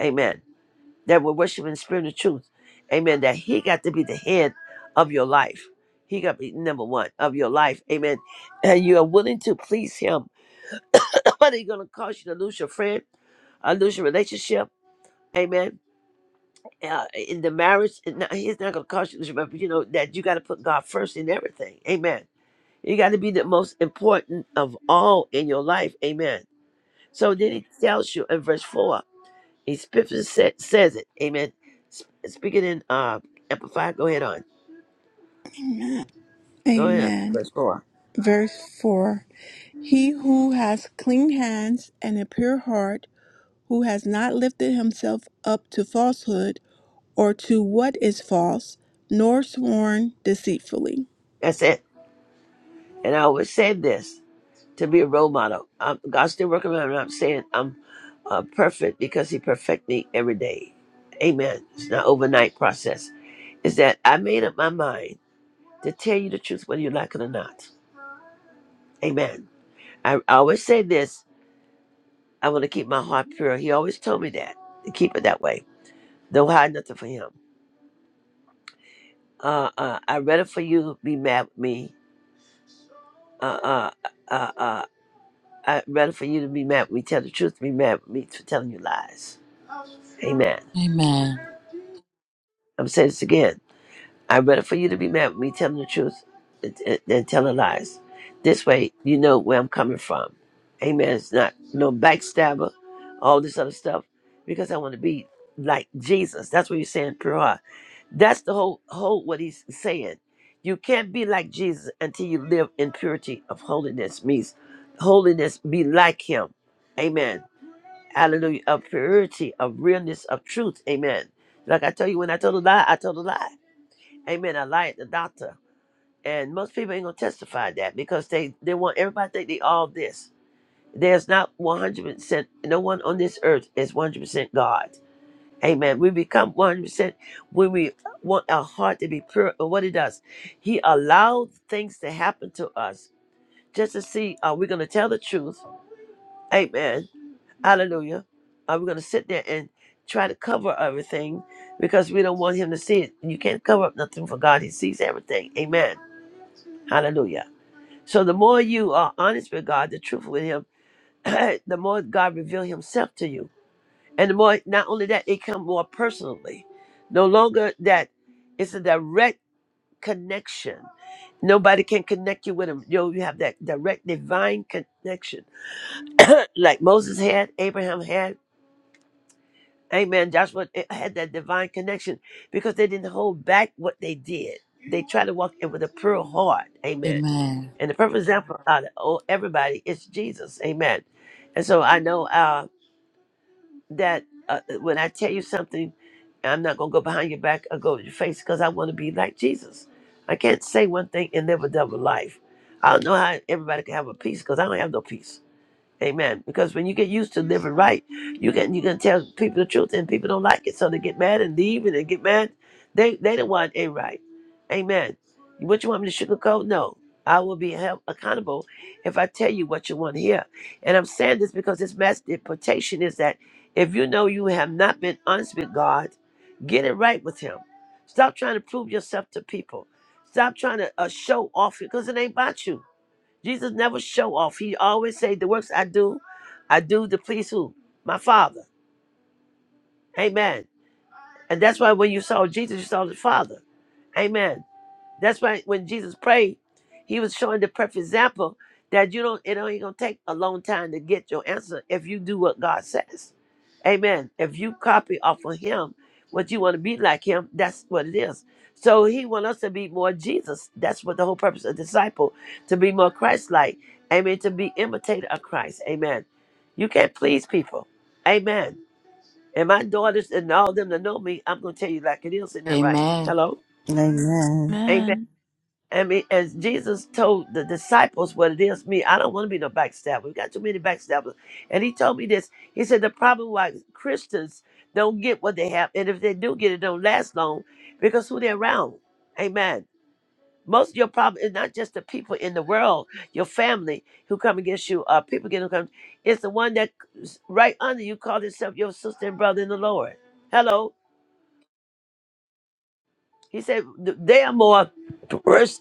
B: Amen. That will worship in spirit and truth. Amen. That he got to be the head of your life. He got to be number one of your life. Amen. And you are willing to please him. *laughs* *clears throat* Nobody gonna cause you to lose your friend, or lose your relationship. Amen. Uh, in the marriage, it's not- he's not gonna cause you to lose your, but you know that you got to put God first in everything. Amen You got to be the most important of all in your life. Amen. So then he tells you in verse 4, he scripture sa- says it. Amen. S- Speaking in uh, Amplified, go ahead on.
A: Amen.
B: Go ahead.
A: Amen.
B: Verse 4.
A: Verse 4 He who has clean hands and a pure heart, who has not lifted himself up to falsehood or to what is false, nor sworn deceitfully.
B: That's it. And I always say this to be a role model. Um, God's still working on me. I'm saying I'm uh, perfect because he perfect me every day. Amen. It's not overnight process. It's that I made up my mind to tell you the truth whether you like it or not. Amen. I I always say this I want to keep my heart pure. He always told me that to keep it that way. Don't hide nothing from him. Uh, uh, I rather for you to be mad with me. Uh, uh, uh, uh, I rather for you to be mad with me, tell the truth, to be mad with me for telling you lies. Amen.
C: Amen.
B: I'm saying this again. I'd rather for you to be mad with me telling the truth than than telling lies. This way, you know where I'm coming from. Amen. It's not no backstabber, all this other stuff, because I want to be like Jesus. That's what you're saying, pure heart. That's the whole whole what he's saying. You can't be like Jesus until you live in purity of holiness. Means holiness be like him. Amen. Hallelujah. Of purity, of realness, of truth. Amen. Like I tell you, when I told a lie, I told a lie. Amen. I lied, the doctor. And most people ain't gonna testify that because they they want everybody to think they all this. There's not 100%. No one on this earth is 100% God. Amen. We become 100% when we want our heart to be pure. And what He does, He allowed things to happen to us just to see are we gonna tell the truth? Amen. Hallelujah. Are we going to sit there and try to cover everything because we don't want him to see it? You can't cover up nothing for God. He sees everything. Amen. Hallelujah. So the more you are honest with God, the truth with Him, *clears throat* the more God reveal Himself to you, and the more not only that it comes more personally. No longer that it's a direct connection. Nobody can connect you with Him. You know, you have that direct divine connection, *clears throat* like Moses had, Abraham had. Amen. Joshua had that divine connection because they didn't hold back what they did. they try to walk in with a pure heart. Amen.
C: Amen.
B: And the perfect example out of all- everybody is Jesus. Amen. And so I know uh, that uh, when I tell you something, I'm not going to go behind your back or go to your face because I want to be like Jesus. I can't say one thing and live a double life. I don't know how everybody can have a peace because I don't have no peace. Amen. Because when you get used to living right, you can you can tell people the truth and people don't like it, so they get mad and leave and they get mad. They they don't want it right. Amen. What you want me to sugarcoat? No. I will be held accountable if I tell you what you want to hear. And I'm saying this because this mass deportation is that if you know you have not been honest with God, get it right with Him. Stop trying to prove yourself to people. Stop trying to uh, show off because it ain't about you. Jesus never show off. He always say the works I do, I do to please who? My Father. Amen. And that's why when you saw Jesus, you saw the Father. Amen. That's why when Jesus prayed, he was showing the perfect example that you don't it ain't gonna take a long time to get your answer if you do what God says. Amen. If you copy off of him what you want to be like him, that's what it is. So he want us to be more Jesus. That's what the whole purpose of disciple, to be more Christ-like. Amen. To be imitator of Christ. Amen. You can't please people. Amen. And my daughters and all them that know me, I'm gonna tell you like it is, isn't that right?
C: Amen.
B: Hello?
D: Amen.
A: Amen.
B: I mean, as Jesus told the disciples what it is, me, I don't want to be no backstabber. We got too many backstabbers. And he told me this. He said the problem why Christians don't get what they have, and if they do get it, don't last long because who they're around. Amen. Most of your problem is not just the people in the world, your family who come against you, uh, people getting come. It's the one that's right under you, call itself your sister and brother in the Lord. Hello. He said th- they are more worse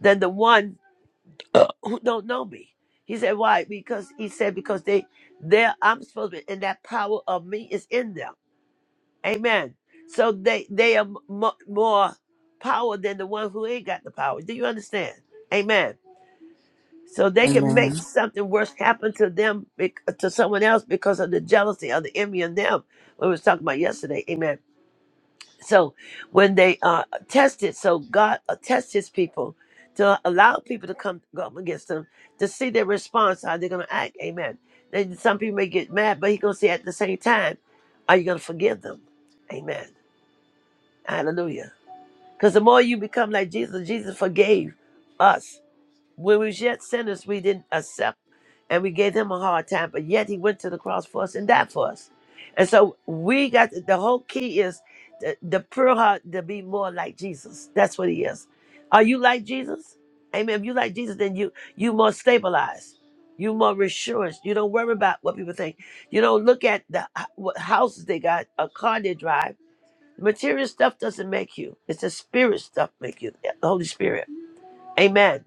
B: than the one uh, who don't know me. He said, why? Because he said, because they, they, I'm supposed to be, and that power of me is in them. Amen. So they, they are mo more power than the one who ain't got the power. Do you understand? Amen. So they can
D: Amen.
B: make something worse happen to them, bec- to someone else because of the jealousy of the envy in them. We was talking about yesterday. Amen so when they uh, tested, so God uh, tests his people to allow people to come go up against them to see their response, how they're going to act. Amen. Then some people may get mad, but he's going to say at the same time, are you going to forgive them? Amen. Hallelujah. Because the more you become like Jesus, Jesus forgave us when we was yet sinners, we didn't accept and we gave him a hard time, but yet he went to the cross for us and died for us. And so we got the whole key is the, the pure heart to be more like Jesus. That's what he is. Are you like Jesus? Amen. If you like Jesus, then you you more stabilized. You more reassurance. You don't worry about what people think. You don't look at the h- what houses they got, a car they drive. Material stuff doesn't make you. It's the spirit stuff make you. Yeah, The Holy Spirit. Amen.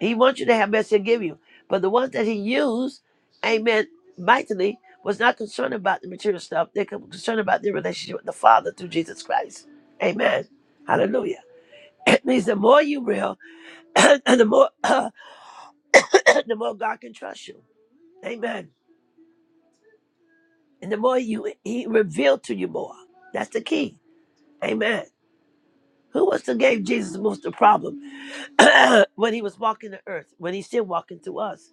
B: He wants you to have best he'll give you. But the ones that he used, amen, mightily, was not concerned about the material stuff. They're con- concerned about their relationship with the Father through Jesus Christ. Amen. Hallelujah. *clears throat* It means the more you real, *clears throat* and the more *clears throat* the more God can trust you. Amen. And the more you he revealed to you more. That's the key. Amen. Who was to gave Jesus most the problem *clears throat* when he was walking the earth, when he's still walking through us?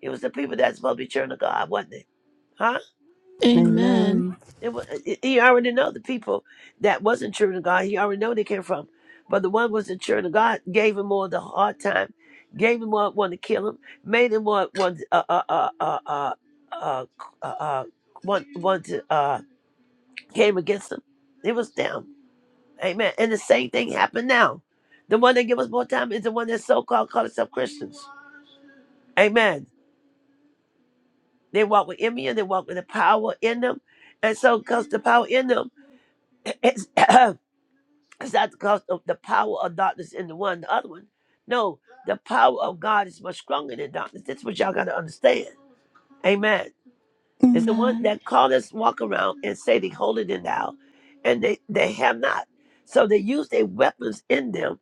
B: It was the people that's supposed to be children of God, wasn't it? Huh?
D: Amen.
A: Amen.
D: Amen.
B: It was, he already know the people that wasn't true to God. He already know they came from. But the one was not true to God gave him more of the hard time, gave him more want to kill him, made him want want uh uh uh uh uh uh, uh, uh want want to uh came against him. It was them. Amen. And the same thing happened now. The one that give us more time is the one that so called call themselves Christians. Amen. They walk with envy and they walk with the power in them. And so because the power in them *clears throat* It's not because of the power of darkness in the one, the other one. No, the power of God is much stronger than darkness. That's what y'all gotta understand. Amen. It's the one
A: Amen.
B: that called us walk around and say they hold it in thou, and they they have not. So they use their weapons in them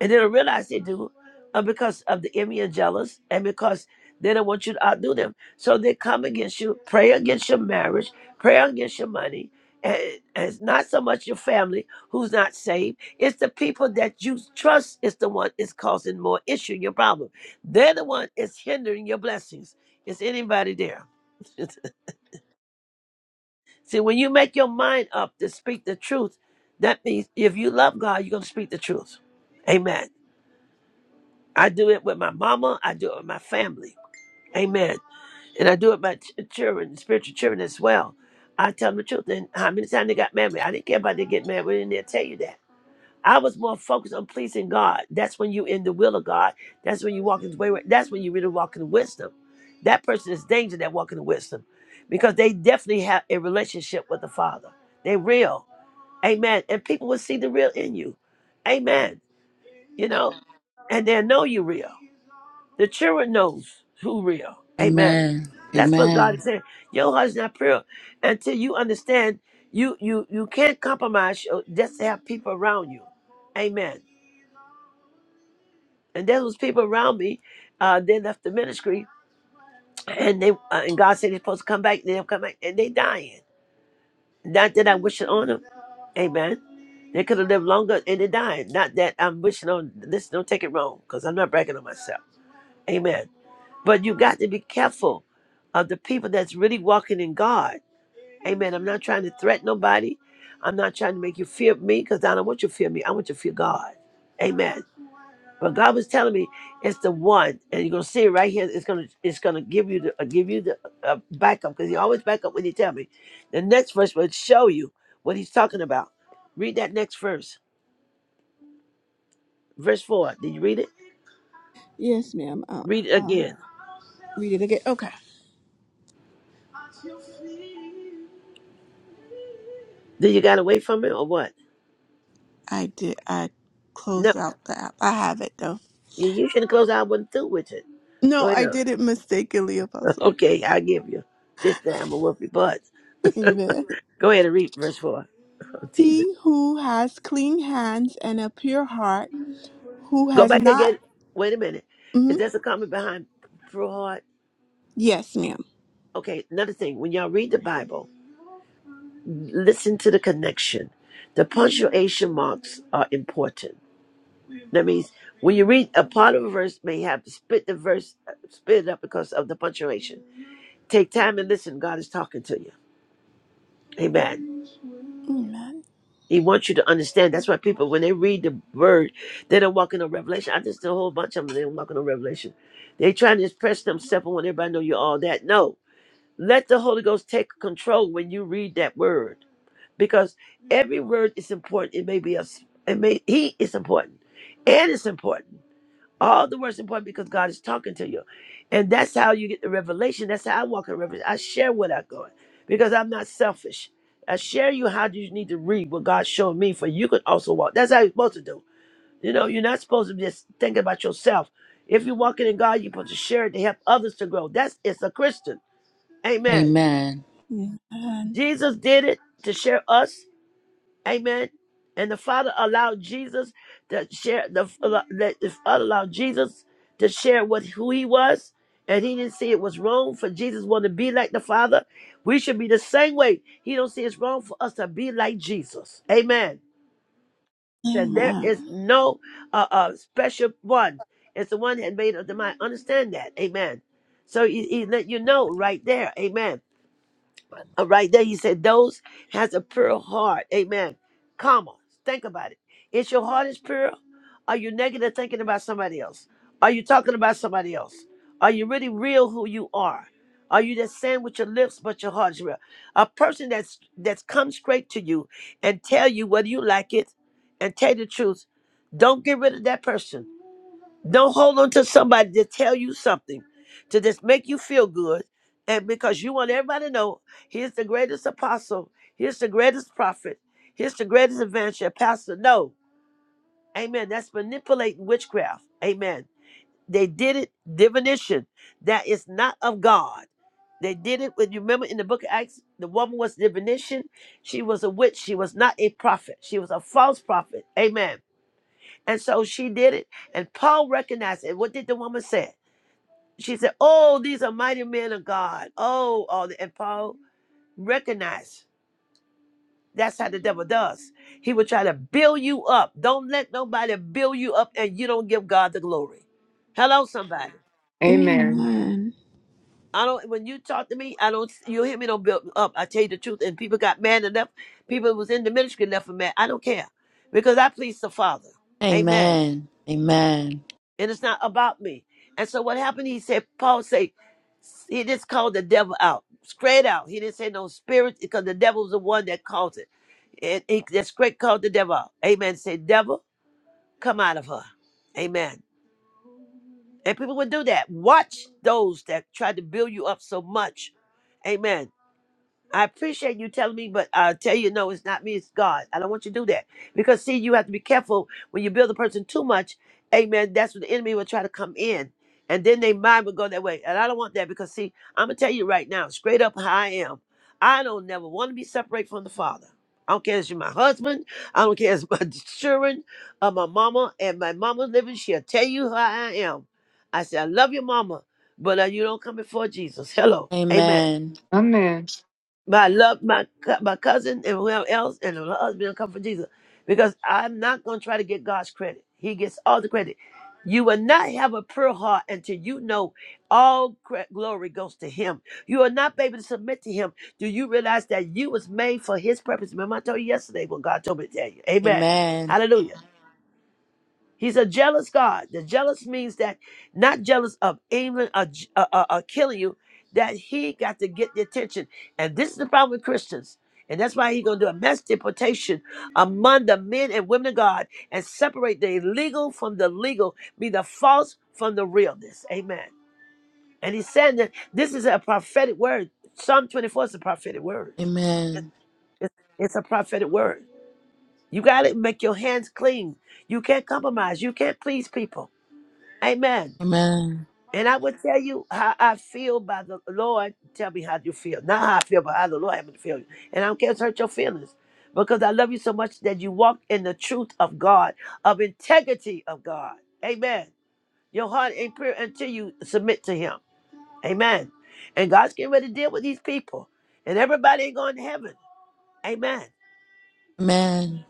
B: and they don't realize they do uh, because of the enemy and jealous and because they don't want you to outdo them. So they come against you, pray against your marriage, pray against your money. And, and it's not so much your family who's not saved. It's the people that you trust is the one is causing more issue, your problem. They're the one is hindering your blessings. Is anybody there? *laughs* See, when you make your mind up to speak the truth, that means if you love God, you're going to speak the truth. Amen. I do it with my mama. I do it with my family. Amen. And I do it with my ch- children, spiritual children as well. I tell them the truth. And how many times they got mad at me? I didn't care about they get mad. We didn't dare tell you that. I was more focused on pleasing God. That's when you in the will of God. That's when you walk in the way. That's when you really walk in wisdom. That person is dangerous that walking in wisdom because they definitely have a relationship with the Father. They real. Amen. And people will see the real in you. Amen. You know, and they'll know you real. The children knows who real. Amen.
C: Amen.
B: That's what God
C: Amen.
B: is saying. Your heart's not pure until you understand. You you you can't compromise your- just to have people around you. Amen. And there was people around me. Uh, they left the ministry, and they uh, and God said they're supposed to come back. They don't come back, and they dying. Not that I'm wishing on them. Amen. They could have lived longer, and they're dying. Not that I'm wishing on this. Don't take it wrong, because I'm not bragging on myself. Amen. But you got to be careful of the people that's really walking in God. Amen. I'm not trying to threaten nobody. I'm not trying to make you fear me because I don't want you to fear me. I want you to fear God. Amen. But God was telling me it's the one, and you're gonna see it right here. It's gonna it's gonna give you the uh, give you the uh, backup because he always back up when he tell me. The next verse will show you what he's talking about. Read that next verse, verse four. Did you read it?
A: Yes, ma'am. I'll,
B: Read it
A: I'll
B: again.
A: read it again. Okay.
B: Did you got away from it or what?
A: I did. I
B: No.
A: closed out the app. I have it though.
B: Yeah, you should have closed. out. I wasn't through with it. Go
A: No,
B: ahead. *laughs*
A: I did it mistakenly, Apostle.
B: Okay, I give you. This time a whoop your butt.
A: *laughs*
B: *laughs*
A: Amen.
B: Go ahead and read verse 4. *laughs* Oh, Jesus.
A: He who has clean hands and a pure heart, who
B: Go
A: has
B: back
A: not.
B: again. Wait a minute.
A: mhm.
B: Is that a comment behind fraud?
A: Yes, ma'am.
B: Okay, another thing. When y'all read the Bible, listen to the connection. The punctuation marks are important. That means when you read a part of a verse, may have split the verse, split it up because of the punctuation. Take time and listen. God is talking to you. Amen.
A: Amen.
B: He wants you to understand. That's why people, when they read the word, they don't walk in a revelation. I just did a whole bunch of them. They don't walk in a revelation. They trying to express themselves and want everybody to know you all that. No, let the Holy Ghost take control when you read that word, because every word is important. It may be a, it may he is important, and it's important. All the words important because God is talking to you. And that's how you get the revelation. That's how I walk in revelation. I share what I go in because I'm not selfish. I share you how you need to read what God showed me for you could also walk. That's how you're supposed to do. You know, you're not supposed to just think about yourself. If you're walking in God, you're supposed to share it to help others to grow. That's it's a Christian. Amen.
C: Amen.
A: Amen.
B: Jesus did it to share us Amen. And the Father allowed Jesus to share the, the Father allowed Jesus to share what who he was. And he didn't see it was wrong for Jesus wanted to be like the Father. We should be the same way. He don't see it's wrong for us to be like Jesus. Amen. That
A: Amen.
B: there is no uh, uh special one. It's the one that made up the mind. Understand that. Amen. So he, he let you know right there. Amen uh, right there, he said, "Those has a pure heart." Amen. Comma. Think about it. Is your heart is pure? Are you negative thinking about somebody else? Are you talking about somebody else? Are you really real who you are? Are you just saying with your lips, but your heart is real? A person that's that's come straight to you and tell you whether you like it and tell you the truth. Don't get rid of that person. Don't hold on to somebody to tell you something, to just make you feel good. And because you want everybody to know, here's the greatest apostle, here's the greatest prophet, here's the greatest evangelist, pastor. No. Amen. That's manipulating witchcraft. Amen. They did it, divination. That is not of God. They did it when you remember in the book of Acts, the woman was divination. She was a witch. She was not a prophet. She was a false prophet. Amen. And so she did it. And Paul recognized it. What did the woman say? she said, "Oh, these are mighty men of God." Oh, all the, and Paul recognized that's how the devil does. He will try to build you up. Don't let nobody build you up, and you don't give God the glory. Hello, somebody.
E: Amen.
A: Amen.
B: I don't. When you talk to me, I don't. You hear me? Don't build me up. I tell you the truth. And people got mad enough. People was in the ministry enough for mad. I don't care, because I please the Father. Amen.
C: Amen. Amen.
B: and it's not about me. And so what happened? He said, Paul said, he just called the devil out, straight out. He didn't say no spirit because the devil was the one that caused it. And he just straight called the devil out. Amen. Say, devil, come out of her. Amen. And people would do that. Watch those that try to build you up so much. Amen. I appreciate you telling me, but I tell you, no, it's not me, it's God. I don't want you to do that. Because, see, you have to be careful when you build a person too much. Amen. That's when the enemy will try to come in. And then their mind will go that way. And I don't want that because, see, I'm going to tell you right now, straight up how I am. I don't never want to be separated from the Father. I don't care if you're my husband. I don't care if it's my *laughs* children or my mama. And my mama's living, she'll tell you how I am. I say, I love your mama, but uh, you don't come before Jesus.
C: Amen.
B: Hello. Amen.
C: Amen.
E: Amen.
B: But I love my cou- my cousin and whoever else and her husband will come for Jesus. Because I'm not gonna try to get God's credit. He gets all the credit. You will not have a pure heart until you know all cre- glory goes to Him. You are not able to submit to Him. Do you realize that you was made for His purpose? Remember, I told you yesterday what God told me to tell you.
C: Amen.
B: Amen. He's a jealous God. The jealous means that not jealous of even a, a, a, a killing you, that he got to get the attention. And this is the problem with Christians. And that's why he's going to do a mass deportation among the men and women of God and separate the illegal from the legal, be the false from the realness. Amen. And he's saying that this is a prophetic word. Psalm 24 is a prophetic word.
C: Amen.
B: It's, it's a prophetic word. You got to make your hands clean. You can't compromise. You can't please people. Amen.
C: Amen.
B: And I will tell you how I feel by the Lord. Tell me how you feel. Not how I feel, but how the Lord happened to feel you. And I don't care if it hurt your feelings. Because I love you so much that you walk in the truth of God, of integrity of God. Amen. Your heart ain't pure until you submit to Him. Amen. And God's getting ready to deal with these people. And everybody ain't going to heaven. Amen.
C: Amen.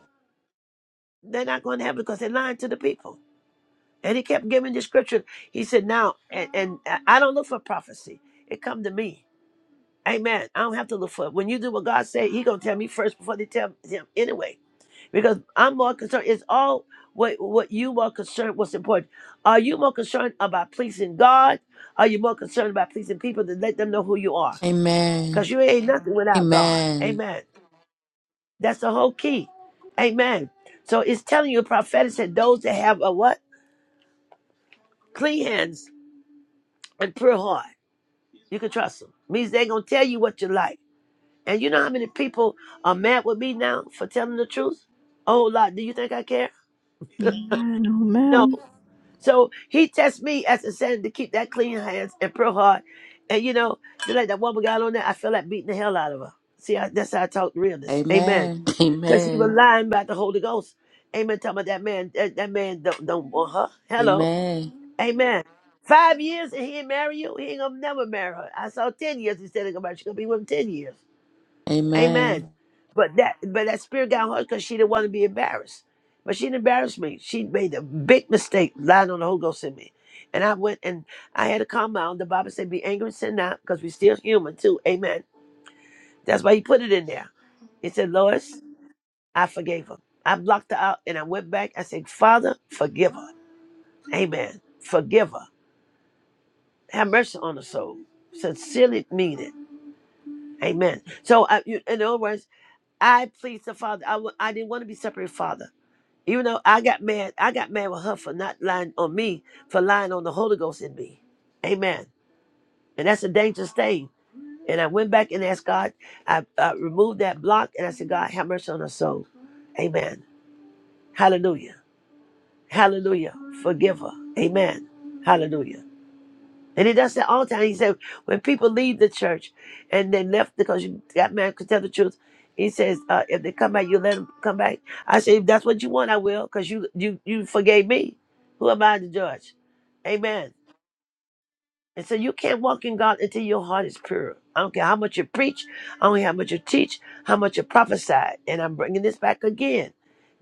B: They're not going to heaven because they're lying to the people. And he kept giving the scripture. He said, Now, and, and I I don't look for prophecy. It come to me. Amen. I don't have to look for it. When you do what God said, He gonna tell me first before they tell him anyway. Because I'm more concerned. It's all what what you more concerned. What's important? Are you more concerned about pleasing God? Are you more concerned about pleasing people to let them know who you are?
C: Amen. Amen.
B: Because you ain't nothing without God.
C: Amen. Amen.
B: Amen. That's the whole key. Amen. So it's telling you, prophetic said, those that have a what? Clean hands and pure heart. You can trust them. Means they gonna tell you what you like. And you know how many people are mad with me now for telling the truth? A whole lot. Do you think I care?
A: Amen. Oh,
B: No.
A: ma'am.
B: So he tests me as a saying to keep that clean hands and pure heart. And you know, just like that woman got on there, I feel like beating the hell out of her. See, I, that's how I talk realness. Amen. Because she was lying about the Holy Ghost. Amen. Talking about that man, that, that man don't, don't want her. Hello. Amen. Five years and he ain't marry you, he ain't gonna never marry her. I saw ten years instead of about she gonna be with him ten years. Amen. But that but that spirit got on her because she didn't want to be embarrassed. But she didn't embarrass me. She made a big mistake lying on the Holy Ghost in me. And I went and I had to calm down. The Bible said, be angry and sin not, because we're still human too. Amen. That's why he put it in there. He said, Lois, I forgave her. I blocked her out and I went back. I said, Father, forgive her. Amen. Forgive her. Have mercy on her soul. Sincerely mean it. Amen. So, I, you, in other words, I pleased the Father. I, w- I didn't want to be separated, Father. Even though I got mad, I got mad with her for not lying on me, for lying on the Holy Ghost in me. Amen. And that's a dangerous thing. And I went back and asked God, I, I removed that block and I said, God, have mercy on her soul. Amen. Hallelujah. Hallelujah. Forgive her. Amen. Hallelujah. And he does that all the time. He said, when people leave the church and they left because you got married, could tell the truth. He says, uh, if they come back, you let them come back. I say, if that's what you want, I will, because you, you, you forgave me. Who am I to judge? Amen. And so you can't walk in God until your heart is pure. I don't care how much you preach, I don't care how much you teach, how much you prophesy. And I'm bringing this back again.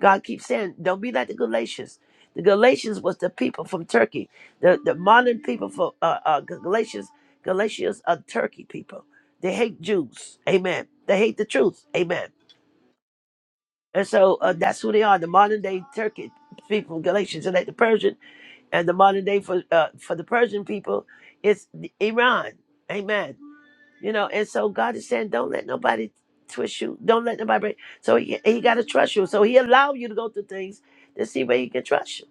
B: God keeps saying, don't be like the Galatians. The Galatians was the people from Turkey, the, the modern people for uh, uh, Galatians. Galatians are Turkey people. They hate Jews. Amen. They hate the truth. Amen. And so uh, that's who they are, the modern day Turkey people, Galatians, and like the Persian and the modern day for uh, for the Persian people, it's Iran. Amen. You know, and so God is saying, don't let nobody twist you. Don't let nobody break. So he, he got to trust you. So he allowed you to go through things to see where he can trust you.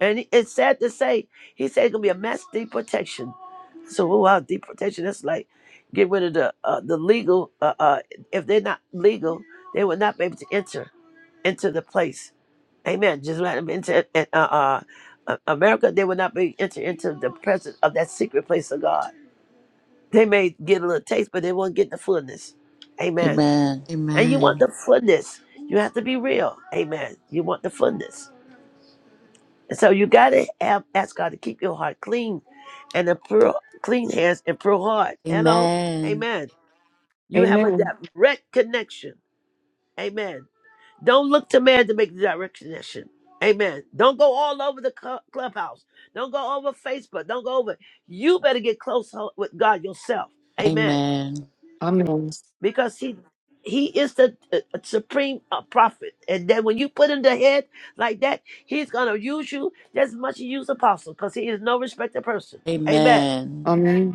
B: And he- it's sad to say, he said it's gonna be a mass deportation. So oh wow, deportation. That's like get rid of the uh, the legal. Uh, uh, if they're not legal, they will not be able to enter into the place. Amen. Just let them into uh, uh, uh, America. They will not be entered into the presence of that secret place of God. They may get a little taste, but they won't get the fullness. Amen.
C: Amen.
B: And you want the fullness. You have to be real. Amen. You want the fullness. And so you got to have, ask God to keep your heart clean and a pure, clean hands and pure heart. Hello.
C: Amen. Amen. Amen.
B: Amen. You have a
E: Amen.
B: direct connection. Amen. Don't look to man to make the direction. Amen. Don't go all over the cl- clubhouse. Don't go over Facebook. Don't go over. You better get close ho- with God yourself. Amen.
C: Amen.
E: Amen.
B: Because He He is the uh, uh, supreme uh, prophet. And then when you put him the head like that, He's gonna use you just as much as you use apostle, because He is no respected person. Amen.
C: Amen.
E: Amen.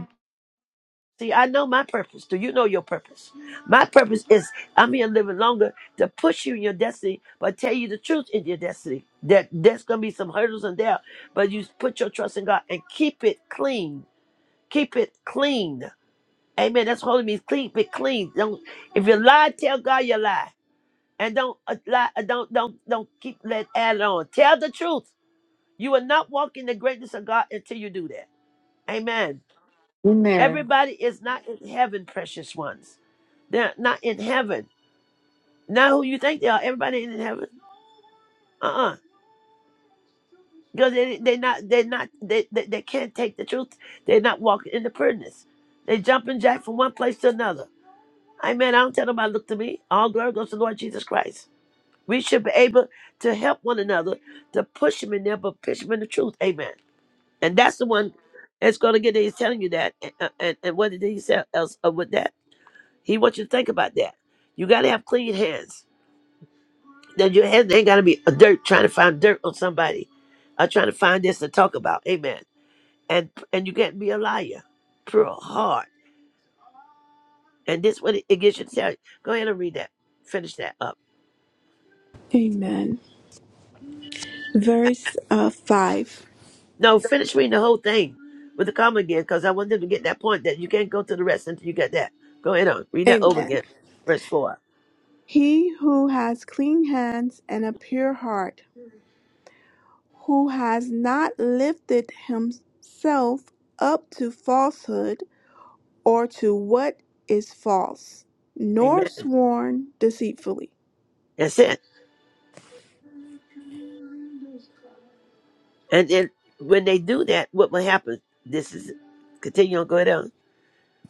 B: See, I know my purpose. Do you know your purpose? My purpose is I'm here living longer to push you in your destiny, but tell you the truth in your destiny. That there's gonna be some hurdles and doubt, but you put your trust in God and keep it clean. Keep it clean. Amen. That's holy means clean. keep it clean. Don't if you lie, tell God you lie, and don't uh, lie. uh, Don't don't don't keep let add on. Tell the truth. You will not walk in the greatness of God until you do that. Amen.
E: Amen.
B: Everybody is not in heaven, precious ones. They're not in heaven. Not who you think they are. Everybody ain't in heaven. Uh-uh. Because they they not they not they, they they can't take the truth. They're not walking in the prudeness. They jumping jack from one place to another. Amen. I don't tell nobody look to me. All glory goes to the Lord Jesus Christ. We should be able to help one another to push them in there, but push them in the truth. Amen. And that's the one that's going to get there. He's telling you that. And, and, and what did he say else uh, with that? He wants you to think about that. You got to have clean hands. That your hands ain't got to be a dirt trying to find dirt on somebody, or trying to find this to talk about. Amen. And and you can't be a liar. Pure heart. And this what it, it gets you to tell. you. Go ahead and read that. Finish that up.
A: Amen. Verse uh, 5.
B: No, finish reading the whole thing with the comma again, because I want them to get that point that you can't go to the rest until you get that. Go ahead on. Read that over
A: Amen.
B: again. Verse four.
A: He who has clean hands and a pure heart, who has not lifted himself up to falsehood or to what is false, nor
B: Amen.
A: sworn deceitfully.
B: That's it. And then when they do that, what will happen? This is continue on going down.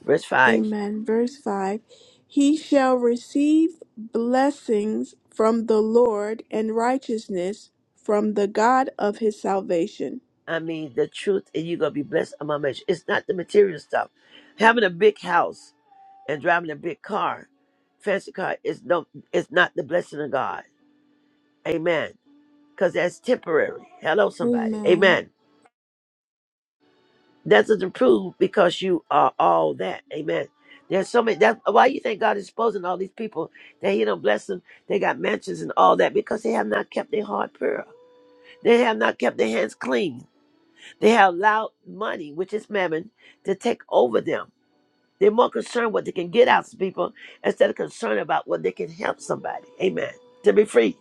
B: Verse five.
A: Amen. Verse 5 He shall receive blessings from the Lord and righteousness from the God of his salvation.
B: I mean the truth and you're gonna be blessed among measure. It's not the material stuff. Having a big house and driving a big car, fancy car is no it's not the blessing of God. Amen. Because that's temporary. Hello somebody.
A: Amen.
B: Amen. That doesn't prove because you are all that. Amen. There's so many. That's why you think God is exposing all these people that He don't bless them. They got mansions and all that because they have not kept their heart pure. They have not kept their hands clean. They have allowed money, which is mammon, to take over them. They're more concerned what they can get out to people instead of concerned about what they can help somebody. Amen. To be free.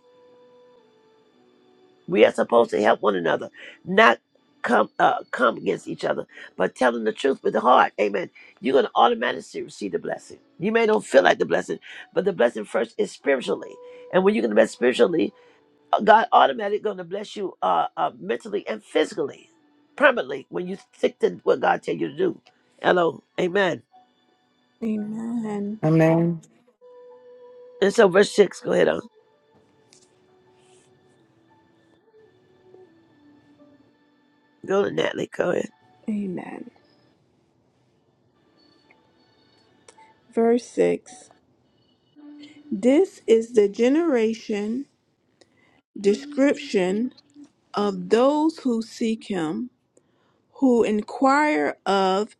B: We are supposed to help one another, not come uh, come against each other, but telling the truth with the heart. Amen. You're gonna automatically receive the blessing. You may not feel like the blessing, but the blessing first is spiritually. And when you're gonna bless spiritually, uh, God automatically gonna bless you uh, uh, mentally and physically, permanently when you stick to what God tell you to do. Hello, Amen.
A: Amen.
E: Amen.
B: And so verse six. Go ahead on. Go to Natalie. Go ahead.
A: Amen. Verse 6 This is the generation description of those who seek him, who inquire of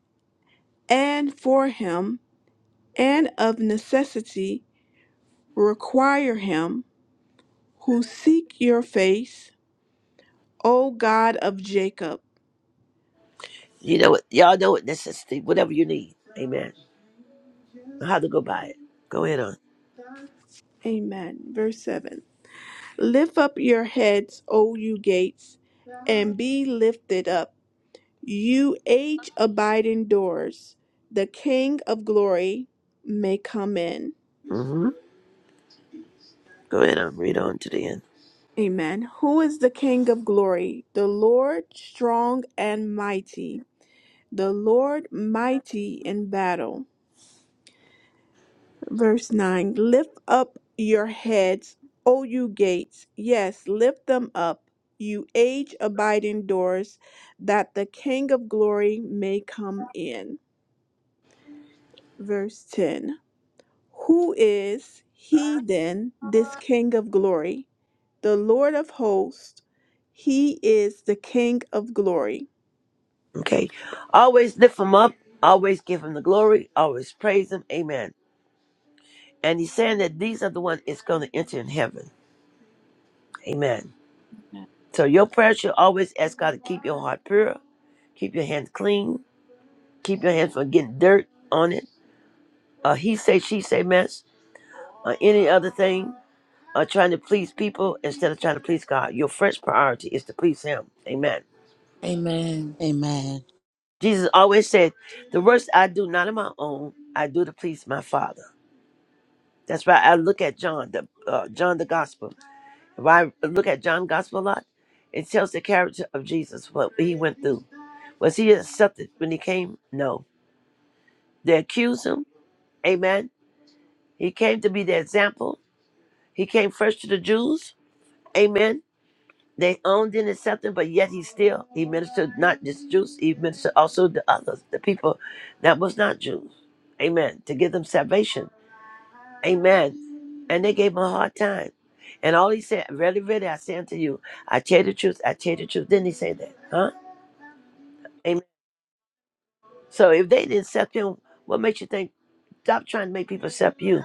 A: and for him, and of necessity require him, who seek your face, O God of Jacob.
B: You know what? Y'all know what necessity. Whatever you need. Amen. How to go by it. Go ahead on.
A: Amen. Verse 7 Lift up your heads, O you gates, and be lifted up, you age abiding doors, the King of glory may come in.
B: hmm Go ahead and read on to the end.
A: Amen. Who is the King of glory? The Lord strong and mighty, the Lord mighty in battle. Verse 9 Lift up your heads, O you gates. Yes, lift them up, you age abiding doors, that the King of glory may come in. Verse 10 Who is he then, this King of glory? The Lord of hosts. He is the King of glory.
B: Okay. Always lift him up. Always give him the glory. Always praise him. Amen. And he's saying that these are the ones that's going to enter in heaven. Amen. So your prayer should always ask God to keep your heart pure, keep your hands clean, keep your hands from getting dirt on it. Uh, he say, she say mess, or any other thing, or trying to please people instead of trying to please God. Your first priority is to please him. Amen.
C: Amen. Amen.
B: Jesus always said, The works I do not of my own, I do to please my Father. That's why I look at John, the uh, John the Gospel. If I look at John Gospel a lot, it tells the character of Jesus, what he went through. Was he accepted when he came? No. They accused him. Amen. He came to be the example. He came first to the Jews. Amen. They owned and accepted, him, but yet he still he ministered not just Jews, he ministered also to others, the people that was not Jews. Amen. To give them salvation. Amen. And they gave him a hard time. And all he said, really, really, I say unto you, I tell the truth, I tell the truth. Didn't he say that? Huh? Amen. So if they didn't accept him, what makes you think, stop trying to make people accept you?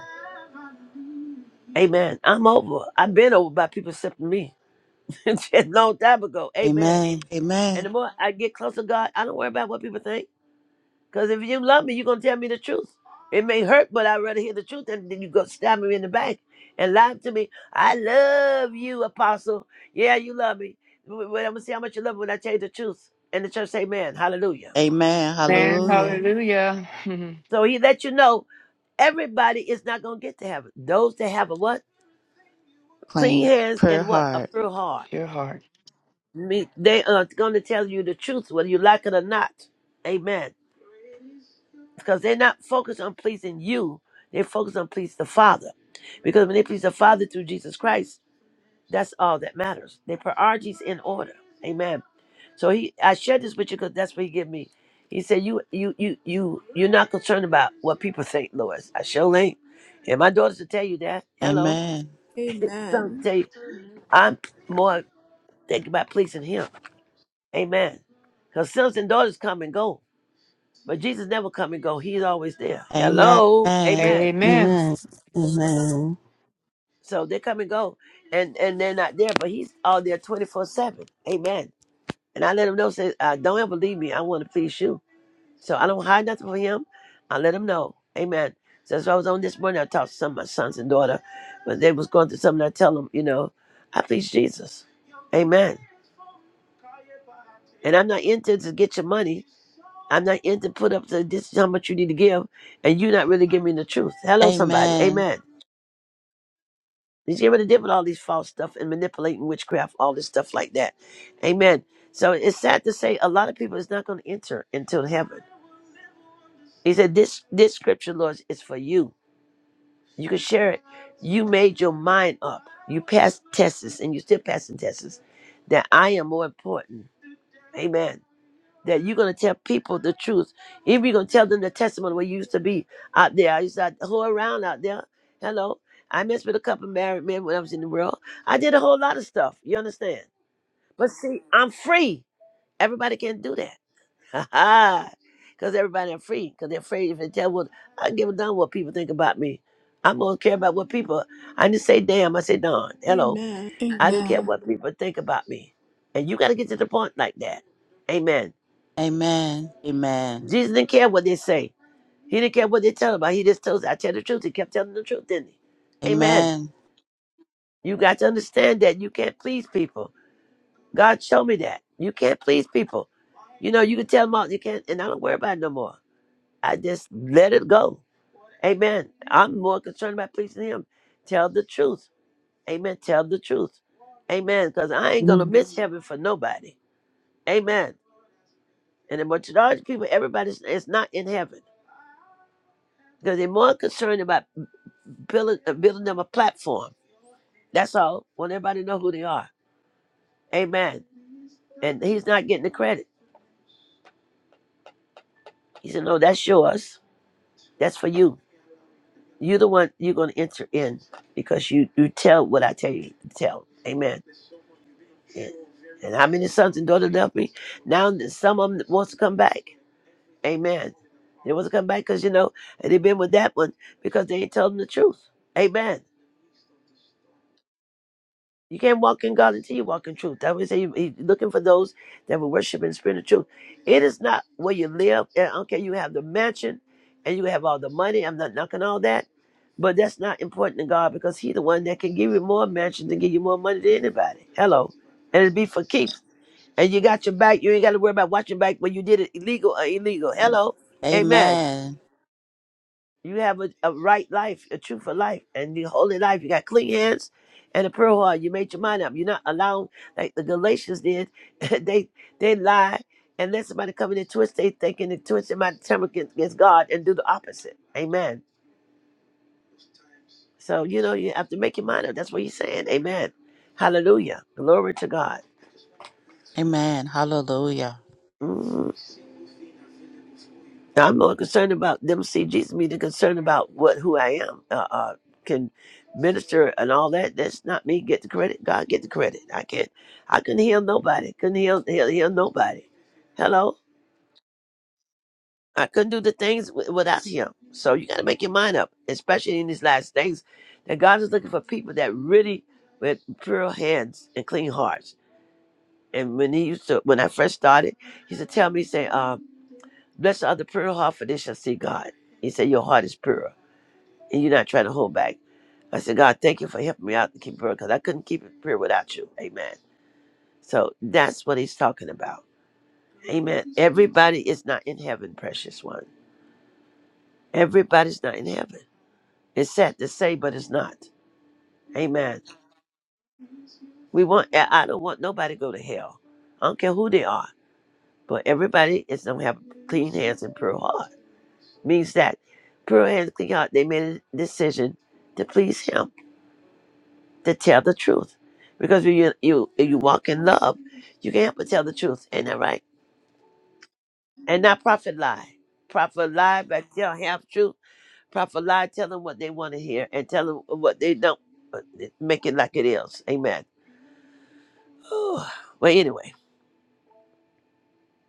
B: Amen. I'm over. I've been over by people accepting me *laughs* a long time ago. Amen.
C: Amen.
B: And the
C: Amen.
B: more I get closer to God, I don't worry about what people think. Because if you love me, you're going to tell me the truth. It may hurt, but I'd rather hear the truth than than you go stab me in the back and lie to me. I love you, Apostle. Yeah, you love me. But I'm going to see how much you love me when I tell you the truth. And the church say, man, hallelujah.
C: Amen.
E: Amen.
C: Hallelujah.
A: Amen.
E: Hallelujah. *laughs* Mhm.
B: So he let you know everybody is not going to get to heaven. Those that have a what? Clean
C: Clean
B: hands
C: prayer
B: and what? A
C: heart.
B: pure heart.
E: Your heart.
B: Me- They are going to tell you the truth, whether you like it or not. Amen. because they're not focused on pleasing you. They're focused on pleasing the Father. Because when they please the Father through Jesus Christ, that's all that matters. Their priorities in order. Amen. So he I shared this with you because that's what he gave me. He said, You you you you you're not concerned about what people think, Lois. I sure ain't. And my daughters will tell you that. Hello.
C: Amen.
B: *laughs* Sons will
A: Amen.
B: tell you I'm more thinking about pleasing him. Amen. Because sons and daughters come and go. But Jesus never come and go. He's always there.
C: Amen.
B: Hello.
C: Amen.
B: Amen.
E: Amen.
D: Amen. Amen.
B: So they come and go, and and they're not there, but he's all there twenty four seven. Amen. And I let him know, say, uh, don't ever leave me. I want to please you. So I don't hide nothing from him. I let him know. Amen. So that's why I was on this morning. I talked to some of my sons and daughter, but they was going through something. I tell them, you know, I please Jesus. Amen. And I'm not into to get your money. I'm not into put up to this is how much you need to give, and you're not really giving me the truth. Hello, somebody.
C: Amen.
B: Amen. He's able to deal with all these false stuff and manipulating witchcraft, all this stuff like that. Amen. So it's sad to say a lot of people is not going to enter into heaven. He said, This this scripture, Lord, is for you. You can share it. You made your mind up. You passed tests and you still passing tests. That I am more important. Amen that you're gonna tell people the truth. If you're gonna tell them the testimony where you used to be out there, I used to whore around out there. Hello, I messed with a couple of married men when I was in the world. I did a whole lot of stuff. You understand? But see, I'm free. Everybody can not do that. *laughs* Because everybody are free. Because they're afraid if they tell what I give a damn what people think about me. I don't care about what people. I didn't say damn. I say darn. Hello.
A: Amen.
B: I don't care
A: Amen.
B: what people think about me. And you got to get to the point like that. Amen.
C: Amen. Amen.
B: Jesus didn't care what they say. He didn't care what they tell him about. He just told us, I tell the truth. He kept telling the truth, didn't he? Amen.
C: Amen.
B: You got to understand that you can't please people. God showed me that. You can't please people. You know, you can tell them all you can't, and I don't worry about it no more. I just let it go. Amen. I'm more concerned about pleasing him. Tell the truth. Amen. Tell the truth. Amen. Because I ain't gonna miss heaven for nobody. Amen. And the majority of people, everybody is is not in heaven. because they're more concerned about building uh, building them a platform. That's all. Want everybody to know who they are. Amen. And he's not getting the credit. He said, "No, that's yours. That's for you. You're the one. You're going to enter in because you you tell what I tell you to tell." Amen. And, and how many sons and daughters left me? Now that some of them wants to come back. Amen. They want to come back because you know they've been with that one because they ain't told them the truth. Amen. You can't walk in God until you walk in truth. That would say you- he's looking for those that will worship in spirit and truth. It is not where you live. And okay, you have the mansion and you have all the money. I'm not knocking all that. But that's not important to God because He's the one that can give you more mansions and give you more money than anybody. Hello. And it'd be for keeps. And you got your back. You ain't got to worry about watching back when you did it illegal or illegal. Hello. Amen.
C: Amen.
B: You have a, a right life, a truthful life, and the holy life. You got clean hands and a pure heart. You made your mind up. You're not allowing like the Galatians did. *laughs* they they lie and let somebody come in and twist. They thinking and twist my temper against against God and do the opposite. Amen. So you know you have to make your mind up. That's what he's saying. Amen. Hallelujah. Glory to God.
C: Amen. Hallelujah.
B: Mm. I'm more concerned about them see Jesus me than concerned about what who I am. Uh, uh, can minister and all that. That's not me. Get the credit. God get the credit. I can't. I couldn't heal nobody. Couldn't heal heal, heal nobody. Hello. I couldn't do the things w- without Him. So you got to make your mind up, especially in these last days. That God is looking for people that really with pure hands and clean hearts. And when He used to, when I first started, He used to tell me, say, uh, "Bless are the pure heart, for they shall see God." He said, "Your heart is pure." and you're not trying to hold back. I said, God, thank you for helping me out to keep prayer because I couldn't keep it pure without you. Amen. So that's what he's talking about. Amen. Everybody is not in heaven, precious one. Everybody's not in heaven. It's sad to say, but it's not. Amen. We want I I don't want nobody to go to hell. I don't care who they are. But everybody is gonna have clean hands and pure heart. Means that pure hands, clean heart, they made a decision to please him. to tell the truth. Because when you you you walk in love, you can't help but tell the truth. Ain't that right? And not prophet lie. Prophet lie, but tell half truth. Prophet lie, tell them what they want to hear and tell them what they don't. but Make it like it is. Amen. *sighs* Whew. well, anyway,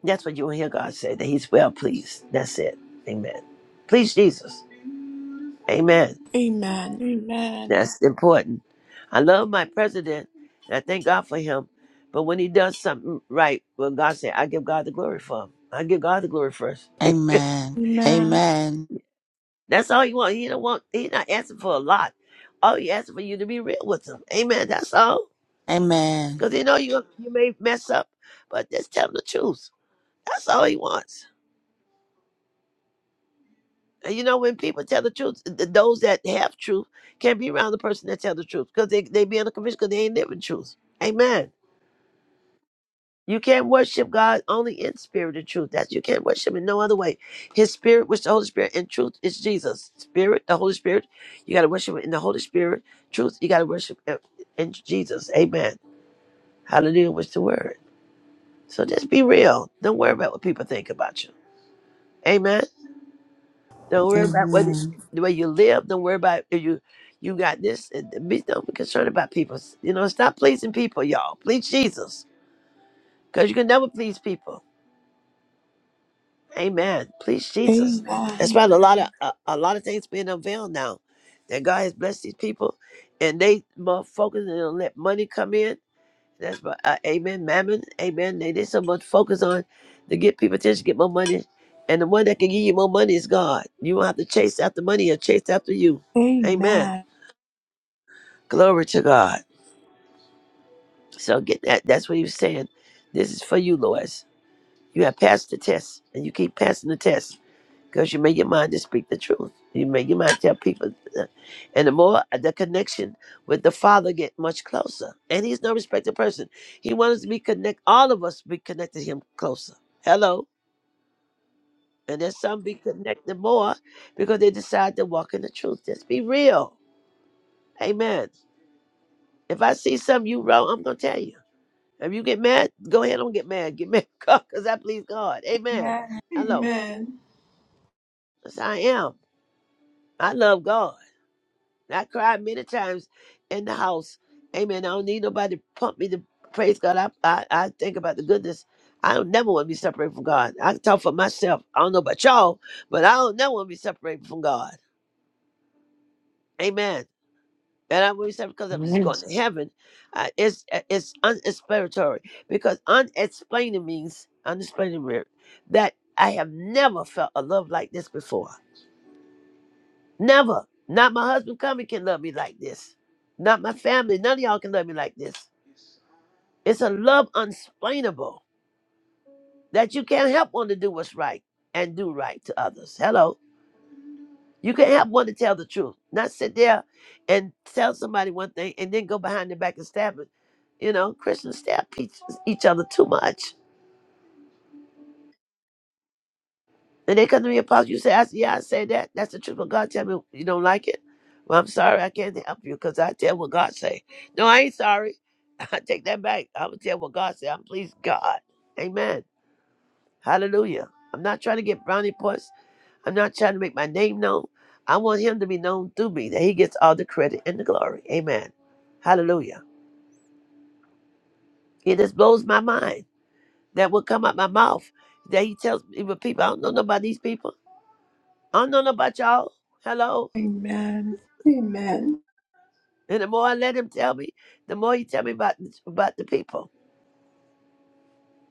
B: that's what you will hear God say, that he's well pleased. That's it. Amen. Please, Jesus. Amen.
A: Amen. Amen.
B: That's important. I love my president, and I thank God for him. But when he does something right, well, God said, I give God the glory for him. I give God the glory first.
C: Amen.
A: Amen.
C: Amen.
B: *laughs* That's all you want. He don't want. He not asking for a lot. All he asking for you to be real with him. Amen. That's all.
C: Amen.
B: Because you know you you may mess up, but just tell him the truth. That's all he wants. And you know when people tell the truth, th- those that have truth can't be around the person that tell the truth because they they be in a conviction because they ain't living truth. Amen. You can't worship God only in spirit and truth. That's you can't worship in no other way. His spirit, which the Holy Spirit, and truth is Jesus. Spirit, the Holy Spirit, you gotta worship in the Holy Spirit. Truth, you gotta worship in in Jesus. Amen. Hallelujah was the word. So just be real. Don't worry about what people think about you. Amen. Don't worry about what the way you live. Don't worry about if you you got this. And be don't be concerned about people. You know, stop pleasing people, y'all. Please Jesus, because you can never please people. Amen. Please,
A: Amen.
B: Jesus. That's
A: Amen.
B: about a lot of a, a lot of things being unveiled now. That God has blessed these people, and they more focusing on let money come in. That's what. Uh, amen. Mammon. Amen. They did so much focus on to get people attention, get more money, and the one that can give you more money is God. You won't have to chase after money or chase after you. Amen.
A: Amen.
B: Glory to God. So get that. That's what he was saying. This is for you, Lois. You have passed the test, and you keep passing the test. because you make your mind to speak the truth. You make your mind to tell people, and the more uh, the connection with the Father get much closer. And He's no respected person. He wants us to be connect. All of us be connected to Him closer. Hello, and then some be connected more because they decide to walk in the truth. Just be real. Amen. If I see something you wrong, I'm gonna tell you. If you get mad, go ahead and get mad. Get mad, *laughs* because I please God. Amen.
A: Amen.
B: Hello.
A: Amen.
B: That's how I am. I love God. I cried many times in the house. Amen. I don't need nobody to pump me to praise God. I, I, I think about the goodness. I don't never want to be separated from God. I can talk for myself. I don't know about y'all, but I don't never want to be separated from God. Amen. And I want to be separated because I'm just
E: Amen.
B: going to heaven. Uh, it's uh, it's unexplanatory because unexplaining means unexplaining means that I have never felt a love like this before. Never. Not my husband coming can love me like this. Not my family. None of y'all can love me like this. It's a love unexplainable that you can't help one to do what's right and do right to others. Hello. You can help one to tell the truth, not sit there and tell somebody one thing and then go behind their back and stab it. You know, Christians stab each, each other too much. And they come to me, Apostle, you say, I say, yeah, I say that. That's the truth. But God tell me you don't like it. Well, I'm sorry, I can't help you because I tell what God say. No, I ain't sorry. *laughs* I take that back. I'm going to tell what God say. I'm pleased God. Amen. Hallelujah. I'm not trying to get brownie points. I'm not trying to make my name known. I want him to be known through me, that he gets all the credit and the glory. Amen. Hallelujah. It just blows my mind that will come out my mouth that he tells even people, I don't know nobody, these people. I don't know about y'all. Hello.
A: Amen. Amen. Amen. Amen. Amen.
B: And the more I let him tell me, the more he tell me about about the people.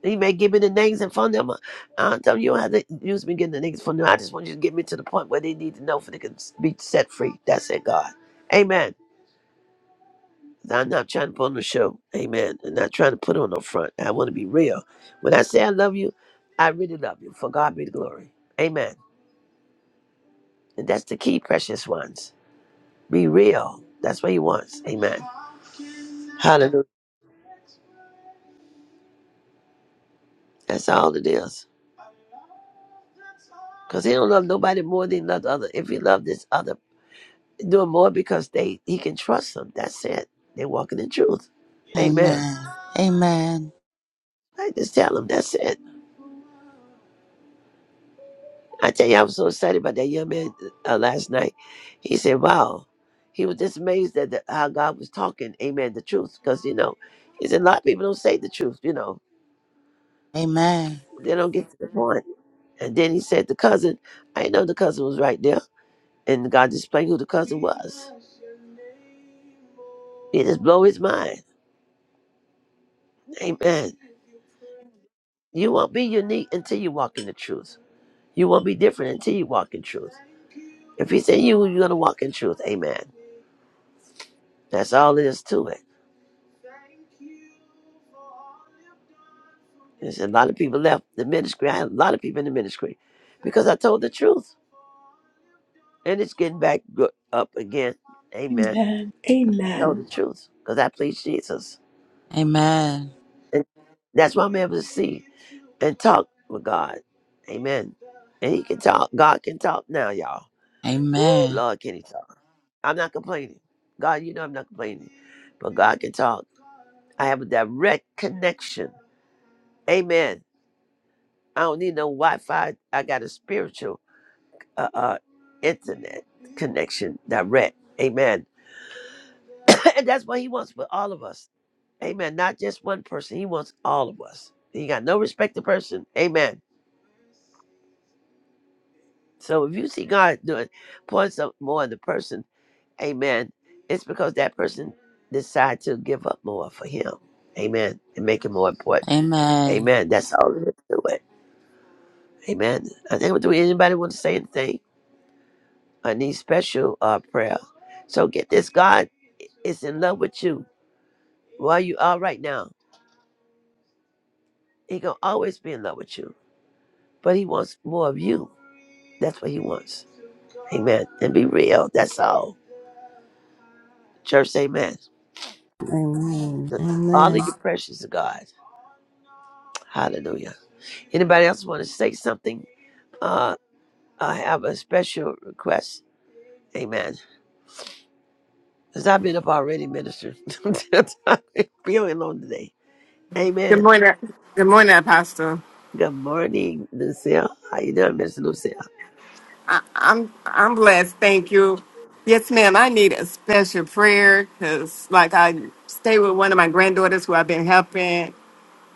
B: He may give me the names and phone number. I don't tell you, you don't have to use me getting the names and phone number. I just want you to get me to the point where they need to know for they can be set free. That's it, God. Amen. I'm not trying to put on the show. Amen. I'm not trying to put on no front. I want to be real. When I say I love you, I really love you. For God be the glory. Amen. And that's the key, precious ones. Be real. That's what he wants. Amen. Hallelujah. That's all it is. Because he don't love nobody more than he loved other. If he loved this other, do it more because they he can trust them. That's it. They're walking in truth. Amen.
C: Amen. Amen.
B: I just tell him that's it. I tell you, I was so excited about that young man uh, last night. He said, "Wow." He was just amazed at the, how God was talking. Amen. The truth, because you know, he said a lot of people don't say the truth. You know,
C: Amen.
B: they don't get to the point. And then he said, "The cousin." I didn't know the cousin was right there. And God displayed who the cousin was. It just blow his mind. Amen. You won't be unique until you walk in the truth. You won't be different until you walk in truth. If he's in you, you're gonna walk in truth. Amen. That's all it is to it. There's a lot of people left the ministry. I had a lot of people in the ministry because I told the truth, and it's getting back go- up again. Amen. Told the truth because I please Jesus,
C: Amen.
B: and that's why I'm able to see. and talk with God. Amen. And he can talk. God can talk now, y'all. Ooh, Lord, can he talk? I'm not complaining. God, you know I'm not complaining. But God can talk. I have a direct connection. Amen. I don't need no Wi Fi. I got a spiritual uh, uh, internet connection direct. Amen. *coughs* *clears throat* and that's what he wants for all of us. Amen. Not just one person. He wants all of us. He got no respect to person. Amen. So if you see God doing, points up more on the person Amen. It's because that person decided to give up more for him. Amen. And make it more
C: Amen.
B: important.
C: Amen.
B: Amen. That's all there is to it. Amen. I think do anybody want to say anything? I need special uh prayer. So get this. God is in love with you. Where you are right now. He gonna always be in love with you. But he wants more of you. That's what he wants. Amen. And be real. That's all. Church, amen.
D: Amen.
B: All
D: Amen.
B: of you precious to God. Hallelujah. Anybody else want to say something? Uh I have a special request. Amen. Because I've been up already Minister? *laughs* I've been feeling on today.
F: Good
B: Amen.
F: morning. Good morning, Pastor.
B: Good morning, Lucille. How you doing, Miss Lucille?
F: I, I'm I'm blessed. Thank you. Yes, ma'am. I need a special prayer because, like, I stay with one of my granddaughters who I've been helping,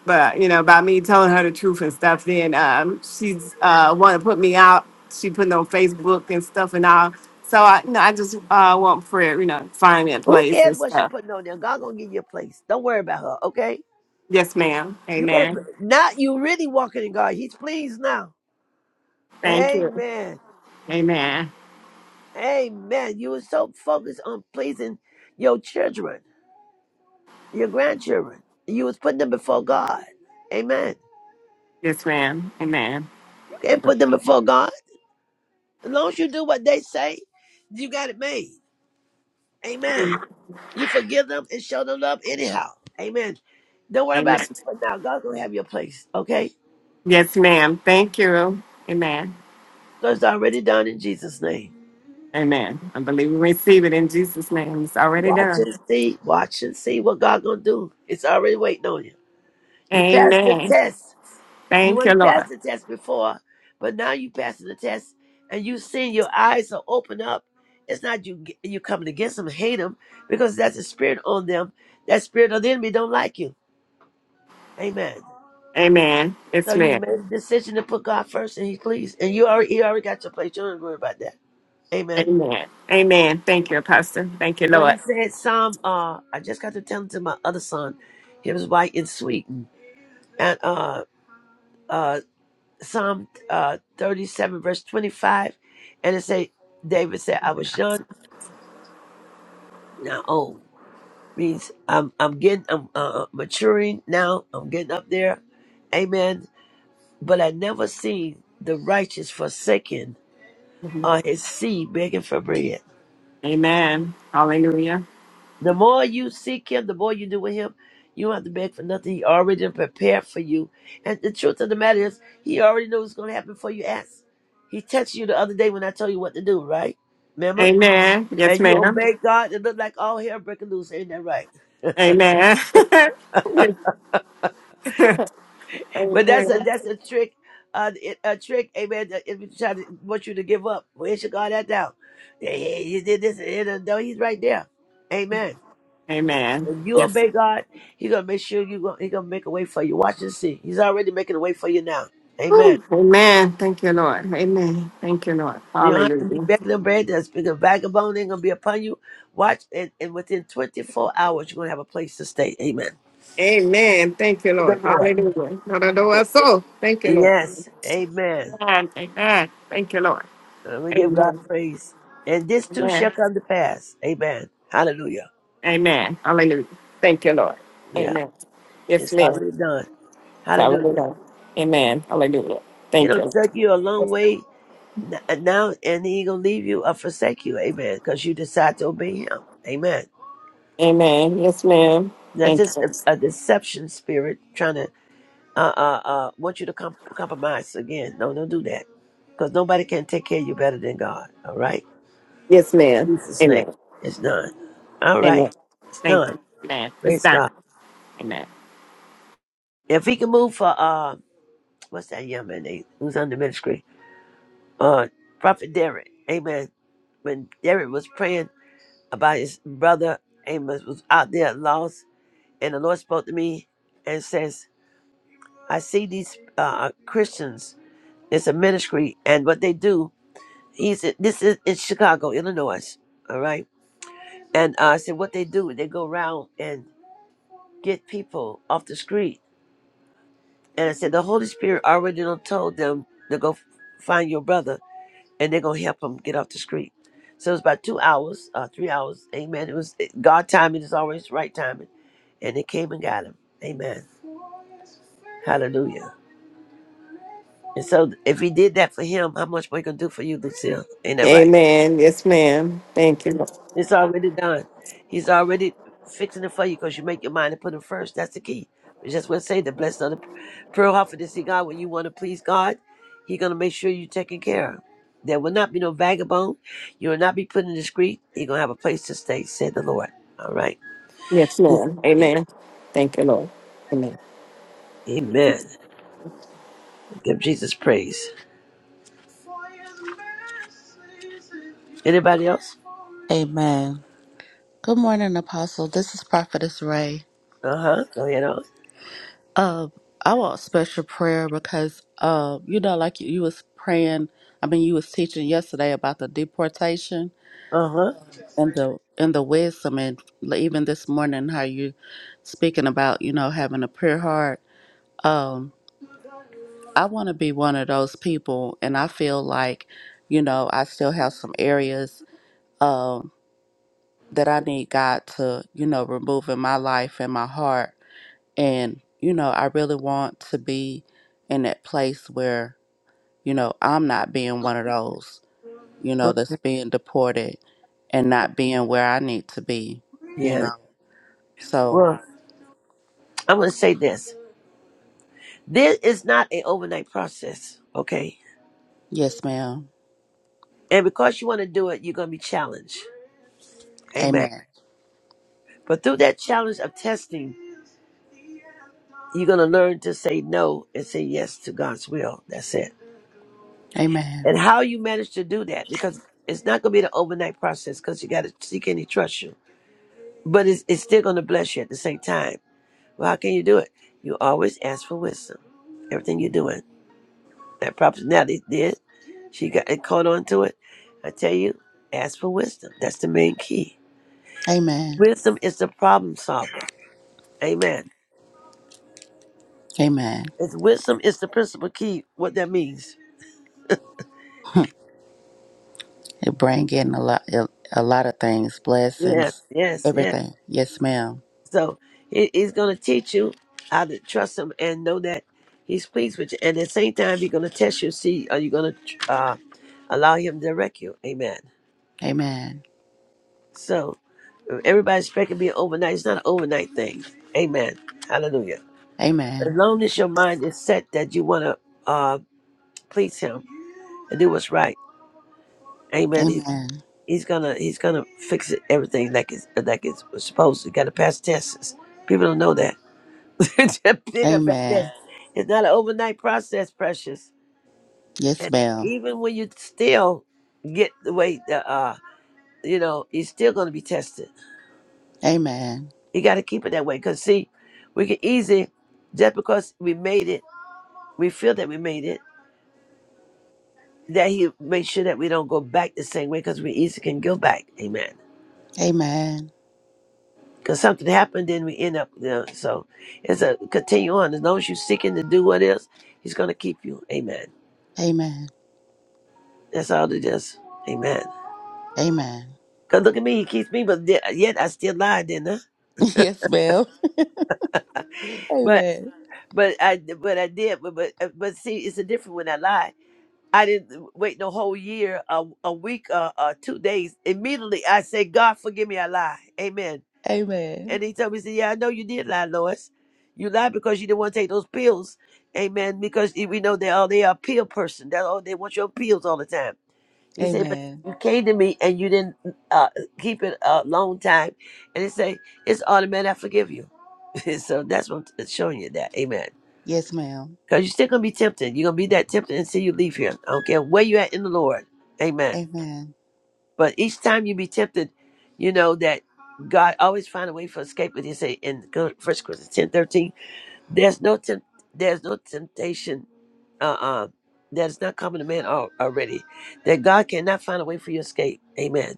F: but you know, about me telling her the truth and stuff, then um, she's uh want to put me out. She put me on Facebook and stuff and all. So I, you know, I just uh want prayer. You know, find me a
B: Who
F: place
B: cares
F: and
B: what she
F: stuff.
B: putting on there? God gonna give you a place. Don't worry about her, okay?
F: Yes, ma'am.
B: You can't
F: Amen.
B: now you really walking in God. He's pleased now.
F: Thank you.
B: Amen.
F: Amen.
B: Amen. You were so focused on pleasing your children, your grandchildren. You was putting them before God. Amen.
F: Yes, ma'am. Amen.
B: You can't put them before God. As long as you do what they say, you got it made. Amen. You forgive them and show them love anyhow. Amen. Don't worry
F: Amen.
B: about people now. God's gonna have your place. Okay?
F: Yes, ma'am. Thank you. Amen.
B: So it's already done in Jesus' name.
F: Amen. I believe we receive it in Jesus' name. It's already
B: Watch
F: done.
B: and see. Watch and see what God gonna do. It's already waiting on you. You passed the
F: Amen.
B: test. You
F: Thank you,
B: wouldn't pass
F: Lord.
B: the test before, but now you passing the test, and you seeing your eyes are open up. It's not you g- you coming against them, hate them, because that's a spirit on them. That spirit of the enemy don't like you. Amen.
F: Amen.
B: So
F: It's
B: you
F: me.
B: made a decision to put God first, and He pleased, and you already you already got your place. You don't worry about that. Amen.
F: Amen. Amen. Thank you, Apostle. Thank you,
B: When
F: Lord.
B: he said, Psalm. Uh, I just got to tell him to my other son. He was white in Sweden, and uh, uh, Psalm uh, 37, verse 25, and it say, David said, I was young, now old. Means I'm I'm getting I'm uh, uh, maturing now. I'm getting up there, Amen. But I never seen the righteous forsaken
F: Mhm.
B: or his seed begging for bread.
F: Amen. Hallelujah.
B: The more you seek Him, the more you do with Him. You don't have to beg for nothing. He already done prepared for you. And the truth of the matter is, He already knows what's going to happen before you ask. He texted you the other day when I told you what to do, right? Remember?
F: Amen. Yes,
B: and you
F: ma'am.
B: obey God, it look like all hell breaking loose. Ain't that right?
F: Amen. *laughs* Yes.
B: But that's a
F: Amen.
B: that's a trick, uh, it, a trick, amen. that If you try to want you to give up, where's your God at now? Yeah, He, he did this, and he done- no, he's right there, amen.
F: Amen.
B: If you
F: Yes.
B: obey God, He gonna make sure you gonna He gonna make a way for you. Watch and see. He's already making a way for you now, amen.
F: Whew. Amen. Thank you, Lord. Amen. Thank you, Lord.
B: You don't have to be
F: Hallelujah.
B: begging and bread. That's because vagabond ain't gonna be upon you. Watch, and, and within 24 hours, you're gonna have a place to stay. Amen.
F: Amen. Thank you,
B: The
F: Lord.
B: Lord.
F: Hallelujah. Not a so. Thank you, Lord.
B: Yes. Amen.
F: Amen. Amen. Thank you, Lord.
B: And we give God
F: Amen.
B: praise. And this too shall
F: Amen.
B: come to pass. Amen. Hallelujah.
F: Amen. Hallelujah. Thank you, Lord.
B: Yeah,
F: Amen. Yes,
B: it's
F: ma'am.
B: already done.
F: It's already
B: Hallelujah.
F: done. Amen. Hallelujah. Thank
B: It'll
F: you.
B: take you a long
F: Lord.
B: way n- uh, now, and he gonna leave you or forsake you. Amen. Because you decide to obey him. Amen.
F: Amen. Yes, ma'am.
B: That's
F: Thank
B: just
F: you.
B: a, a deception spirit trying to uh uh uh want you to com- compromise again. No, don't do that. Because nobody can take care of you better than God. All right.
F: Yes, ma'am.
B: Jesus name.
F: Amen.
B: It's done. All right.
F: Amen.
B: It's
F: Thank
B: done.
F: you. Amen. It's
B: Praise
F: done.
B: God.
F: Amen.
B: If he can move for uh what's that young man name? Who's on the ministry? Uh, Prophet Derek. Amen. When Derek was praying about his brother, Amos was out there lost, and the Lord spoke to me and says, "I see these uh, Christians. It's a ministry, and what they do. He said, this is in Chicago, Illinois. All right." And uh, I said, "What they do? They go around and get people off the street." And I said, "The Holy Spirit already done told them to go f- find your brother." and they're gonna help him get off the street. So it was about two hours, uh, three hours. Amen. It was it- God timing is always right timing, and they came and got him. Amen. Hallelujah. And so if he did that for him, how much more he gonna do for you, Lucille? Ain't that right?
F: Amen. Yes, ma'am. Thank you. Lord.
B: It's already done. He's already fixing it for you because you make your mind and put him first. That's the key. We just want to say the blessed of the pearl offer to see God when you want to please God, He's gonna make sure you're taken care of. There will not be no vagabond. You will not be put in the street. You're gonna have a place to stay, said the Lord. All right.
F: Yes, ma'am. Amen. Thank you, Lord. Amen.
B: Amen. Give Jesus praise. Anybody else?
C: Amen. Good morning, Apostle. This is Prophetess Ray.
B: Uh huh. Go ahead on.
C: Uh, I want special prayer because, uh, you know, like you, you was praying. I mean, you was teaching yesterday about the deportation
B: Uh huh.
C: and the and the wisdom, and even this morning how you speaking about you know having a pure heart. Um, I want to be one of those people, and I feel like, you know, I still have some areas um, that I need God to you know remove in my life and my heart And, you know, I really want to be in that place where, you know, I'm not being one of those, you know, that's
B: Okay.
C: being deported and not being where I need to be, you
B: Yeah.
C: know. So,
B: Well, I'm gonna say this. This is not an overnight process. Okay.
C: yes, ma'am.
B: And because you want to do it, you're going to be challenged. Amen.
C: Amen.
B: But through that challenge of testing, you're going to learn to say no and say yes to God's will. That's it.
C: Amen.
B: And how you manage to do that, because it's not going to be the overnight process because you got to see can he trust you. But it's, it's still going to bless you at the same time. Well, how can you do it? You always ask for wisdom. Everything you're doing. That prophet now they did. She got it caught on to it. I tell you, ask for wisdom. That's the main key.
C: Amen.
B: Wisdom is the problem solver. Amen.
C: Amen.
B: It's wisdom is the principal key, what that means.
C: *laughs* It bring in a lot, a lot of things,
B: Yeah,
C: blessings,
B: yes, Yes.
C: everything. Yes, ma'am.
B: So he, he's going to teach you how to trust him and know that he's pleased with you. And at the same time, he's going to test you, see, are you going to uh, allow him to direct you? Amen.
C: Amen.
B: So everybody's expecting to be overnight. It's not an overnight thing. Amen. Hallelujah. As
C: Amen.
B: long as your mind is set that you want to uh, please him and do what's right. Amen.
C: Amen.
B: He's gonna he's gonna fix it, everything like it's like it's supposed to. Got to pass tests. People don't know that. *laughs* Pick up that test.
C: Amen.
B: It's not an overnight process, precious.
C: Yes,
B: And
C: ma'am.
B: even when you still get the way the uh you know you're still gonna be tested.
C: Amen.
B: You got to keep it that way. Cause see, we can easy just because we made it, we feel that we made it. That he make sure that we don't go back the same way, cause we easy can go back. Amen.
C: Amen.
B: Because something happened, then we end up there. So it's a continue on. As long as you're seeking to do what is, He's going to keep you. Amen.
C: Amen.
B: That's all it is. Amen.
C: Amen.
B: Because look at me, He keeps me, but yet yet I still lie, didn't I?
C: *laughs* Yes, ma'am.
B: But
C: Amen.
B: but I but I did. But but, uh, but see, it's a different when I lie. I didn't wait no whole year, a, a week, uh, uh, two days. Immediately I say, God, forgive me, I lie. Amen.
C: Amen.
B: And he told me, he said, Yeah, I know you did lie, Lois. You lied because you didn't want to take those pills. Amen. Because we know they are they are pill person. That all they want your pills all the time. He said, But
C: Amen.
B: you came to me and you didn't uh, keep it a long time. And he say, It's automatic, I forgive you. *laughs* so that's what I'm showing you that. Amen.
C: Yes, ma'am.
B: Because you're still gonna be tempted. You're gonna be that tempted until you leave here. I don't care where you at in the Lord. Amen.
C: Amen.
B: But each time you be tempted, you know that God always find a way for escape. with you. say in First Corinthians ten thirteen, there's no temp- there's no temptation uh, uh, that is not coming to man al- already. That God cannot find a way for your escape. Amen.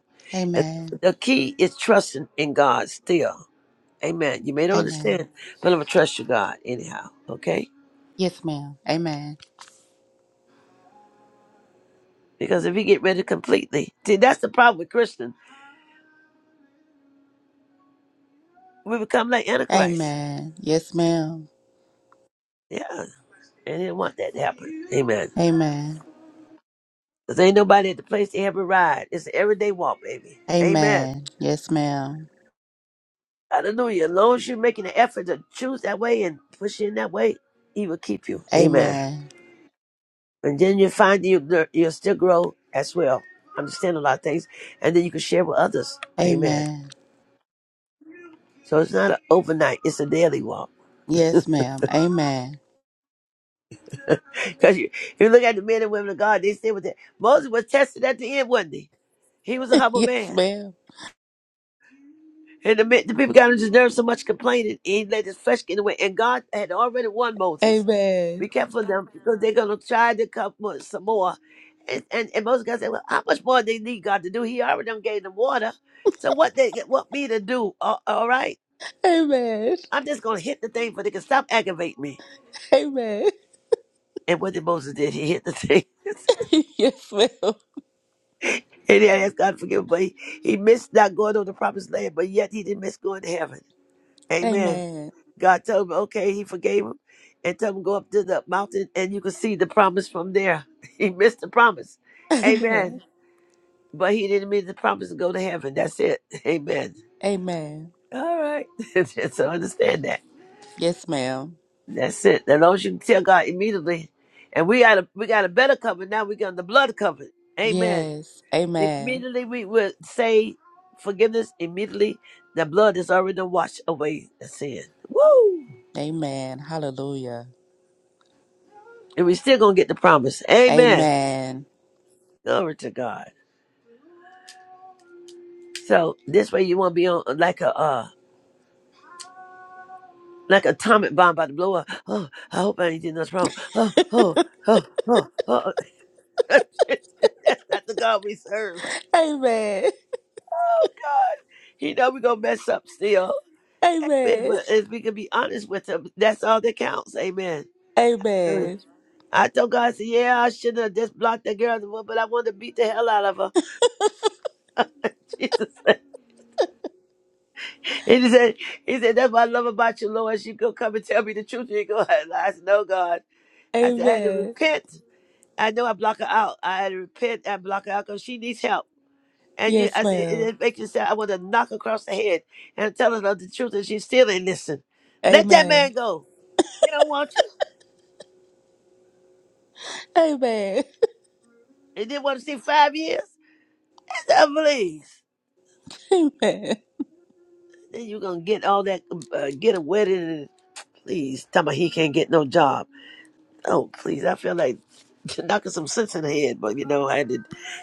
B: And
C: Amen.
B: the key is trusting in God still. Amen. You may not
C: Amen.
B: understand, but I'm gonna trust you, God, anyhow. Okay.
C: Yes, ma'am. Amen.
B: Because if you get ready completely, see that's the problem with Christians. We become like Antichrist.
C: Amen. Yes, ma'am.
B: Yeah. And they didn't want that to happen. Amen.
C: Amen.
B: Because ain't nobody at the place to have a ride. It's an everyday walk, baby. Amen.
C: Amen. Yes, ma'am.
B: Hallelujah. As long as you're making an effort to choose that way and push in that way, He will keep you. Amen.
C: Amen.
B: And then you find you, you'll you'll still grow as well. Understand a lot of things. And then you can share with others. Amen.
C: Amen.
B: So it's not an overnight, it's a daily walk.
C: Yes, ma'am. Amen.
B: Because you, if you look at the men and women of God, they stay with that. Moses was tested at the end, wasn't he? He was a
C: *laughs*
B: humble
C: Yes,
B: man.
C: ma'am.
B: And the, men- the people got on his nerves so much complaining, he let his flesh get away. And God had already won Moses.
C: Amen. Amen.
B: Be careful of them because they're gonna try to come with some more. And, and and most guys say, well, how much more they need God to do? He already done gave them water. So what they want me to do? All, all right, I'm just gonna hit the thing, but they can stop aggravating me.
C: Amen.
B: And what did Moses did? He hit the thing. *laughs*
C: *laughs* Yes, ma'am.
B: and he asked God to forgive, him, but he, he missed not going on the promised land, but yet he didn't miss going to heaven. Amen.
C: Amen.
B: God told him, okay, he forgave him and told him go up to the mountain and you can see the promise from there. *laughs* He missed the promise.
C: Amen.
B: Amen. But he didn't miss the promise to go to heaven. That's it. *laughs* Amen.
C: Amen.
B: All right. *laughs* so understand that.
C: Yes, ma'am.
B: That's it. As long as you can tell God immediately. And we got a we got a better covenant. Now we got the blood covenant. Amen.
C: Yes.
B: Immediately we will say forgiveness. Immediately the blood has already washed away the sin. Woo!
C: Amen. Hallelujah.
B: and we still gonna get the promise. Amen.
C: Amen.
B: Glory to God. So this way you won't be on like a uh like an atomic bomb about to blow up. Oh, I hope I ain't doing nothing wrong. Oh, oh, oh, oh, oh. *laughs* That's not the God we serve.
C: Amen.
B: Oh God. He know we gonna mess up still.
C: *laughs*
B: But
C: Amen.
B: but if we can be honest with him, that's all that counts. Amen. Hallelujah.
C: Amen.
B: I told God, I said, yeah, I should not have just blocked that girl, but I wanted to beat the hell out of her. *laughs* Jesus. And he said, he said, that's what I love about you, Lord. She go come and tell me the truth. You ain't gonna lie. *laughs* I said, no, God. I said, I had to
C: Amen.
B: repent. I know I block her out. I had to repent and block her out because she needs help. And you,
C: Yes,
B: I said, it
C: ma'am.
B: it makes you say, I want to knock her across the head and tell her the truth, and she still ain't listen. Let that
C: Amen.
B: man go. He don't want you.
C: Amen.
B: He didn't want to see five years. I said, please.
C: *laughs* Amen.
B: Then you're gonna get all that, uh, get a wedding. and- Please, tell me he can't get no job. Oh, please. I feel like *laughs* knocking some sense in the head, but you know, I had to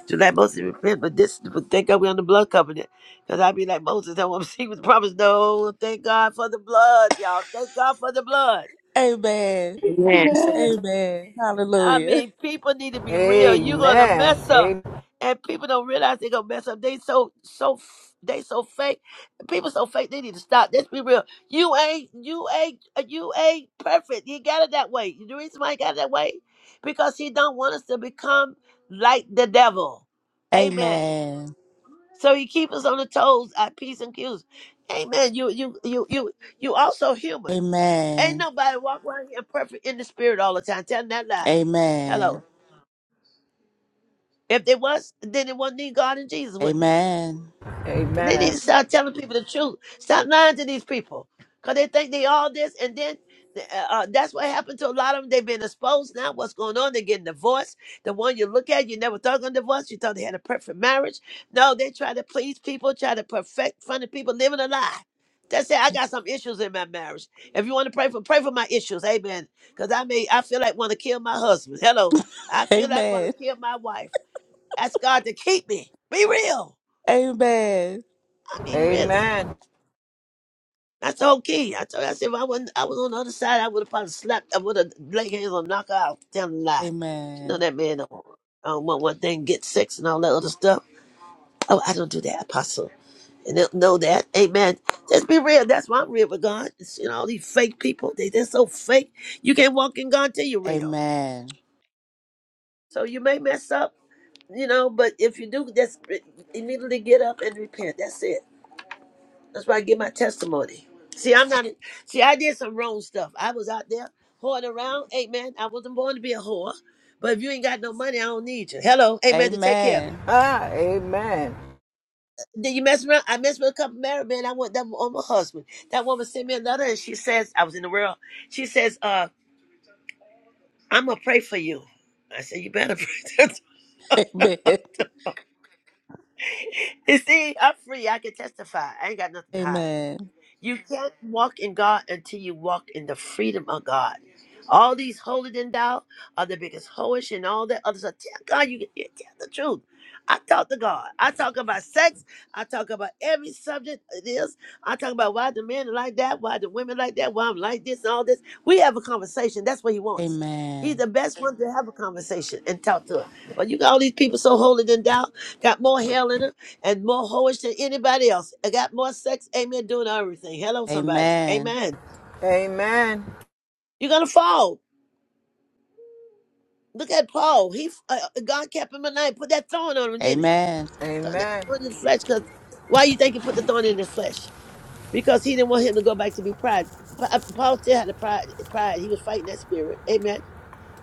B: do not mostly repent, but this, but thank God we on the blood covenant. Because I'd be like Moses, I want to see was promised. No, thank God for the blood, y'all. Thank God for the blood.
C: Amen.
F: Amen.
C: Amen.
B: I
C: Hallelujah.
B: mean, people need to be real. You're gonna
G: Amen.
B: mess up,
G: A-
B: and people don't realize they're gonna mess up. They so so f- they so fake. People so fake. They need to stop. Let's be real. You ain't you ain't you ain't perfect. You got it that way. The reason why he got it that way because he don't want us to become like the devil. Amen.
C: Amen.
B: So he keeps us on the toes at peace and cues. Amen. You you you you you also human. Ain't
C: Amen.
B: nobody walk around here perfect in the spirit all the time. Tell 'em that lie. Hello.
C: Amen.
B: If they was, then it wouldn't need God and Jesus, wouldn't it?
C: Amen.
B: They need
G: Amen.
B: to start telling people the truth. Stop lying to these people, cause they think they all this, and then uh, uh, that's what happened to a lot of them. They've been exposed now. What's going on? They're getting divorced. The one you look at, you never thought going to divorce. You thought they had a perfect marriage. No, they try to please people, try to perfect, fun of people, living a lie. That's it. I got some issues in my marriage. If you want to pray for, pray for my issues, amen. Cause I may, I feel like want to kill my husband. Hello, I feel like want
C: Amen.
B: to kill my wife. Ask God to keep me. Be real.
C: Amen.
B: I mean, really.
G: Amen.
B: That's the whole key. I told you, I said, if I wasn't, I was on the other side, I would have probably slapped, I would have laid hands on knock her out, telling a lie. You know, that man don't, I don't want one thing, get sex and all that other stuff. Oh, I don't do that, apostle. And they'll know that. Amen. Just be real. That's why I'm real with God. It's, you know, all these fake people, they, they're so fake. You can't walk in God till you're real.
C: Amen.
B: So you may mess up, you know, but if you do, just re- immediately get up and repent. That's it. That's why I give my testimony. See, I'm not. See, I did some wrong stuff. I was out there whoring around. Amen. I wasn't born to be a whore. But if you ain't got no money, I don't need you. Hello, amen. To take care of me.
C: Amen. Amen.
G: Ah, amen.
B: Then you mess around. I messed with a couple married men. I went them on my husband. That woman sent me a letter, and she says, "I was in the world." She says, "Uh, I'm gonna pray for you." I said, "You better pray."
C: *laughs* Amen.
B: *laughs* you see, I'm free. I can testify. I ain't got nothing to hide.
C: Amen.
B: You can't walk in God until you walk in the freedom of God. All these holy than thou are the biggest hoish and all that other stuff. Tell God you can tell the truth. I talk to God. I talk about sex. I talk about every subject it is. I talk about why the men are like that, why the women like that, why I'm like this and all this. We have a conversation. That's what he wants. He's
C: Amen.
B: the best one to have a conversation and talk to. But you got all these people so holy than thou, got more hell in 'em and more hoish than anybody else. I got more sex, amen, doing everything. Hello, somebody.
C: Amen.
B: Amen.
G: Amen.
B: You're going to fall. Look at Paul. He uh, uh, God kept him alive. Put that thorn on him, didn't he?
C: Amen.
B: Thorn that
G: Amen.
B: thorn in his flesh. Because why you think he put the thorn in his flesh? Because he didn't want him to go back to be pride. Pa- uh, Paul still had a pride. Pride. He was fighting that spirit. Amen.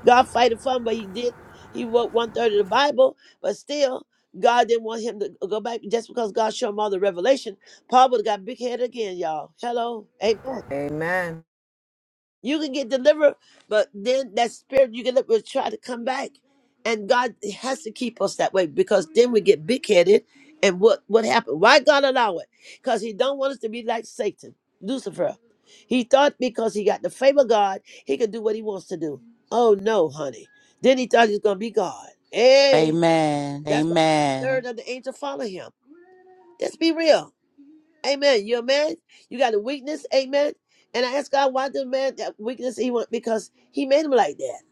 B: God fighted for him, but he did. He wrote one third of the Bible, but still, God didn't want him to go back just because God showed him all the revelation. Paul would have got big head again, y'all. Hello. Amen.
G: Amen.
B: You can get delivered, but then that spirit you get up will try to come back. And God has to keep us that way because then we get big headed. And what what happened? Why God allow it? Because He don't want us to be like Satan, Lucifer. He thought because he got the favor of God, he could do what he wants to do. Oh no, honey. Then he thought he was gonna be God. Hey,
C: Amen.
B: that's why third
C: Amen.
B: of the angel follow him. Let's be real. Amen. You're a man. You got a weakness. Amen. And I ask God why the man that weakness he want because he made him like that.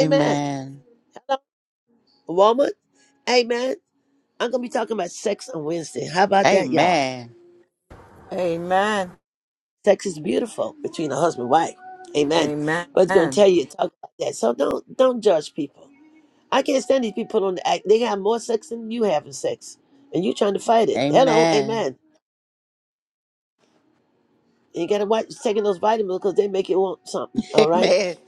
B: Amen. Hello, woman. Amen. I'm gonna be talking about sex on Wednesday. How about that, y'all?
C: Amen.
G: Amen.
B: Sex is beautiful between a husband and wife. Amen. But it's gonna
G: Amen.
B: tell you to talk about that. So don't don't judge people. I can't stand these people on the act. They got more sex than you having sex, and you trying to fight it. Hello,
C: Amen.
B: amen. And you gotta watch taking those vitamins because they make you want something.
C: *laughs*
B: All right.
C: Amen.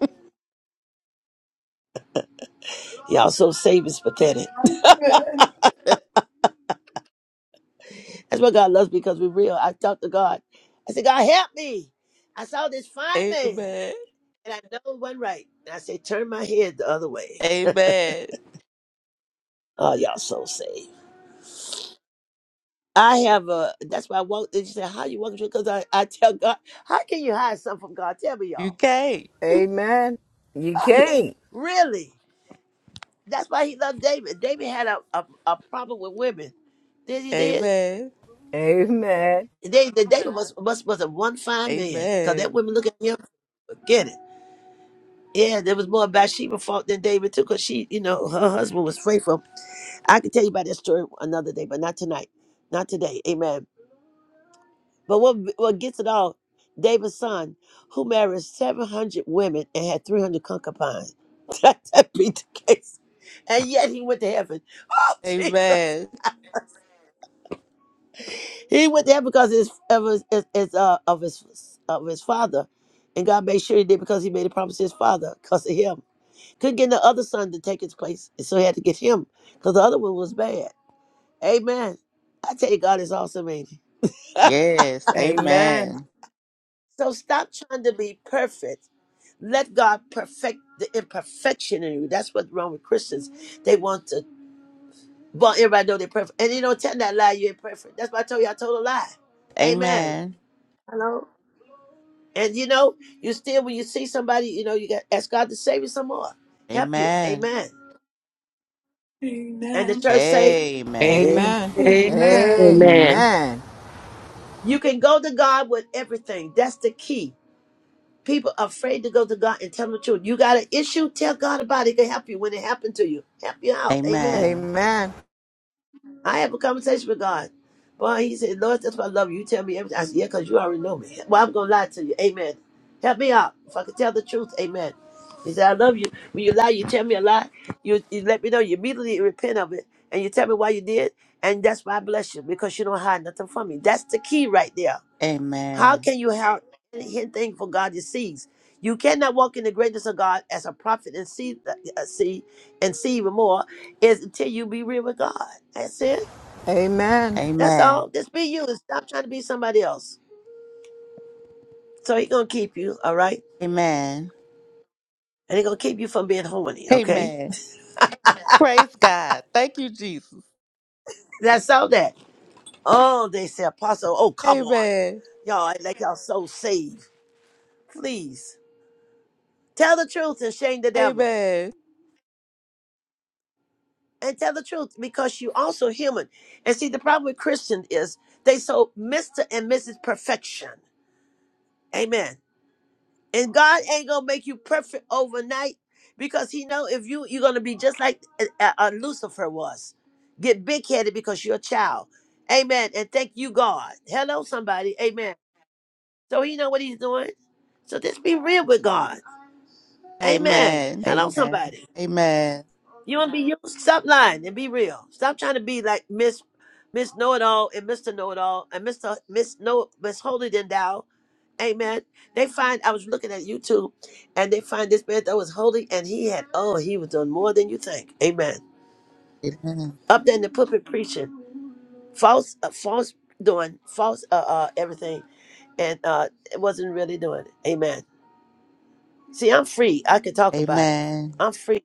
B: Y'all so saved is pathetic. That's what God loves because we're real. I talked to God. I said, God help me. I saw this
C: *laughs*
B: fine man
C: Amen.
B: and I know it wasn't right. And I said, turn my head the other way.
C: Amen.
B: Oh, y'all so saved. I have a, that's why I walk, and she said, how you walking through? Because I, I tell God, how can you hide something from God? Tell me
C: You
B: y'all.
C: can't.
G: Amen.
B: *laughs*
G: You
B: I mean,
G: can't.
B: really. That's why he loved David. David had a, a, a problem with women. Did he did?
C: Amen.
G: Amen.
B: They, the David was, was, was a one fine man because
C: Amen.
B: that woman look at him, forget it. Yeah, there was more Bathsheba fault than David too, because she, you know, her husband was faithful. I could tell you about that story another day, but not tonight, not today. Amen. But what what gets it all? David's son, who married seven hundred women and had three hundred concubines. *laughs* that that be the case, and yet he went to heaven. Oh Jesus!
C: Amen.
B: He went there because his, of his, his, his, uh, of his of his father, and God made sure he did because he made a promise to his father because of him. Couldn't get the other son to take his place, and so he had to get him because the other one was bad. Amen. I tell you, God is awesome, ain't he? *laughs*
C: Yes.
G: Amen.
C: Amen.
B: so stop trying to be perfect. Let God perfect the imperfection in you. That's what's wrong with Christians. They want to want everybody to know they're perfect, and you don't tell that lie. You ain't perfect. That's why I told you I told a lie. Amen.
C: Amen.
B: Hello. And you know, you still when you see somebody, you know, you got ask God to save you some more, help you.
C: Amen.
B: Amen. And the
A: Amen.
B: church say,
C: Amen.
E: Amen.
G: Amen.
A: Amen.
H: Amen.
B: Amen.
A: Amen.
E: Amen.
F: Amen.
G: Amen.
B: You can go to God with everything. That's the key. People are afraid to go to God and tell them the truth. You got an issue, tell God about it. He can help you when it happened to you. Help you out. Amen.
C: Amen.
G: Amen.
B: I have a conversation with God. Boy, he said, Lord, that's why I love you. You tell me everything. I said, yeah, because you already know me. Well, I'm going to lie to you. Amen. Help me out. If I can tell the truth, amen. He said, I love you. When you lie, you tell me a lie. You, you let me know. You immediately repent of it. And you tell me why you did. And that's why I bless you because you don't hide nothing from me. That's the key right there how
C: Amen.
B: can you have anything for God you sees? You cannot walk in the greatness of God as a prophet and see, uh, see and see even more is until you be real with God. That's it.
G: Amen. Amen.
B: That's
C: Amen.
B: all. Just be you and stop trying to be somebody else. So He's gonna keep you, all right,
C: Amen.
B: and He's gonna keep you from being horny, okay?
C: Amen. Praise God. Thank you, Jesus.
B: That's all that. Oh, they say apostle. Oh, come on,
C: Amen.
B: y'all act like y'all so saved. Please tell the truth and shame the devil.
C: Amen.
B: and tell the truth because you also human. And see, the problem with Christian is they so Mr. and Mrs. Perfection. Amen. And God ain't gonna make you perfect overnight because He know if you you're gonna be just like uh, uh, Lucifer was, get big headed because you're a child. Amen. And thank you, God. Hello, somebody. Amen. So He know what He's doing. So just be real with God. Amen.
C: Amen.
B: Hello,
C: Amen.
B: somebody.
C: Amen.
B: You want to be you? Stop lying and be real. Stop trying to be like Miss Miss Know It All and Mister Know It All and Mister Miss Know Miss Holy Than Thou. Amen. They find I was looking at YouTube, and they find this man that was holy, and he had oh he was doing more than you think. Amen.
C: Amen.
B: Up there in the pulpit preaching, false, uh, false doing, false uh, uh everything, and uh it wasn't really doing it. Amen. See, I'm free. I can talk about it.
C: Amen.
B: I'm free.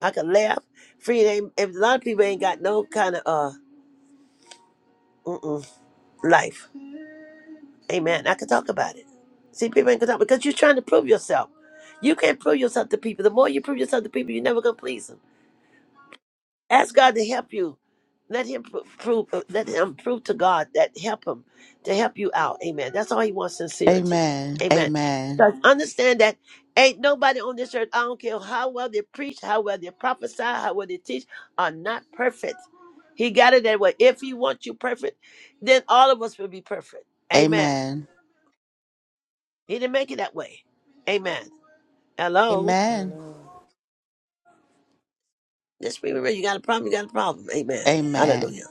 B: I can laugh. Free. It ain't, if a lot of people ain't got no kind of uh mm-mm, life. Amen. I can talk about it. See, people ain't gonna talk because you're trying to prove yourself. You can't prove yourself to people. The more you prove yourself to people, you're never gonna please them. Ask God to help you. Let him pro- prove. uh, Let him prove to God that help him to help you out. Amen. That's all he wants: sincerity.
C: Amen.
B: Amen.
C: Amen.
B: Because understand that ain't nobody on this earth. I don't care how well they preach, how well they prophesy, how well they teach, are not perfect. He got it that way. If he wants you perfect, then all of us will be perfect. Amen.
C: Amen.
B: He didn't make it that way. Amen. Hello.
C: Amen.
H: Amen.
B: This spirit, you got a problem. You got a problem. Amen. Hallelujah.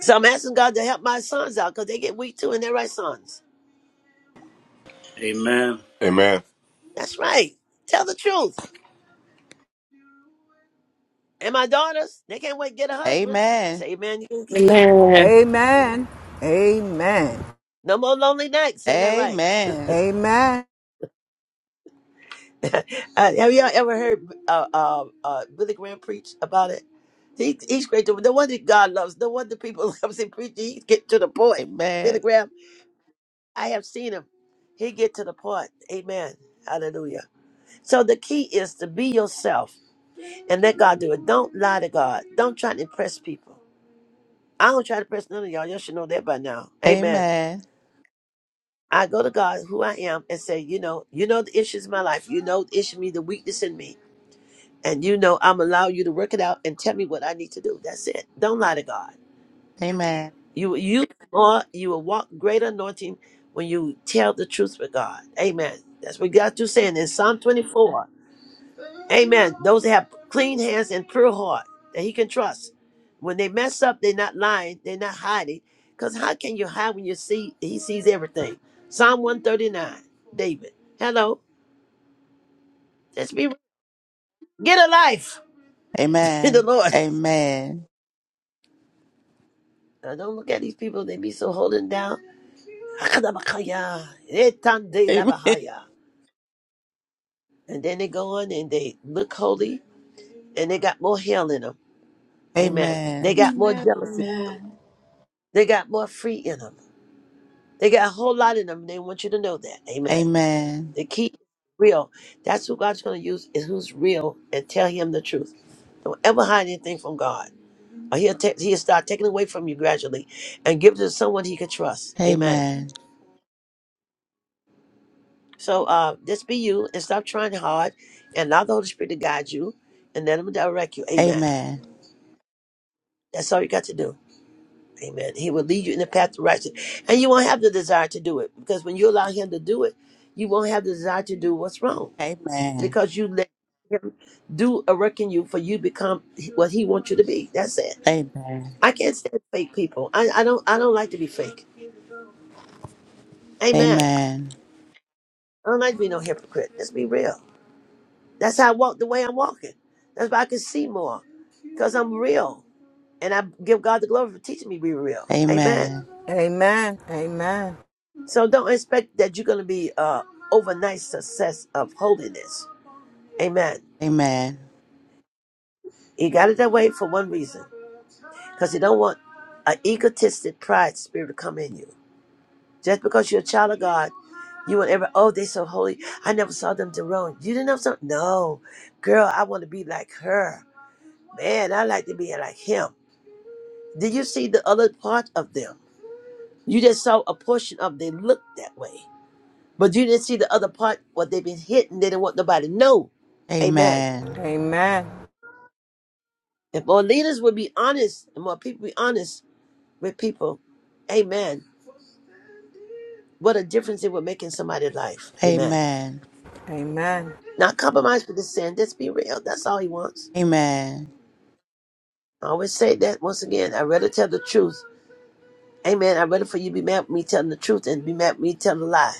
B: So I'm asking God to help my sons out because they get weak too and they're right sons.
I: Amen.
J: Amen.
B: That's right. Tell the truth. And my daughters, they can't wait to get a husband.
C: Amen.
B: Say, man, you can-
F: Amen.
G: Amen.
B: no more lonely nights.
C: Amen.
B: Ain't that right?
C: Amen.
G: Amen.
B: *laughs* uh, have y'all ever heard uh, uh, uh, Billy Graham preach about it? He, he's great. To, no wonder God loves. No wonder people *laughs* love him preaching. He get to the point. Billy Graham, I have seen him. He get to the point. Amen. Hallelujah. So the key is to be yourself and let God do it. Don't lie to God. Don't try to impress people. I don't try to impress none of y'all. Y'all should know that by now. Amen.
C: Amen. Amen.
B: I go to God, who I am, and say, you know, you know the issues in my life. You know the issue, me, the weakness in me, and you know I'm allow you to work it out and tell me what I need to do. That's it. Don't lie to God.
C: Amen.
B: You you are you will walk greater anointing when you tell the truth with God. Amen. That's what God you saying in Psalm 24. Amen. Those that have clean hands and pure heart that he can trust. When they mess up, they're not lying, they're not hiding. Because how can you hide when you see he sees everything? Psalm 139, David. Hello. Let's be get a life *laughs* in the Lord.
C: Amen.
B: Now, don't look at these people, they be so holding down. Akadabakaya, etande
C: Amen.
B: labahaya. And then they go on and they look holy and they got more hell in them.
C: Amen.
B: Amen. They
C: Amen.
B: got more jealousy.
A: Amen.
B: They got more free in them. They got a whole lot in them. They want you to know that.
C: Amen.
B: Amen.
C: Amen.
B: The key real. That's who God's going to use is who's real and tell him the truth. Don't ever hide anything from God. Or he'll, ta- he'll start taking away from you gradually and give it to someone he can trust. Amen.
C: Amen.
B: So uh, just be you and stop trying hard and allow the Holy Spirit to guide you and let him direct you. Amen. That's all you got to do. Amen. He will lead you in the path of righteousness. And you won't have the desire to do it because when you allow him to do it, you won't have the desire to do what's wrong. because you let him do a work in you for you become what he wants you to be. That's it.
C: Amen.
B: I can't stand fake people. I, I don't I don't like to be fake. Amen.
C: Amen.
B: I don't like to be no hypocrite. Let's be real. That's how I walk the way I'm walking. That's why I can see more. Because I'm real. And I give God the glory for teaching me to be real.
C: Amen.
B: Amen.
C: Amen.
G: Amen. Amen.
B: So don't expect that you're gonna be uh overnight success of holiness. Amen.
C: Amen.
B: He got it that way for one reason. Because he don't want an egotistic pride spirit to come in you. Just because you're a child of God, you will ever, oh, they so holy. I never saw them to Rome. You didn't know something? No. Girl, I want to be like her. Man, I like to be like him. Did you see the other part of them? You just saw a portion of they look that way. But you didn't see the other part, what they've been hitting. They didn't want nobody to know. Amen.
C: Amen.
G: Amen.
B: If more leaders would be honest, and more people be honest with people, amen. What a difference it would make in somebody's life. Amen.
C: Amen.
G: Amen.
B: Not compromise for the sin. Just be real. That's all he wants.
C: Amen.
B: I always say that once again. I rather tell the truth. Amen. I rather for you be mad with me telling the truth and be mad with me telling a lie.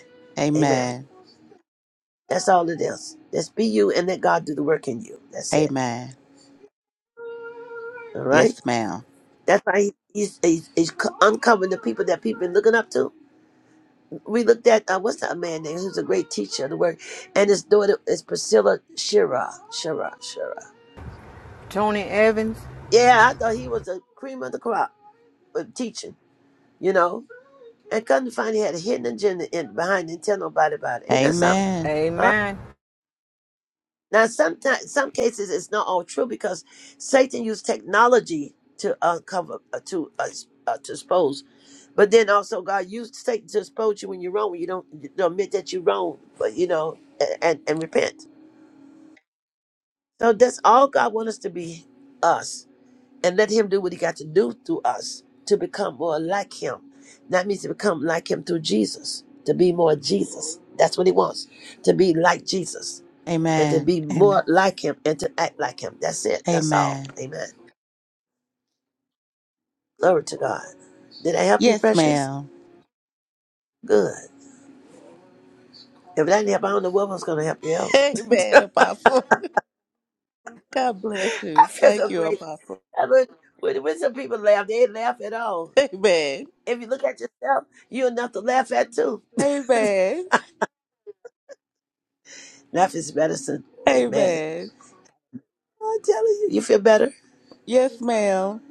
B: Amen.
C: Amen.
B: That's all it is. Just be you and let God do the work in you. That's it.
C: Amen.
B: All right.
C: Yes, ma'am.
B: That's why he, he's, he's, he's c- uncovering the people that people been looking up to. We looked at uh, what's that man name? Who's a great teacher of the word, and his daughter is Priscilla Shira. Shira. Shira.
G: Tony Evans,
B: Yeah, I thought he was the cream of the crop of teaching. You know. And come to find he had a hidden agenda in behind it and tell nobody about it. Ain't that something?
C: Amen.
B: Huh?
G: Amen.
B: Now sometimes some cases it's not all true because Satan used technology to uncover uh, to uh, uh, to expose. But then also God used Satan to expose you when you're wrong, when you don't, you don't admit that you're wrong, but you know, and, and, and repent. So that's all God wants us to be us. and let him do what he got to do through us to become more like him. That means to become like him through Jesus, to be more Jesus. That's what he wants, to be like Jesus and to
C: Amen.
B: be
C: Am-
B: more like him and to act like him. That's it. That's all.
C: Amen.
B: Amen. Glory to God. Did I help you,
C: Yes,
B: precious?
C: ma'am.
B: Good. If that didn't help, I don't know what was going to help you
C: *laughs*
B: else.
C: Amen, Apostle. God bless
B: *laughs* I
C: you.
B: feel so
C: Thank you,
B: great.
C: Apostle.
B: I mean, when, when some people laugh, they ain't laugh at all.
C: Amen.
B: If you look at yourself, you're enough to laugh at too.
C: Amen.
B: Laugh is medicine. Amen.
C: Amen.
B: I'm telling you, you feel better.
C: Yes, ma'am.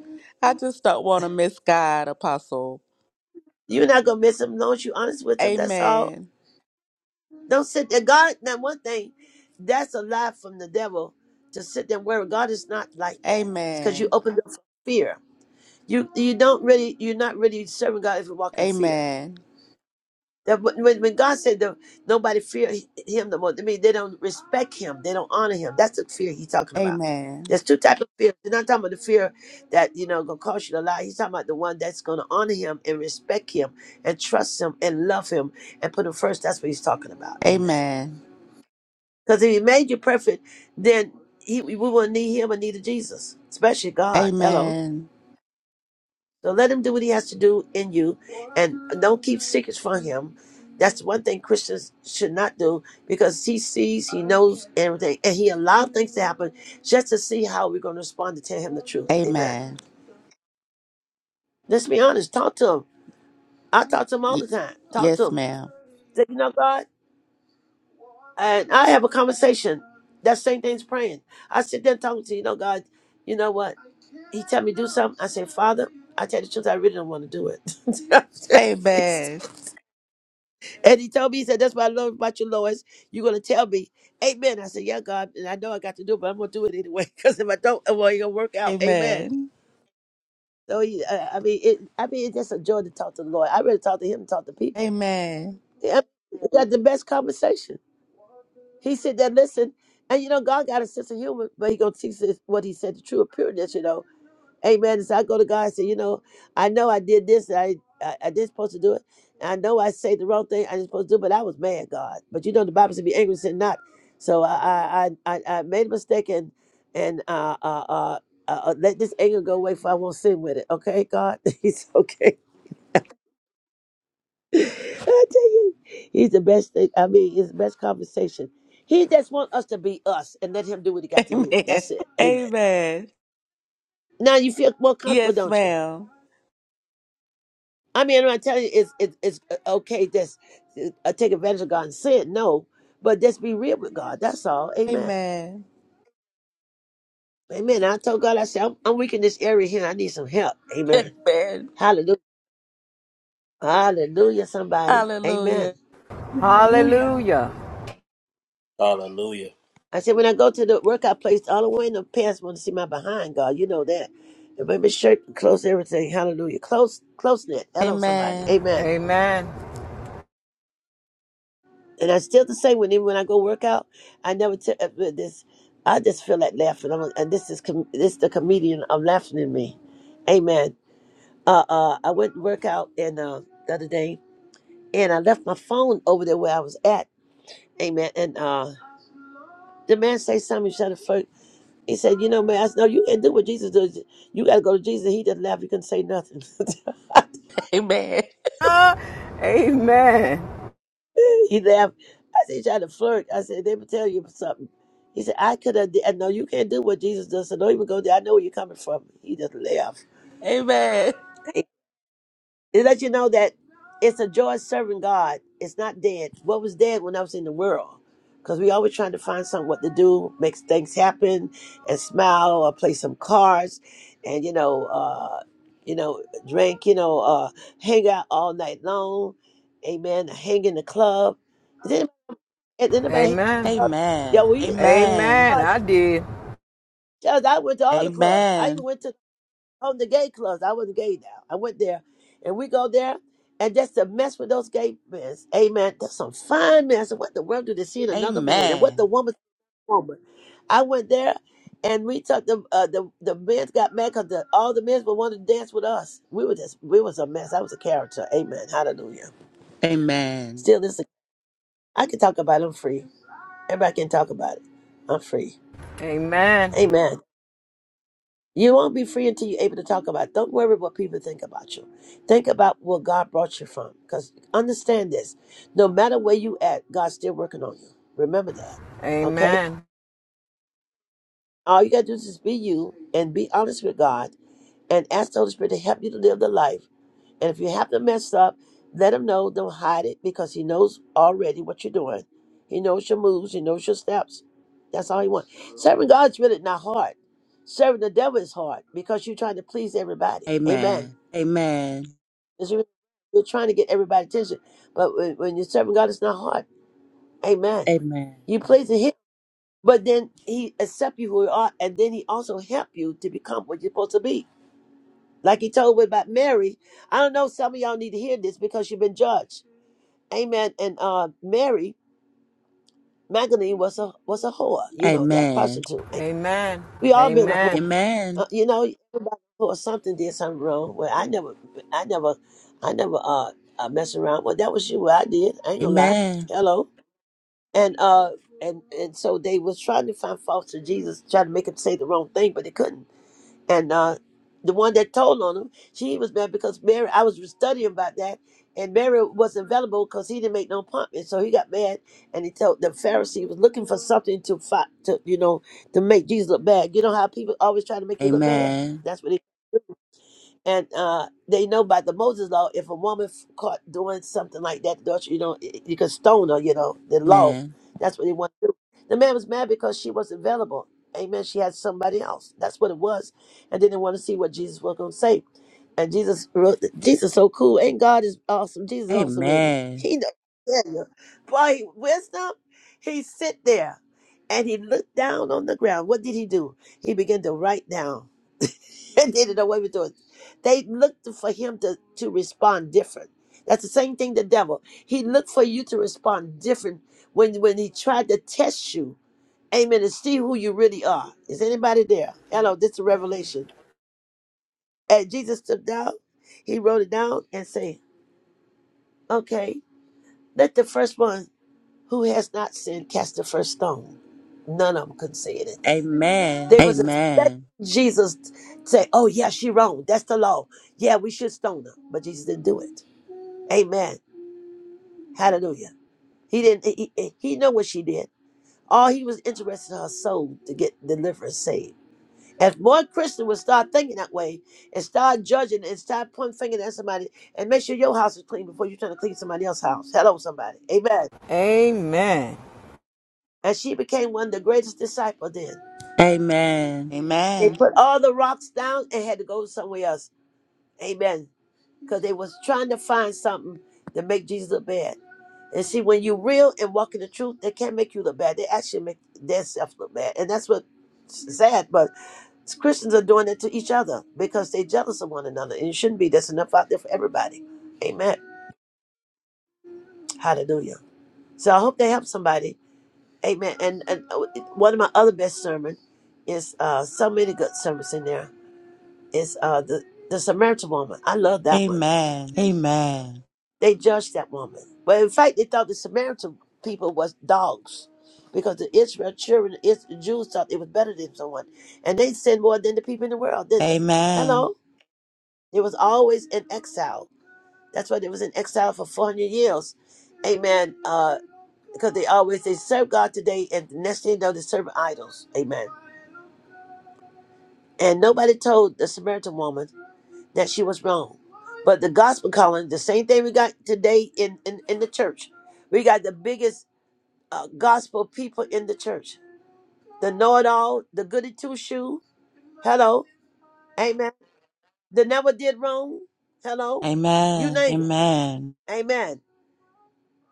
C: I just don't want to misguide, Apostle.
B: You're not gonna miss him as long as you're honest with him. That's all.
C: Amen.
B: Don't sit there. God, now one thing, that's a lie from the devil to sit there and worry. God is not like that. It's because you
C: Amen.
B: opened up for fear. You you don't really you're not really serving God if you walk in fear.
C: Amen.
B: That When, when when God said that nobody fear him no more, I mean, they don't respect him. They don't honor him. That's the fear he's talking about.
C: Amen.
B: There's two types of fear. He's not talking about the fear that, you know, going to cost you a lot. He's talking about the one that's going to honor him and respect him and trust him and love him and put him first. That's what he's talking about. Amen.
C: Amen.
B: Because if he made you perfect, then he, we wouldn't need him or neither Jesus, especially God. Hello.
C: Amen.
B: So let him do what he has to do in you and don't keep secrets from him. That's one thing Christians should not do because he sees, he knows everything, and he allowed things to happen just to see how we're going to respond to tell him the truth. Amen.
C: Amen.
B: Let's be honest. Talk to him. I talk to him all
C: Y-
B: the time. Talk to
C: yes,
B: him.
C: ma'am.
B: Say, you know, God, and I have a conversation. That same thing's praying. I sit there talking to you know, God, you know what? He tell me to do something. I say, Father, I tell you the truth, I really don't want to do it. *laughs*
C: Amen.
B: And he told me, he said, That's what I love about you, Lois. You're going to tell me, Amen. I said, Yeah, God. And I know I got to do it, but I'm going to do it anyway. *laughs* Because if I don't, well, it ain't going to work out. Amen.
C: Amen.
B: So, he, uh, I mean, it, I mean, it's just a joy to talk to the Lord. I really talk to him and talk to people.
C: Amen.
B: Yeah, we got the best conversation. He said that, listen, and you know, God got a sense of humor, but he going to teach us what he said, the true appearance, you know. Amen. So I go to God and say, you know, I know I did this. I I, I did supposed to do it. I know I said the wrong thing. I didn't supposed to do, but I was mad, God. But you know, the Bible said, "Be angry, and sin not." So I I I, I I made a mistake and and uh uh. uh uh, uh, let this anger go away, for I won't sin with it. Okay, God, *laughs* He's okay. *laughs* I tell you, He's the best. Thing, I mean, He's the best conversation. He just want us to be us and let Him do what He got
C: *laughs*
B: to do.
C: Amen.
B: That's it. Amen.
C: Amen.
B: Now you feel more comfortable,
C: Yes,
B: don't you?
C: ma'am.
B: I mean, I'm not telling you it's it's, it's uh, okay. Just uh, uh, take advantage of God and sin. No, but just be real with God. That's all. Amen.
C: Amen.
B: Amen. I told God, I said, I'm, I'm weak in this area here. I need some help. Amen.
C: Amen.
B: Hallelujah. Hallelujah. Somebody. Amen.
C: Hallelujah.
H: Hallelujah.
A: Hallelujah.
G: Hallelujah.
I: Hallelujah.
B: I said, when I go to the workout place, all the way in the pants want to see my behind, God. You know that. And make my shirt close everything. Hallelujah. Close, close knit. Hello, somebody.
C: Amen.
B: Amen.
G: Amen.
B: And I still the same when even when I go work out, I never tell uh, uh, this. I just feel that laughing. I'm, and this is com- this the comedian of laughing in me. Amen. Uh, uh, I went to work out and uh, the other day, and I left my phone over there where I was at. Amen. And uh, the man say something. Shut said, first, he said, "You know, man, I said, no, you can't do what Jesus does. You got to go to Jesus. He doesn't laugh. You can say nothing." *laughs*
C: Amen.
G: Ah, amen.
B: He laughed. I said, "You trying to flirt. I said, they would tell you something. He said, I could have, no, you can't do what Jesus does. So don't even go there. I know where you're coming from. He just laughed.
C: Amen.
B: It let you know that it's a joy serving God. It's not dead. What was dead when I was in the world? Because we always trying to find something what to do, makes things happen, and smile or play some cards, and you know, uh, you know, drink, you know, uh, hang out all night long, amen. Hang in the club, and then nobody hang
G: Amen.
B: up. Yeah,
C: Amen.
B: we
G: Amen.
B: uh,
G: I did.
B: Charles, I went to all the clubs. I even
C: Amen.
B: went to on the gay clubs. I wasn't gay now. I went there, and we go there, and just to mess with those gay men. Amen. There's some fine men. I said, what the world do they see in
C: Amen.
B: another man? And what
C: Amen.
B: the woman's a woman? I went there, and we took the uh, the the men got mad because the, all the men would want to dance with us. We were just we was a mess. I was a character. Amen. Hallelujah.
C: Amen.
B: Still, this I can talk about. It. I'm free. Everybody can talk about it. I'm free.
G: Amen.
B: Amen. You won't be free until you're able to talk about. it. Don't worry what people think about you. Think about where God brought you from. Because understand this. No matter where you at, God's still working on you. Remember that. Okay?
G: Amen.
B: All you gotta do is just be you and be honest with God and ask the Holy Spirit to help you to live the life and if you have to mess up, let him know. Don't hide it because he knows already what you're doing. He knows your moves. He knows your steps. That's all he wants. Serving God's really not hard. Serving the devil is hard because you're trying to please everybody. Amen.
C: Amen. Amen.
B: It's really- You're trying to get everybody's attention. But when, when you're serving God, it's not hard. Amen.
C: Amen.
B: You pleasing him, but then he accept you who you are, and then he also help you to become what you're supposed to be. Like he told me about Mary. I don't know. Some of y'all need to hear this because you've been judged. Amen. And uh, Mary Magdalene was a was a whore. You know that prostitute.
G: Amen.
B: We all been a whore.
G: Amen.
C: Amen.
B: Uh, you know, everybody whore something did something wrong. Well, I never, I never, I never uh, uh mess around. Well, that was you. What I did. I
C: Amen.
B: ain't gonna lie.
C: Amen.
B: Hello. And uh and and so they was trying to find faults to Jesus, trying to make him say the wrong thing, but they couldn't and uh, the one that told on him, she was mad because Mary. I was studying about that, and Mary wasn't available because he didn't make no appointment. So he got mad, and he told the Pharisee was looking for something to fight to you know to make Jesus look bad. You know how people always try to make you look bad.
C: Amen.
B: That's what they and uh, they know by the Moses law, if a woman f- caught doing something like that, adultery, you know, y- you could stone her. You know, the law.
C: Amen.
B: That's what they want to do. The man was mad because she was available. Amen. She had somebody else. That's what it was, and then they want to see what Jesus was going to say. And Jesus wrote, Jesus so cool. Ain't God is awesome? Jesus awesome, really.
C: Amen.
B: He know. Yeah, yeah. Boy, wisdom. He sit there, and he looked down on the ground. What did he do? He began to write down. *laughs* they didn't know what he was doing. They looked for him to, to respond different. That's the same thing the devil. He looked for you to respond different when when he tried to test you. Amen. And see who you really are. Is anybody there? Hello, this is
H: Amen.
B: revelation. And Jesus stood down, he wrote it down and said, Okay, let the first one who has not sinned cast the first stone. None of them could say it.
C: Amen.
B: They was expecting
C: Amen.
B: Jesus to say, Oh, yeah, she wrong. That's the law. Yeah, we should stone her. But Jesus didn't do it. Amen. Hallelujah. He didn't he, he he know what she did. All he was interested in her soul to get delivered and saved. If more Christian would start thinking that way and start judging and start pointing finger at somebody and make sure your house is clean before you try to clean somebody else's house. Hello, somebody. Amen.
G: Amen.
B: And she became one of the greatest disciples then.
C: Amen.
B: They
C: Amen.
B: put all the rocks down and had to go somewhere else. Amen. because they was trying to find something to make Jesus look bad. And see, when you real and walk in the truth, they can't make you look bad. They actually make themselves look bad, and that's what sad. But Christians are doing it to each other because they jealous of one another, and it shouldn't be. That's enough out there for everybody. Amen. Hallelujah. So I hope they help somebody. Amen. And, and uh, one of my other best sermon is uh, so many good sermons in there. Is uh, the the Samaritan woman. I love that one
C: Amen. Amen.
B: They judged that woman. But in fact, they thought the Samaritan people was dogs because the Israel children, the Is- the Jews thought it was better than someone. And they sinned more than the people in the world, didn't they?
C: Amen.
B: Hello? They was always in exile. That's why they was in exile for 400 years. Amen. Uh, because they always, they serve God today and the next thing you know, they serve idols. Amen. And nobody told the Samaritan woman that she was wrong. But the gospel calling, the same thing we got today in, in, in the church. We got the biggest uh, gospel people in the church. The know it all, the goody two shoe. Hello. Amen. The never did wrong. Hello. You
C: Amen.
B: name it.
C: Amen.
B: Amen.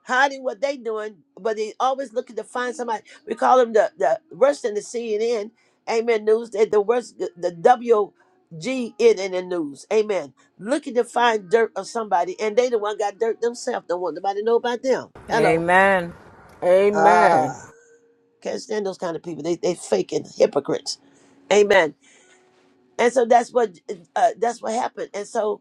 B: Hiding what they doing, but they always looking to find somebody. We call them the, the worst in the CNN. Amen. News. They the worst, the, the WGN in the news. Amen. Looking to find dirt of somebody, and they the one got dirt themselves. Don't want nobody to know about them. Hello.
G: Amen. Amen.
B: Ah, can't stand those kind of people. They they faking hypocrites. Amen. And so that's what uh, that's what happened. And so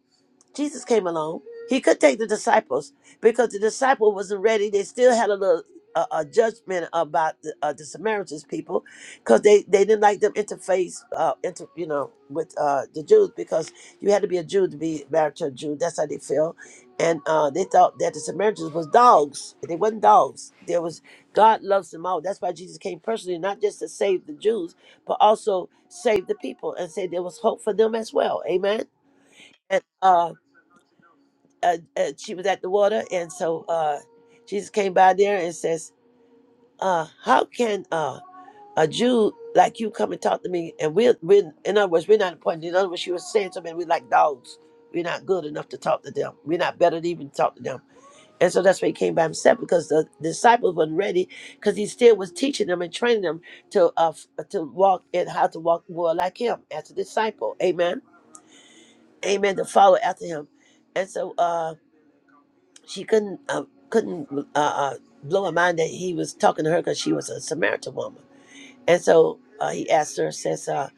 B: Jesus came along. He could take the disciples because the disciple wasn't ready. They still had a little uh, a judgment about the, uh, the Samaritans people because they, they didn't like them interface uh, inter, you know with uh, the Jews because you had to be a Jew to be married to a Jew. That's how they felt, and uh, they thought that the Samaritans was dogs. They wasn't dogs. There was God loves them all. That's why Jesus came personally, not just to save the Jews but also save the people and say there was hope for them as well. Amen. And uh, uh, uh she was at the water, and so uh, Jesus came by there and says, uh, "How can uh, a Jew like you come and talk to me?" And we're, we're in other words, we're not important. In other words, she was saying something. We're like dogs. We're not good enough to talk to them. We're not better to even talk to them. And so that's why he came by himself because the disciples wasn't ready because he still was teaching them and training them to uh, f- to walk and how to walk more like him as a disciple. Amen. Amen. To follow after him. And so uh, she couldn't uh, couldn't uh, uh, blow her mind that he was talking to her because she was a Samaritan woman. And so uh, he asked her, says, uh,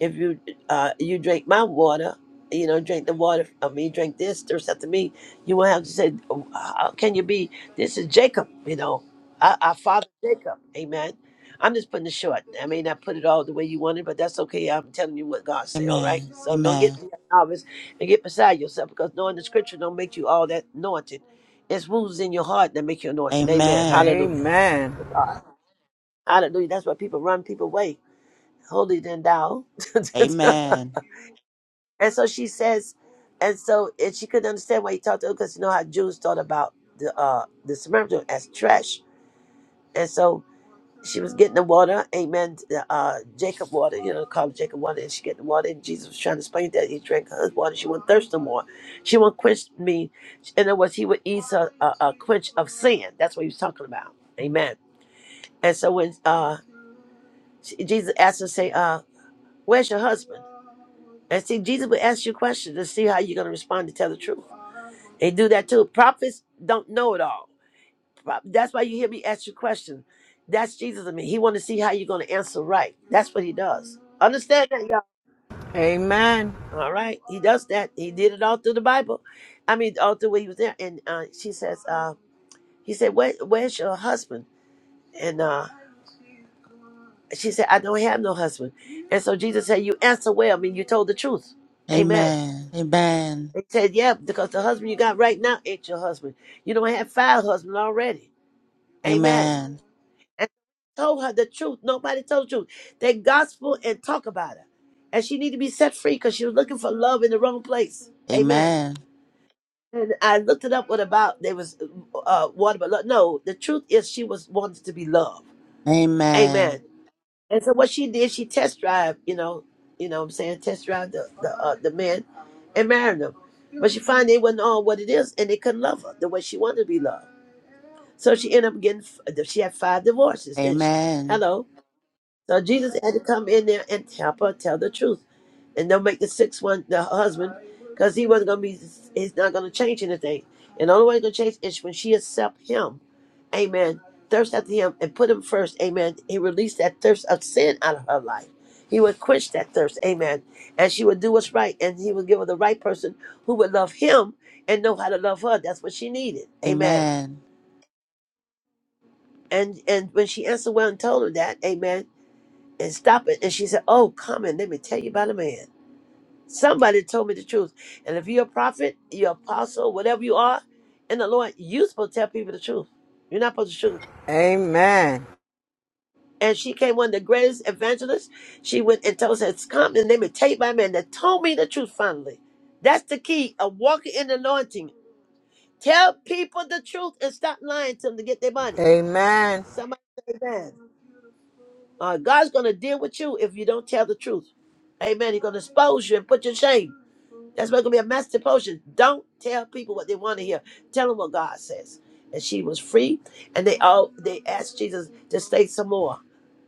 B: if you uh, you drink my water, you know, drink the water of me, drink this, thirst after me, you won't have to say, "Oh, how can you be? This is Jacob, you know, our, our father Jacob. Amen. I'm just putting it short. I mean, I put it all the way you wanted, but that's okay. I'm telling you what God said, all right?
C: Amen.
B: So don't get
C: Amen.
B: nervous and get beside yourself because knowing the scripture don't make you all that anointed. It's wounds in your heart that make you anointed. Amen.
C: Amen.
B: Hallelujah.
G: Amen.
B: Hallelujah. That's why people run people away holy than thou. *laughs* and
C: Amen.
B: so she says, and so and she couldn't understand why he talked to her because you know how Jews thought about the uh the Samaritan as trash. And so she was getting the water, amen, the, uh Jacob water, you know, called Jacob water, and she get the water, and Jesus was trying to explain that he drank her water, she won't thirst no more. She won't quench me. In other words, he would ease her a, a quench of sin. That's what he was talking about. Amen. And so when uh she- Jesus asked her, say, uh, where's your husband? And see, Jesus will ask you questions to see how you're going to respond to tell the truth. They do that too. Prophets don't know it all. Pro- That's why you hear me ask you questions. That's Jesus in me. He want to see how you're going to answer right. That's what he does. Understand that, y'all?
G: Amen. Amen.
B: All right. He does that. He did it all through the Bible. I mean, all through when he was there. And uh, she says, uh, he said, Where, where's your husband? And uh, she said, I don't have no husband. And so Jesus said, you answer well. I mean, you told the truth.
C: Amen.
B: Amen.
C: Amen.
B: They said, yeah, because the husband you got right now ain't your husband. You don't have five husbands already. Amen.
C: Amen.
B: And told her the truth. Nobody told the truth. They gospel and talk about her. And she need to be set free because she was looking for love in the wrong place. Amen.
C: Amen.
B: And I looked it up what about there was uh water but love. no, the truth is she was wanted to be loved. Amen. And so what she did, she test drive, you know, you know what I'm saying, test drive the the, uh, the men and married them. But she found they wasn't on what it is and they couldn't love her the way she wanted to be loved. So she ended up getting, f- she had five divorces,
C: Amen.
B: didn't she?
C: Amen.
B: Hello? So Jesus had to come in there and help her tell the truth, and don't make the sixth one the husband, because he wasn't gonna be. He's not gonna change anything. And the only way he's gonna change is when she accept him, Amen. Thirst after him and put him first, Amen. He released that thirst of sin out of her life. He would quench that thirst, Amen. And she would do what's right, and he would give her the right person who would love him and know how to love her. That's what she needed, Amen.
C: Amen.
B: And and when she answered well and told him that, Amen and stop it. And she said, Oh, come and let me tell you about a man. Somebody told me the truth. And if you're a prophet, you're apostle, whatever you are, in the Lord, you're supposed to tell people the truth. You're not supposed to sugarcoat.
G: Amen.
B: And she came one of the greatest evangelists. She went and told us, Come and let me tell you about a man that told me the truth finally. That's the key of walking in anointing. Tell people the truth and stop lying to them to get their money.
G: Amen. Amen.
B: Somebody say that. Uh, God's going to deal with you if you don't tell the truth. Amen. He's going to expose you and put you in shame. That's why it's gonna be a master potion. Don't tell people what they want to hear. Tell them what God says. And she was free, and they all they asked Jesus to stay some more,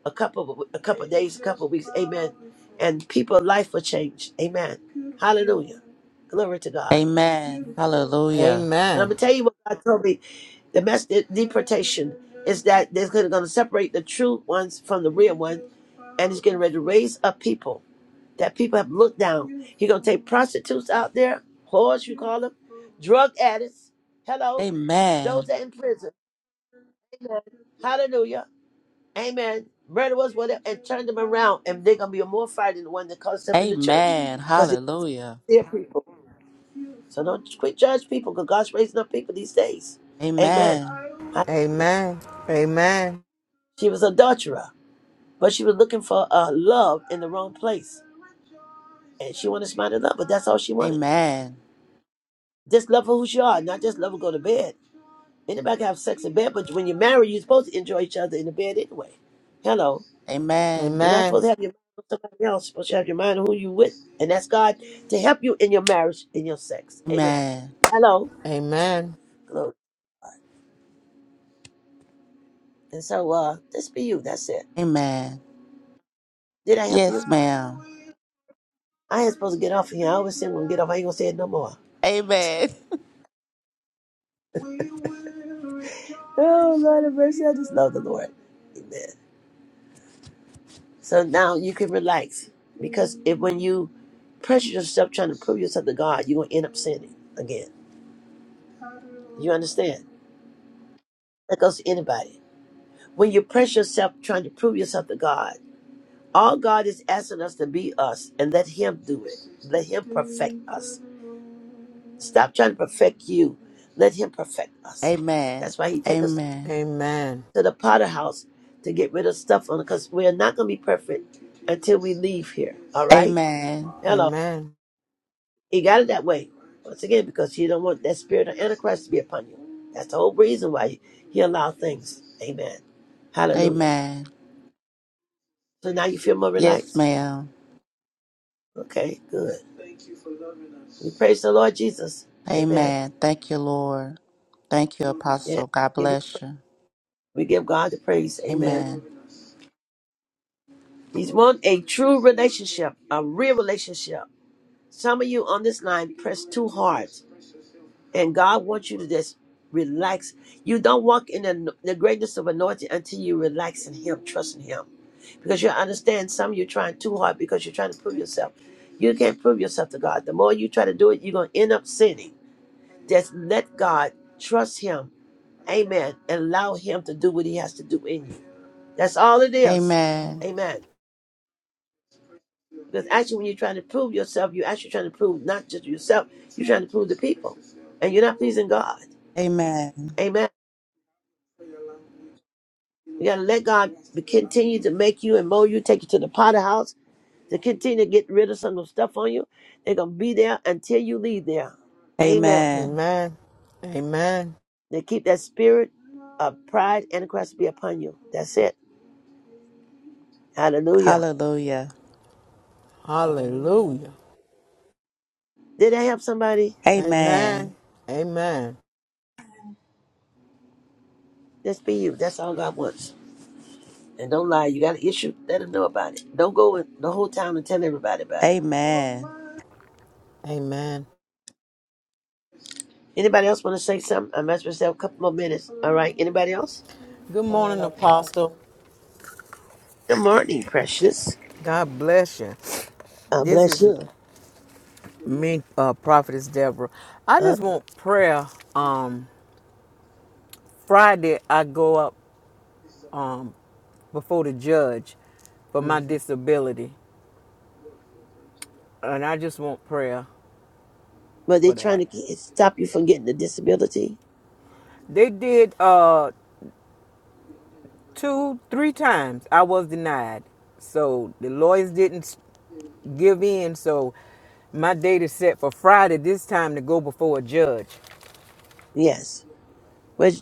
B: a couple of, a couple of days, a couple of weeks. Amen. And people's life will change. Amen. Hallelujah. Glory to God.
C: Amen. Hallelujah.
B: But I'm gonna tell you what God told me. The message deportation is that they're gonna gonna separate the true ones from the real ones, and He's getting ready to raise up people that people have looked down. He gonna take prostitutes out there, whores you call them, drug addicts. Hello, those
C: Amen.
B: that in prison. Amen. Hallelujah. Amen. Murderers, whatever, and turn them around, and they're gonna be more fighting than the one that comes up in the church,
C: Amen.
B: cause it's
C: Hallelujah.
B: their people. So don't quit judge people, cause God's raising up people these days. Amen.
C: Amen.
B: Hallelujah. She was adulterer, but she was looking for uh, love in the wrong place, and she wanted somebody to love, but that's all she wanted.
C: Amen.
B: Just love her who she are, not just love her go to bed. Anybody can have sex in bed, but when you're married, you're supposed to enjoy each other in the bed anyway. Hello.
C: Amen.
B: You're not supposed to have your mind on somebody else. You're supposed to have your mind on who you with. And that's God to help you in your marriage, in your sex. Amen.
C: Amen.
B: Hello.
G: Amen.
B: Glory. And so uh just be you. That's it.
C: Amen.
B: Did I help
C: Yes,
B: you?
C: ma'am.
B: I ain't supposed to get off of here. I always say when I get off, I ain't gonna say it no more.
C: Amen.
B: *laughs* oh Lord have mercy. I just love the Lord. Amen. So now you can relax because if when you pressure yourself trying to prove yourself to God, you're gonna end up sinning again. You understand? That goes to anybody. When you pressure yourself trying to prove yourself to God, all God is asking us to be us and let Him do it. Let Him perfect us. Stop trying to perfect you. Let Him perfect
C: *laughs*
B: us.
C: Amen.
B: That's why He take us
G: Amen. Amen.
C: Amen.
G: Amen.
B: to the Potter house to get rid of stuff on it, because we're not gonna be perfect until we leave here. All right?
C: Amen.
B: Hello.
G: Amen.
B: He got it that way. Once again, because he don't want that spirit of Antichrist to be upon you. That's the whole reason why he allowed things. Amen. Hallelujah.
C: Amen.
B: So now you feel more
C: Yes,
B: relaxed?
C: ma'am.
B: Okay, good. Thank you for loving us. We praise the Lord Jesus. Amen.
C: Amen. Thank you, Lord. Thank you,
B: Loving us. Yeah.
C: Apostle. God
B: Give-
C: bless you.
B: We give God the praise. Amen.
C: Amen.
B: Loving us. He's want a true relationship, a real relationship. Some of you on this line press too hard, and God wants you to just relax. You don't walk in the, the greatness of anointing until you relax in Him, trust in Him. Because you understand some of you trying too hard because you're trying to prove yourself. You can't prove yourself to God. The more you try to do it, you're going to end up sinning. Just let God trust Him. Amen. And allow Him to do what He has to do in you. That's all it is.
C: Amen.
H: Amen.
B: Amen. Because actually, when you're trying to prove yourself, you're actually trying to prove not just yourself, you're trying to prove the people. And you're not pleasing God.
C: Amen.
B: Amen. You got to let God be- continue to make you and mold you, take you to the potter house, to continue to get rid of some of the stuff on you. They're going to be there until you leave there. Amen.
C: Amen.
G: Amen. Amen.
B: They keep that spirit of pride and Christ be upon you. That's it. Hallelujah.
C: Hallelujah.
H: Hallelujah.
G: Hallelujah.
B: Did I help somebody?
C: Amen.
G: Amen. Amen.
B: Just be you. That's all God wants. And don't lie. You got an issue? Let him know about it. Don't go in the whole town and tell everybody about it.
C: Amen.
G: Amen.
B: Anybody else want to say something? I mess myself a couple more minutes. All right. Anybody else?
G: Good
H: Morning,
G: morning, Apostle.
H: Apostle.
B: Good morning, precious.
G: God bless you.
B: God
G: This
B: bless
G: is
B: you.
G: me, uh, Prophetess Deborah. I
B: Uh,
G: just want prayer. Um, Friday, I go up um, before the judge for my disability, and I just want prayer
B: but they're
G: for
B: trying
G: that.
B: to get, stop you from getting the disability.
G: They did. Uh, two, three times I was denied. So the lawyers didn't give in. So my date is set for Friday this time to go before a judge.
B: Yes. But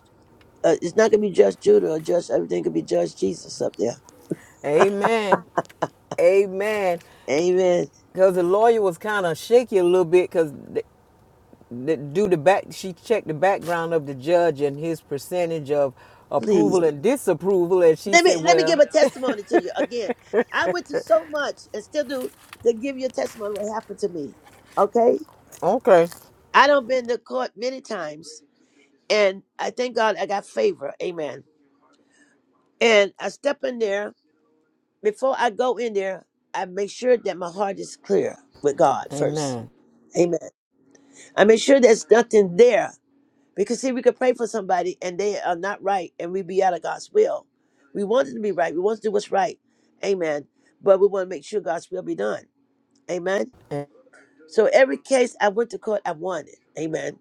B: uh, it's not going to be just Judah or just everything. Could be just Jesus up there.
G: Amen. Amen.
B: Amen.
G: Because the lawyer was kind of shaky a little bit because the the, due to back, she checked the background of the judge and his percentage of
B: Please
G: approval and disapproval. And she
B: let me
G: said,
B: let me
G: well,
B: give a testimony to you again. I went through so much and still do to give you a testimony what happened to me. Okay.
G: okay.
B: I don't been to court many times, and I thank God I got favor. Amen And I step in there. Before I go in there, I make sure that my heart is clear with God first.
G: Amen.
B: Amen. I make sure there's nothing there. Because see, we could pray for somebody and they are not right and we be out of God's will. We want it to be right. We want to do what's right. Amen. But we want to make sure God's will be done. Amen.
G: A-
B: So every case I went to court, I won it. Amen.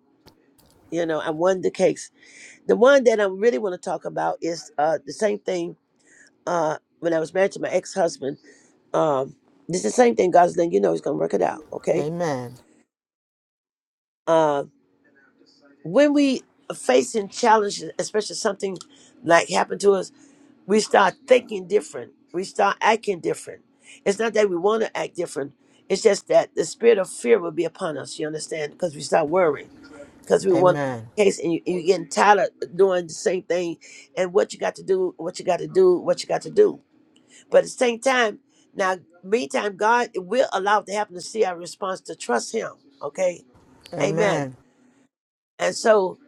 B: You know, I won the case. The one that I really want to talk about is uh, the same thing uh, when I was married to my ex-husband. Um, this is the same thing God's done. You know He's going to work it out. Okay.
G: Amen.
B: Uh, when we are facing challenges, especially something like happened to us, we start thinking different. We start acting different. It's not that we want to act different. It's just that the spirit of fear will be upon us. You understand? Because we start worrying. Because we want
G: Amen.
B: a case, and you, you're getting tired of doing the same thing, and what you got to do, what you got to do, what you got to do. But at the same time, now meantime, God will allow it to happen to see our response to trust Him. Okay, Amen.
G: Amen.
B: And so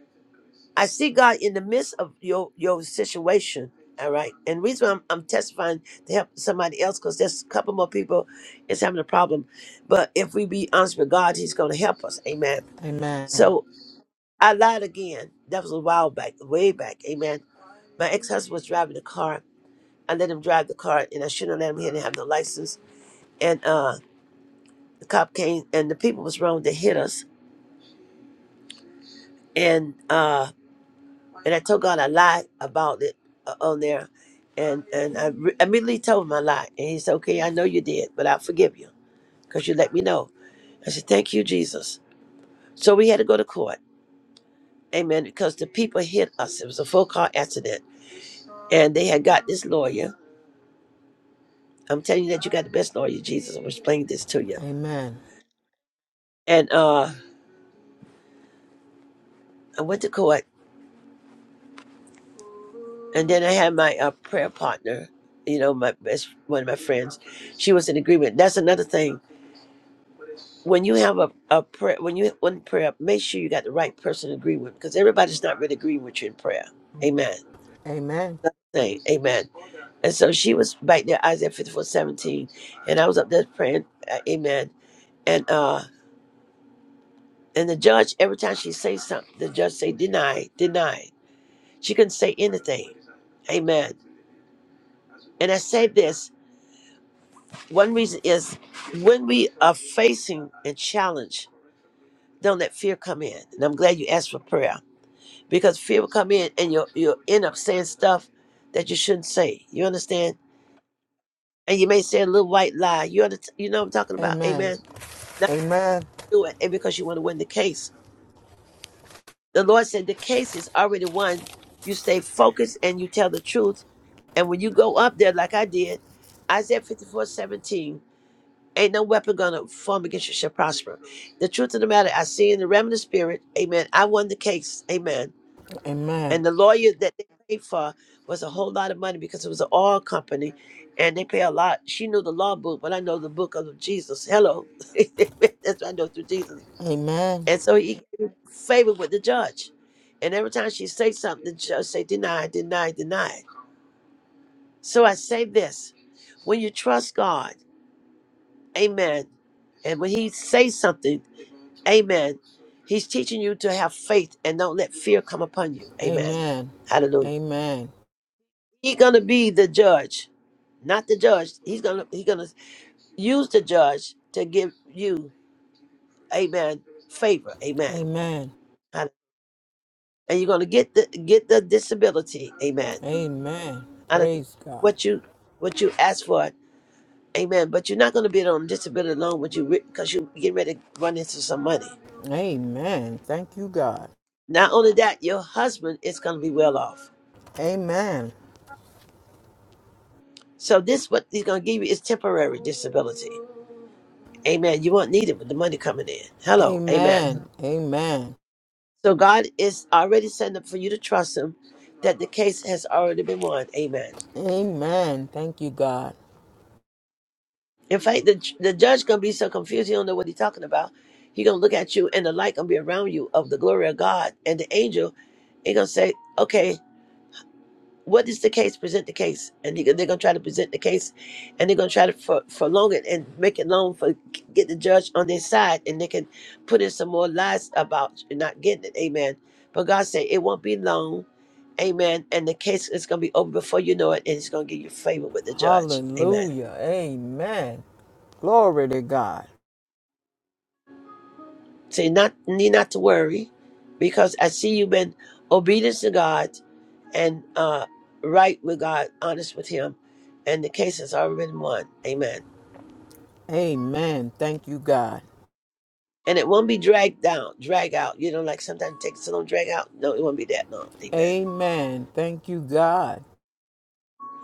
B: I see God in the midst of your your situation. All right, and the reason why I'm, I'm testifying to help somebody else because there's a couple more people is having a problem. But if we be honest with God, He's going to help us. Amen.
G: Amen.
B: So I lied again. That was a while back, way back. Amen. My ex husband was driving the car. I let him drive the car, and I shouldn't have let him. He didn't have no license, and uh the cop came and the people was wrong to hit us and uh and i told god i lied about it uh, on there and and i re- immediately told him i lied and he said okay i know you did but i forgive you because you let me know i said thank you jesus so we had to go to court amen because the people hit us it was a full car accident and they had got this lawyer i'm telling you that you got the best lawyer jesus i'm explaining this to you
G: Amen.
B: and uh i went to court And then I had my uh, prayer partner, you know, my best one of my friends. She was in agreement. That's another thing. When you have a, a prayer, when you when prayer, make sure you got the right person to agree with, because everybody's not really agreeing with you in prayer. Amen.
G: Amen.
B: Say amen. And so she was back there, Isaiah 54:17, and I was up there praying, uh, amen. And uh, and the judge, every time she say something, the judge say deny, deny. She couldn't say anything. Amen. And I said this. One reason is when we are facing a challenge, don't let fear come in. And I'm glad you asked for prayer because fear will come in and you'll, you'll end up saying stuff that you shouldn't say. You understand? And you may say a little white lie. You, under, you know what I'm talking about.
G: Amen.
B: Amen. Not
G: Amen.
B: do it. And because you want to win the case. The Lord said the case is already won. You stay focused and you tell the truth. And when you go up there like I did, Isaiah 54:17. Ain't no weapon gonna form against you shall prosper. The truth of the matter, I see in the realm of the spirit, amen. I won the case, amen.
G: Amen.
B: And the lawyer that they paid for was a whole lot of money because it was an oil company and they pay a lot. She knew the law book, but I know the book of Jesus. Hello. *laughs* That's what I know through Jesus.
G: Amen.
B: And so he favored with the judge. And every time she say something, the judge say deny, deny, deny. So I say this when you trust God, amen. And when he says something, Amen. He's teaching you to have faith and don't let fear come upon you. Amen.
G: Amen.
B: Hallelujah.
G: Amen.
B: He's gonna be the judge, not the judge. He's gonna he's gonna use the judge to give you, amen, favor. Amen.
G: Amen.
B: Hallelujah. And you're gonna get the get the disability. Amen.
G: Amen.
B: Hallelujah.
G: Praise God.
B: What you what you ask for. Amen. But you're not gonna be on disability long with you because you get ready to run into some money.
G: Amen. Thank you, God.
B: Not only that, your husband is gonna be well off.
G: Amen.
B: So this what he's gonna give you is temporary disability. Amen. You won't need it with the money coming in. Hello, amen.
G: Amen. Amen.
B: So God is already setting up for you to trust him that the case has already been won. Amen.
G: Amen. Thank you, God.
B: In fact, the the judge gonna be so confused he don't know what he's talking about. He gonna look at you and the light gonna be around you of the glory of God and the angel. He gonna say, Okay, what is the case? Present the case, and they- they're gonna try to present the case, and they're gonna try to for prolong it and make it long for get the judge on their side, and they can put in some more lies about not getting it. Amen. But God said it won't be long, Amen. And the case is gonna be over before you know it, and it's gonna give you favor with the judge. Amen.
G: Hallelujah. Amen. Glory to God.
B: So you not need not to worry, because I see you've been obedient to God, and uh, right with God, honest with Him, and the case has already been won. Amen.
G: Amen. Thank you, God.
B: and it won't be dragged down, drag out. You know, like sometimes it takes so long, drag out. No, it won't be that long. Amen.
G: Amen. Thank you, God.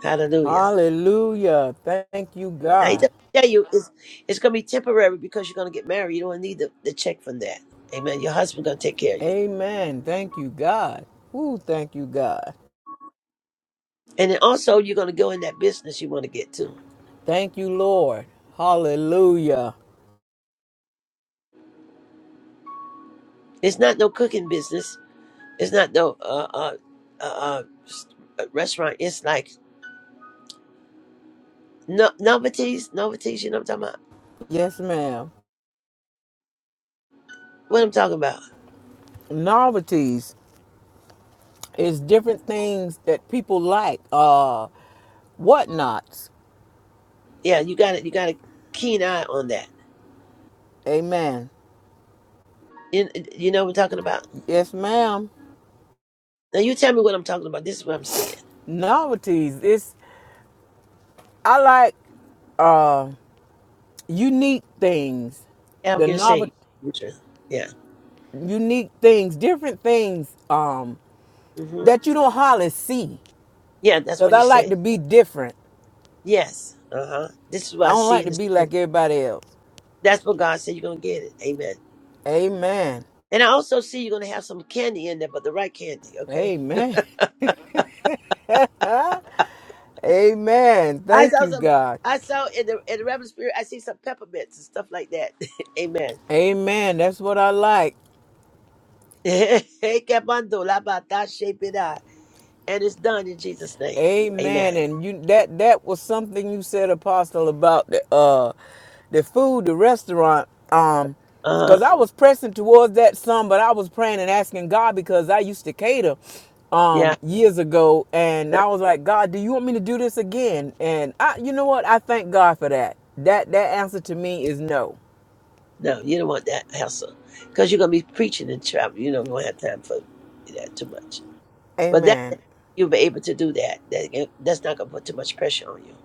B: Hallelujah.
G: Hallelujah. Thank you,
B: And he
G: God.
B: doesn't tell you it's, it's going to be temporary because you're going to get married. You don't need the, the check from that. Amen. Your husband's going to take care of you.
G: Amen. Thank you, God. Ooh, thank you, God.
B: And then also, you're going to go in that business you want to get to.
G: Thank you, Lord. Hallelujah.
B: It's not no cooking business. It's not no uh, uh, uh, uh, s- uh, restaurant. It's like no, novelties, novelties. You know what I'm talking about?
G: Yes, ma'am.
B: What I'm talking about?
G: Novelties is different things that people like. Uh whatnots.
B: Yeah, you got to You got a keen eye on that.
G: Amen.
B: You, you know what I'm talking about?
G: Yes, ma'am.
B: Now you tell me what I'm talking about. This is what I'm saying.
G: Novelties. It's I like uh unique things.
B: Yeah, I'm
G: The
B: gonna
G: novel
B: say. Yeah.
G: unique things, different things um
B: hmm
G: that you don't hardly see.
B: Yeah, that's
G: Cause
B: what
G: I
B: he
G: like
B: said.
G: to be different.
B: Yes. Uh huh. This is
G: I
B: what I
G: don't
B: see
G: like
B: in
G: to
B: the
G: be
B: spirit.
G: like everybody else.
B: That's what God said. You're gonna get it. Amen.
G: Amen.
B: And I also see you're gonna have some candy in there, but the right candy. Okay.
G: Amen. *laughs* Amen.
B: I
G: Thank
B: saw
G: you,
B: some.
G: God.
B: I saw in the in the Reverend spirit. I see some peppermints and stuff like that. *laughs* Amen. *laughs*
G: Amen. That's what I like.
B: Hey, Capando, la ba da shape it out. and it's done in Jesus' name.
G: Amen.
B: Amen.
G: And you that that was something you said, Apostle, about the uh the food, the restaurant. Um,
B: Uh huh.
G: because I was pressing towards that some, but I was praying and asking God because I used to cater
B: Yeah.
G: um years ago and I was like, God, do you want me to do this again? And I you know what? I thank God for that. That that answer to me is no.
B: No, you don't want that hassle because you're going to be preaching and traveling. You don't have time for that too much. But that, that-
G: Amen.
B: you'll be able to do that. that that's not going to put too much pressure on you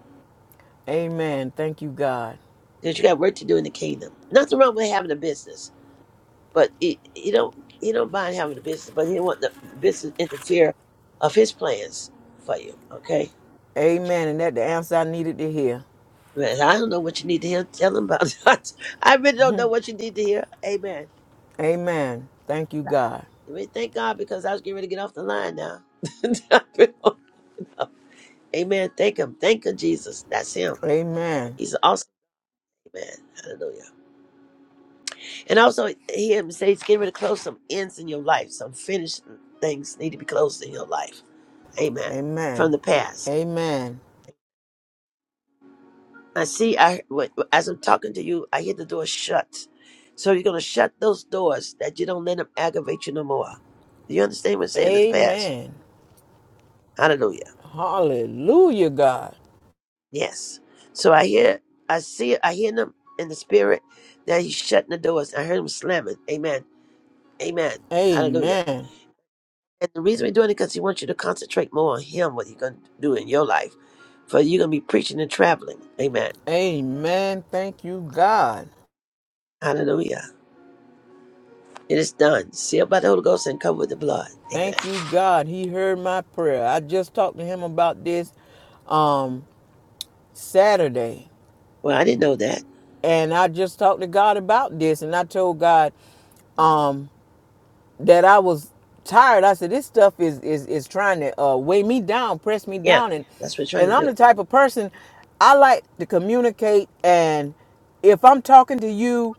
G: Amen. Thank you, God.
B: because you got work to do in the kingdom. Nothing wrong with having a business, but it, you don't you don't mind having a business, but he don't want the business to interfere of his plans for you. Okay.
G: Amen. And that the answer I needed to hear.
B: Man, I don't know what you need to hear. Tell him about *laughs* it. I really don't know what you need to hear. Amen.
G: Amen. Thank you, God.
B: You really thank God because I was getting ready to get off the line now. *laughs* Amen. Thank him. Thank you, Jesus. That's him.
G: Amen.
B: He's awesome. Amen. Hallelujah. And also, he him say he's getting ready to close some ends in your life. Some finished things need to be closed in your life. Amen. From
G: Amen.
B: the past.
G: Amen.
B: I see, I what- as I'm talking to you, I hear the door shut. So you're going to shut those doors that you don't let them aggravate you no more. Do you understand what I'm saying to the past?
G: Amen.
B: Hallelujah.
G: Hallelujah, God.
B: Yes. So I hear, I see, I hear them in the spirit that he's shutting the doors. I heard him slamming. Amen Amen. Hallelujah.
G: Amen.
B: And the reason we're doing it because he wants you to concentrate more on him, what you're going to do in your life. For you're going to be preaching and traveling. Amen.
G: Amen. Thank you, God.
B: Hallelujah. It is done. Sealed by the Holy Ghost and covered with the blood. Amen.
G: Thank you, God. He heard my prayer. I just talked to him about this um Saturday.
B: Well, I didn't know that.
G: And I just talked to God about this and I told God, um, that I was tired. I said, this stuff is is is trying to uh, weigh me down, press me
B: Yeah.
G: down, and
B: That's what we're trying
G: and
B: to
G: I'm
B: do.
G: the type of person I like to communicate. And if I'm talking to you,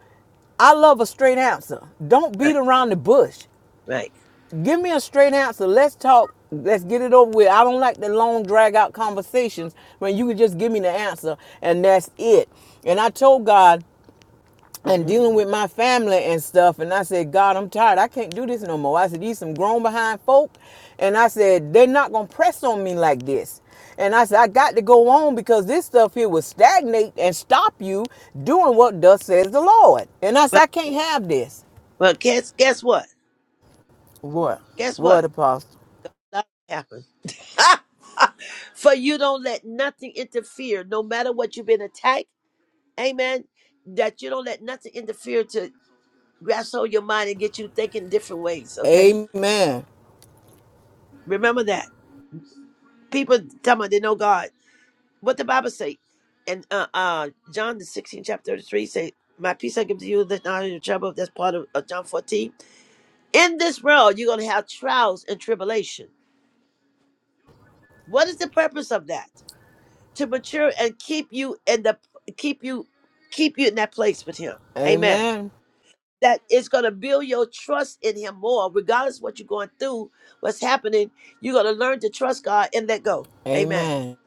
G: I love a straight answer. Don't
B: Right.
G: beat around the bush.
B: Right.
G: Give me a straight answer. Let's talk. Let's get it over with. I don't like the long drag out conversations when you can just give me the answer and that's it. And I told God and
B: Mm-hmm.
G: dealing with my family and stuff. And I said, God, I'm tired. I can't do this no more. I said, these some grown behind folk. And I said, they're not going to press on me like this. And I said, I got to go on because this stuff here will stagnate and stop you doing what thus says the Lord. And I said,
B: Well,
G: I can't have this.
B: well, guess guess what?
G: What?
B: Guess what?
G: What, Apostle?
B: That happened. Ah! *laughs* For you don't let nothing interfere, no matter what you've been attacked. Amen. That you don't let nothing interfere to Wrestle your mind and get you thinking different ways, okay?
G: Amen.
B: Remember that. People tell me they know God. What the Bible say? And uh, uh, John the 16th chapter 33 say, my peace I give to you that not in your trouble. That's part of, of John 14. In this world, you're going to have trials and tribulation. What is the purpose of that? To mature and keep you in the, keep you, keep you in that place with him. Amen.
G: Amen.
B: that is going to build your trust in him more regardless what you're going through what's happening you're going to learn to trust god and let go amen
G: Amen.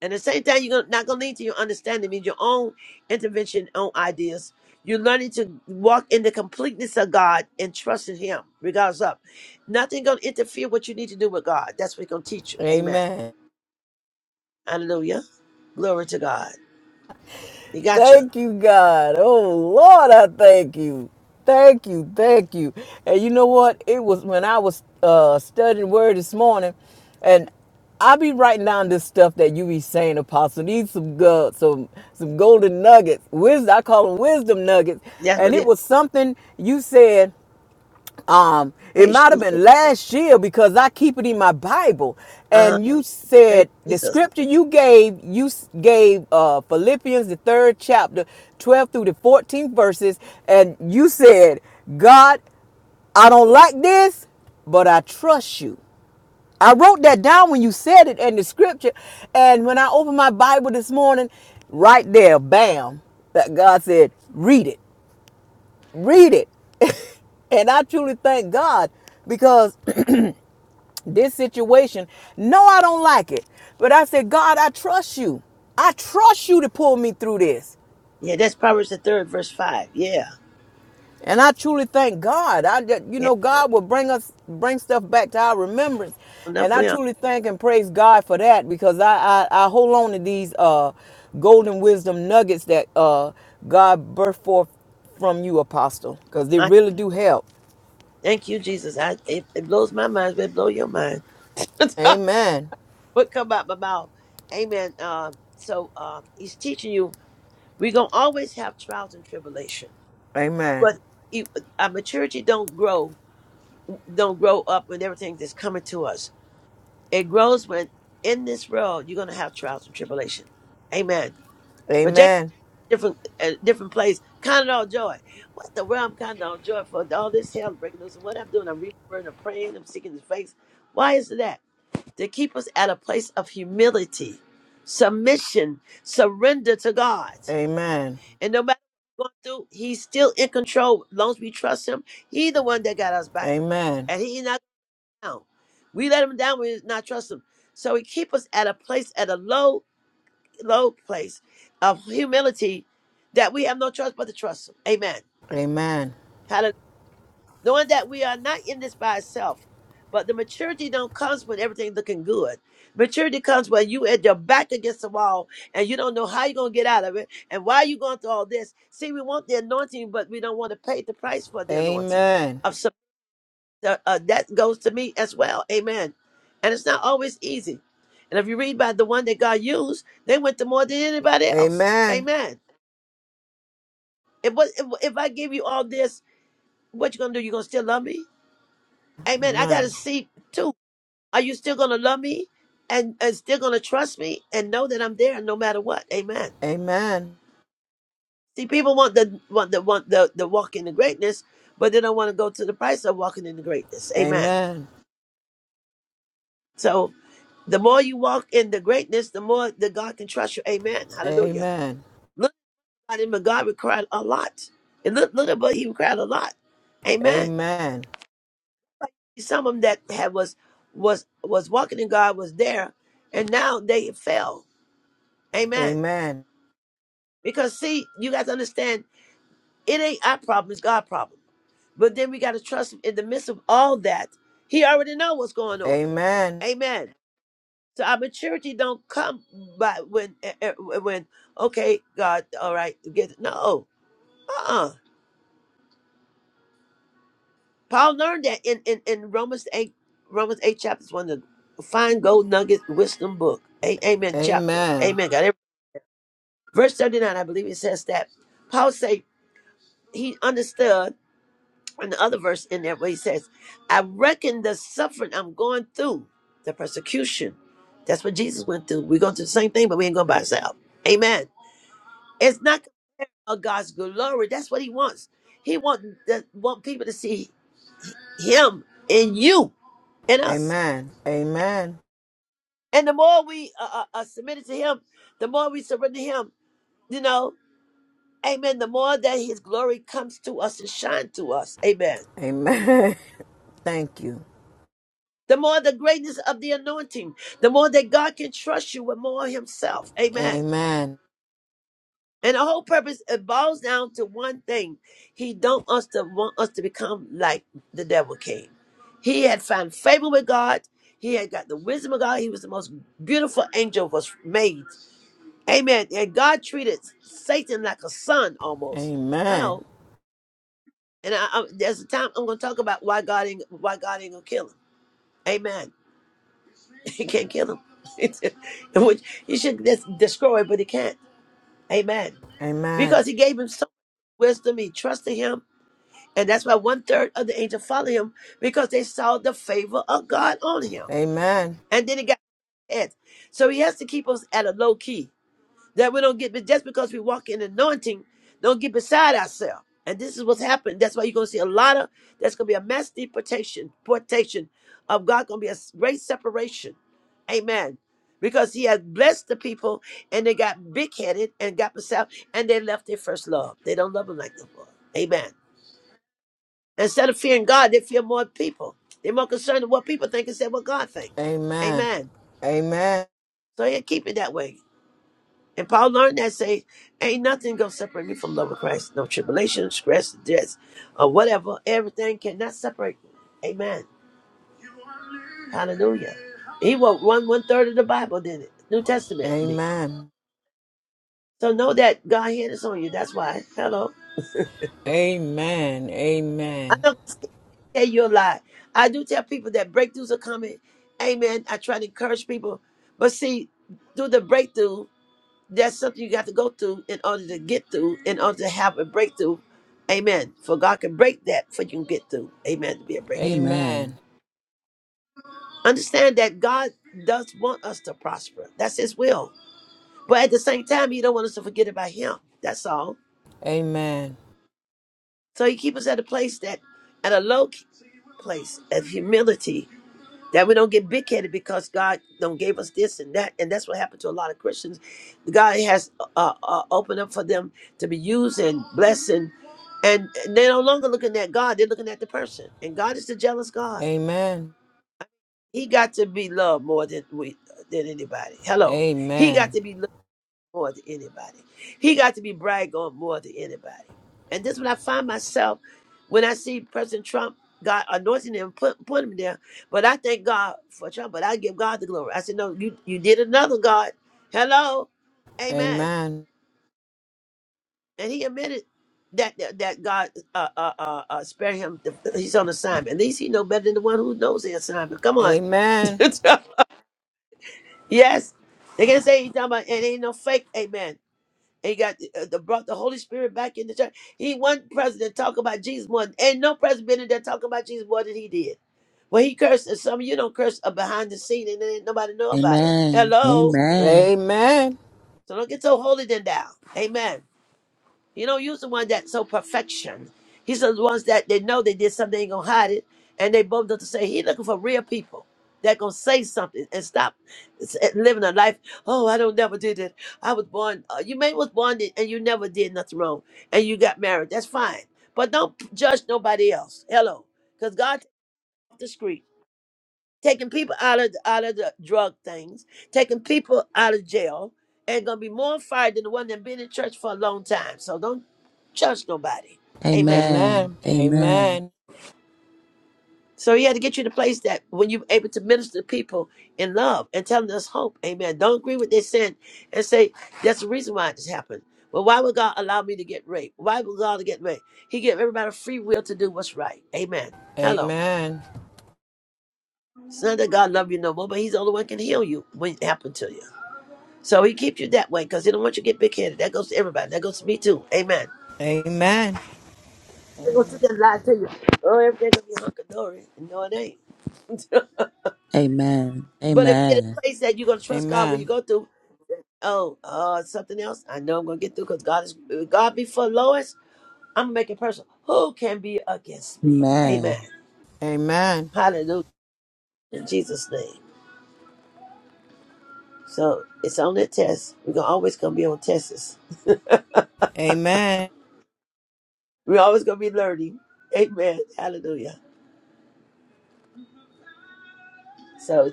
B: and at the same time you're gonna- not going to lean to your understanding means your own intervention own ideas you're learning to walk in the completeness of god and trust in him regardless of nothing going to interfere what you need to do with god that's what he's going to teach you amen
G: Amen.
B: hallelujah glory to god he got you
G: Thank you, God. Oh, Lord, I thank you. Thank you. Thank you. And you know what? It was when I was uh, studying Word this morning, and I be writing down this stuff that you be saying, Apostle. These some good, some some golden nuggets. Wisdom. I call them wisdom nuggets.
B: that's
G: And
B: what it
G: it
B: is
G: was something you said. Um, it
B: praise
G: might have
B: jesus
G: been last year because I keep it in my Bible.
B: uh-huh
G: And you
B: praise
G: said the
B: jesus
G: scripture you gave, you gave uh, Philippians the third chapter, twelve through the fourteenth verses, and you said, "God, I don't like this, but I trust you." I wrote that down when you said it in the scripture, and when I opened my Bible this morning, right there, bam, that God said, "Read it." Read it. *laughs* and I truly thank God because *clears throat* this situation, no, I don't like it. But I said, God, I trust you. I trust you to pull me through this.
B: yeah that's proverbs the third verse five yeah
G: And I truly thank God. I you
B: yeah
G: know God will bring us bring stuff back to our remembrance.
B: enough
G: And I
B: we are.
G: truly thank and praise God for that because I I, I hold on to these uh golden wisdom nuggets that uh God birthed forth from you, apostle, because they
B: I
G: really do help.
B: thank you, Jesus. I it, it blows my mind, but it blow your mind. *laughs*
G: Amen.
B: what come out my mouth. Amen. Uh, so uh, he's teaching you we're gonna always have trials and tribulation.
G: Amen.
B: But it- our maturity don't grow, don't grow up with everything that's coming to us. It grows when in this world you're gonna have trials and tribulation. Amen. But
G: Amen.
B: different uh, different place. Condor joy. What the world I'm condor joy for? All this hell breaking loose. And what I'm doing, I'm remembering, I'm praying, I'm seeking His face. Why is that? To keep us at a place of humility, submission, surrender to God.
G: Amen.
B: And no matter what we're going through, He's still in control. As long as we trust Him, He's the one that got us back,
G: Amen.
B: and He not down. We let Him down. We not trust Him. So He keep us at a place at a low low place of humility that we have no choice but to trust him. Amen.
G: Amen.
B: Hallelujah. Knowing that we are not in this by itself, but the maturity don't comes when everything's looking good. Maturity comes when you at your back against the wall and you don't know how you're gonna get out of it and why you going through all this. See, we want the anointing, but we don't want to pay the price for the anointing.
G: Amen.
B: Of some, uh, uh, that goes to me as well. Amen. And it's not always easy. And if you read by the one that God used, they went to more than anybody else.
G: Amen.
B: Amen. If what if, if I give you all this, what you gonna do? You gonna still love me? Amen. I
G: Amen.
B: gotta see too. Are you still gonna love me and and still gonna trust me and know that I'm there no matter what? Amen.
G: Amen.
B: See, people want the want the want the the walk in the greatness, but they don't want to go to the price of walking in the greatness. Amen.
G: Amen.
B: So the more you walk in the greatness, the more that God can trust you. Amen.
G: Amen. Amen.
B: Hallelujah.
G: Amen.
B: Look at him, but God required a lot. And look, look at but he required a lot. Amen.
G: Amen.
B: some of them that had was was was walking in God was there, and now they fell. Amen. Because see, you got to understand, it ain't our problem; it's God's problem. But then we got to trust Him in the midst of all that. He already know what's going on.
G: Amen.
B: Amen. So our maturity don't come by when eh, eh, when okay, God, all right, get no, uh, uh Paul learned that in, in, in Romans 8, Romans 8 chapters, one the fine gold nugget wisdom book. A- amen chapter. Amen. God. Verse 39, I believe it says that Paul say he understood, and the other verse in there where he says, I reckon the suffering I'm going through, the persecution, that's what Jesus went through. We're going through the same thing, but we ain't going by ourselves. Amen. It's not of God's glory. That's what he wants. He want, that want people to see him in you, in us.
G: Amen. Amen.
B: And the more we uh, uh, uh, submitted to Him, the more we surrender Him, you know, amen. The more that His glory comes to us and shine to us, amen.
G: Amen. *laughs* Thank you.
B: The more the greatness of the anointing, the more that God can trust you with more Himself, amen.
G: Amen.
B: And the whole purpose it boils down to one thing: He don't us to want us to become like the devil came. He had found favor with God. He had got the wisdom of God. He was the most beautiful angel was made. Amen. And God treated Satan like a son almost.
G: Amen.
B: Hello. And I, I, there's a time I'm going to talk about why God ain't why God ain't gonna kill him. Amen. *laughs* He can't kill him. *laughs* It's- Which he should des- destroy, but he can't. Amen.
G: Amen.
B: Because he gave him so much wisdom, he trusted him, and that's why one third of the angels followed him because they saw the favor of God on him.
G: Amen.
B: And then he got his head. So he has to keep us at a low key. that we don't get but just because we walk in anointing, don't get beside ourselves. And this is what's happened. That's why you're gonna see a lot of that's gonna be a mass deportation, deportation of God gonna be a great separation. Amen. Because he has blessed the people and they got big headed and got beside and they left their first love. They don't love him like no more. Amen. Instead of fearing God, they fear more people. They're more concerned with what people think instead of what God thinks.
G: Amen.
B: Amen.
G: Amen.
B: So yeah, keep it that way. And Paul learned that say, ain't nothing gonna separate me from the love of Christ. No tribulation, stress, death, or whatever. Everything cannot separate me. Amen. Hallelujah. He wrote one one third of the Bible, didn't it? New Testament me.
G: Amen.
B: So know that God hand is on you. That's why. Hello.
G: Amen.
B: I
G: Amen.
B: don't tell you a lie. I do tell people that breakthroughs are coming. Amen. I try to encourage people. But see, through the breakthrough. That's something you got to go through in order to get through, in order to have a breakthrough. Amen. For God can break that for you can get through. Amen. To be a breakthrough.
G: Amen.
C: Amen.
B: Understand that God does want us to prosper. That's his will. But at the same time, he don't want us to forget about him. That's all.
G: Amen.
B: So he keeps us at a place that at a low key place of humility that we don't get big headed because God don't gave us this and that, and that's what happened to a lot of Christians. God has uh, uh, opened up for them to be used and blessing, and and they're no longer looking at God; they're looking at the person. And God is the jealous God.
G: Amen.
B: He got to be loved more than we than anybody. Hello, He got
G: Amen.
B: to be loved more than anybody. He got to be bragged on more than anybody. And this is when I find myself when I see President Trump, God anointing him, put put him there. But I thank God for Trump, but I give God the glory. I said, No, you you did another God. Hello, Amen.
G: Amen.
B: And he admitted that that, that God uh, uh, uh, uh, spare him. The, he's on assignment. At least he know better than the one who knows the assignment. Come on,
G: Amen.
B: *laughs* yes. They can say he's talking about it ain't no fake. Amen. and he got uh, the, brought the Holy Spirit back in the church. He one president talk about Jesus more, than- and no president been in there talking about Jesus more than he did. Well, he cursed, and some of you don't curse uh, behind the scene, and then ain't nobody know about it.
C: Amen.
B: Hello,
C: Amen.
G: Amen. Amen.
B: so don't get so holy then down. Amen. You don't use the one that's so perfection. He says the ones that they know they did something, they ain't gonna hide it, and they both up to say he looking for real people that gonna say something and stop s- eh, living a life. Oh, I don't never did it. I was born. Uh, you may was born it and you never did nothing wrong, and you got married. That's fine, but don't judge nobody else. Hello, because God off the street taking people out of out of the drug things, taking people out of jail, and gonna be more on fire than the one that been in church for a long time. So don't judge nobody. Amen.
G: Amen.
C: Amen. Amen.
G: Amen.
B: So he had to get you to a place that when you're able to minister to people in love and tell them there's hope. Amen. Don't agree with their sin and say that's the reason why this happened. Well, why would God allow me to get raped? Why would God get raped? He gave everybody free will to do what's right. Amen. Hello.
G: Amen.
B: It's not that God love you no more, but He's the only one can heal you when it happened to you. So he keeps you that way because he don't want you to get big headed. That goes to everybody. That goes to me too. Amen.
G: Amen. Amen.
B: They're gonna
H: Amen.
B: sit there and lie to you. Oh, everything gonna be hunky dory. No, it ain't.
C: Amen.
B: *laughs* but if you're in a
C: Amen.
B: place that you're gonna trust God when you
G: Amen.
B: go through, oh, uh, something else, I know I'm gonna get through because God is if God be for Lois, I'm gonna make it personal. Who can be against me? Amen.
C: Amen.
G: Amen.
B: Hallelujah. In Jesus' name. So it's on that test. We're gonna always gonna be on tests.
G: Amen.
B: We're always gonna be learning. Amen. Hallelujah. So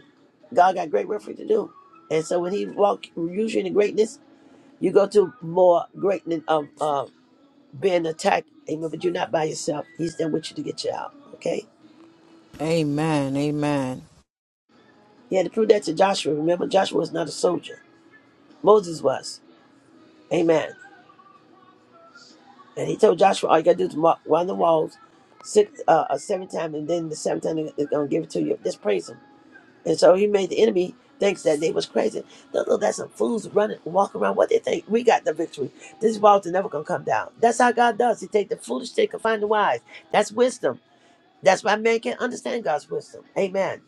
B: God got great work for you to do. And so when he walk usually in the greatness, you go to more greatness of uh, being attacked. Amen. But you're not by yourself. He's there with you to get you out. Okay? He had to prove that to Joshua. Remember, Joshua was not a soldier. Moses was. Amen. And he told Joshua, all you gotta do is mark one of the walls six uh, uh seven times, and then the seventh time they're gonna give it to you. Just praise him. And so he made the enemy think that they was crazy. No, no, that's some fools running, walking around. What they think? We got the victory. This walls are never gonna come down. That's how God does. He take the foolish thing and find the wise. That's wisdom. That's why man can't understand God's wisdom. Amen.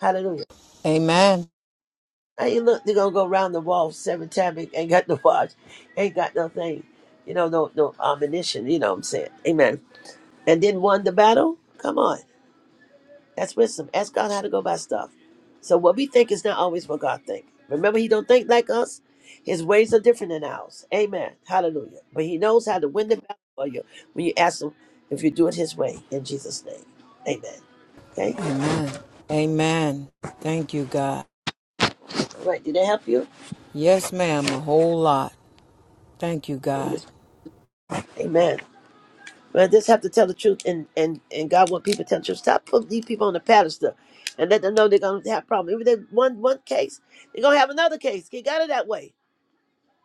B: Hallelujah.
G: Amen.
B: Hey, you look, they're gonna go around the wall seven times. Ain't ain't got *laughs* no watch. Ain't got nothing. You know, no, no ammunition. You know what I'm saying? Amen. And then won the battle. Come on. That's wisdom. Ask God how to go by stuff. So what we think is not always what God thinks. Remember, He don't think like us. His ways are different than ours. Amen. Hallelujah. But He knows how to win the battle for you when you ask Him if you do it His way in Jesus' name. Amen. Okay.
G: Amen. Amen. Thank you, God.
B: All right. Did that help you?
G: Yes, ma'am, a whole lot. Thank you,
B: We
G: God.
B: just- Amen. Well, just have to tell the truth, and and and God want people to tell the truth. Stop putting these people on the pedestal, and let them know they're gonna have problems. If they one one case, they're gonna have another case. Get out of that way.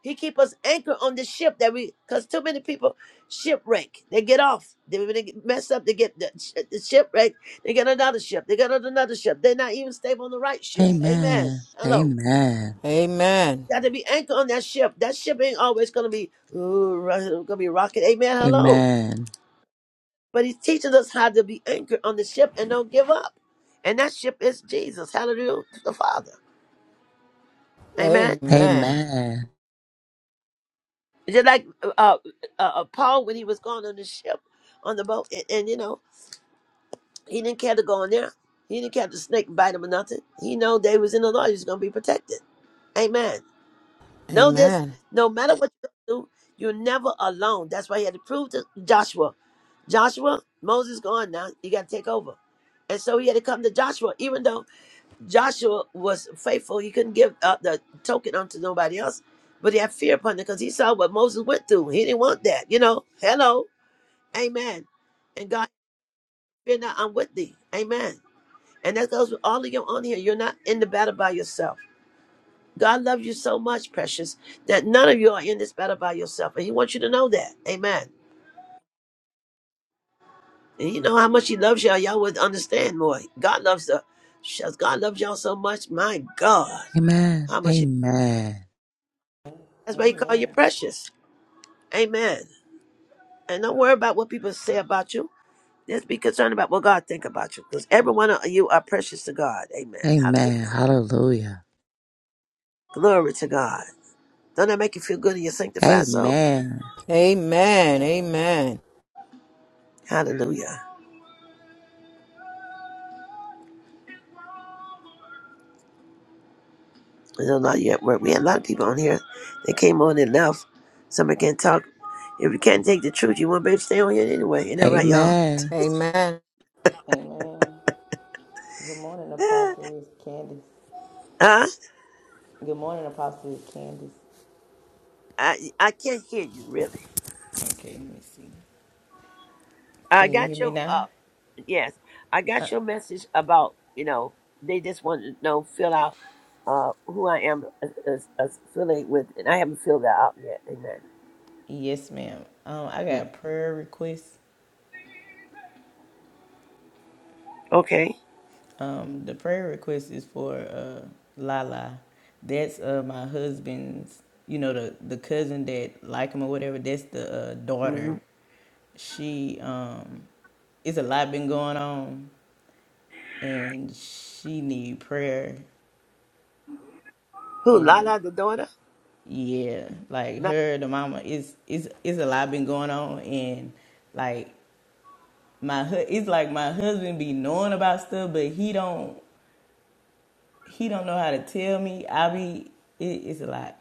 B: He keep us anchored on the ship that we, because too many people shipwreck. They get off. They, when they get mess up. They get the, sh- the shipwreck. They get another ship. They get on another ship. They're not even stable on the right ship. Amen.
C: Amen.
B: Hello.
C: Amen.
G: Amen.
B: Got to be anchored on that ship. That ship ain't always gonna be ooh, ro- gonna be rocking. Amen. Hello.
C: Amen.
B: But he's teaching us how to be anchored on the ship and don't give up. And that ship is Jesus. Hallelujah, the Father. Amen.
G: Amen.
C: Amen.
B: Just like uh, uh, uh, Paul when he was going on the ship, on the boat, and and, you know. He didn't care to go in there. He didn't care if the snake bite him or nothing. He know they was in the Lord. He was gonna be protected. Amen. Know this.
G: Amen.
B: No matter what you do, you're never alone. That's why he had to prove to Joshua. Joshua, Moses gone now. You gotta take over. And so he had to come to Joshua, even though Joshua was faithful. He couldn't give uh, the token unto nobody else, but he had fear upon it because he saw what Moses went through. He didn't want that, you know. Hello, Amen. And God, fear not, I'm with thee, Amen. And that goes with all of you on here. You're not in the battle by yourself. God loves you so much, precious, that none of you are in this battle by yourself. And He wants you to know that. Amen. And you know how much He loves y'all. Y'all would understand more. God loves the shucks, God loves y'all so much. My God.
C: Amen.
B: How much he,
C: Amen.
B: that's why he called you
H: Amen.
B: precious. Amen. And don't worry about what people say about you. Just be concerned about what God think about you. Because every one of you are precious to God. Amen.
C: Amen.
B: Hallelujah.
C: Hallelujah.
B: Glory to God. Don't that make you feel good in your sanctified soul?
C: Amen.
G: Amen.
H: Amen.
G: Amen.
B: Hallelujah. There's a lot yet work. We had a lot of people on here that came on and left. Somebody can't talk. If you can't take the truth, you won't be able to stay on here anyway. Ain't that right, y'all?
C: Amen.
G: Amen.
H: Amen. Good morning, Apostle. It's Candace.
B: *laughs* huh?
H: Good morning, Apostle. It's Candace.
B: I I can't hear you really.
H: Okay, let me see.
B: I
H: Can you hear
B: got
H: me
B: your uh
H: now?
B: yes. I got your message about, you know, they just want to know, fill out uh who I am as, as, as affiliated with and I haven't filled that out yet. Amen.
H: Yes, ma'am. Um, I got
B: Mm.
H: a prayer request.
B: Okay.
H: Um, the prayer request is for uh, Lala. That's uh, my husband's, you know, the, the cousin that like him or whatever. That's the uh,
B: hmm
H: daughter. She, um, it's a lot been going on, and she need prayer.
B: Who,
H: And
B: Lala the daughter?
H: yeah, like her, the mama, it's it's it's a lot been going on, and like my hu- it's like my husband be knowing about stuff, but he don't. he don't know how to tell me. I be it, it's a lot,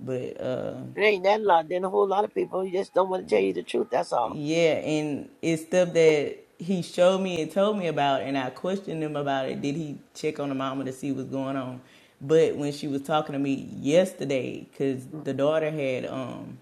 H: but um,
B: It ain't that lot. Then a whole lot of people who just don't want to tell you the truth. That's all.
H: yeah, and it's stuff that he showed me and told me about, and I questioned him about it. Did he check on the mama to see what's going on? But when she was talking to me yesterday, because the daughter had, um,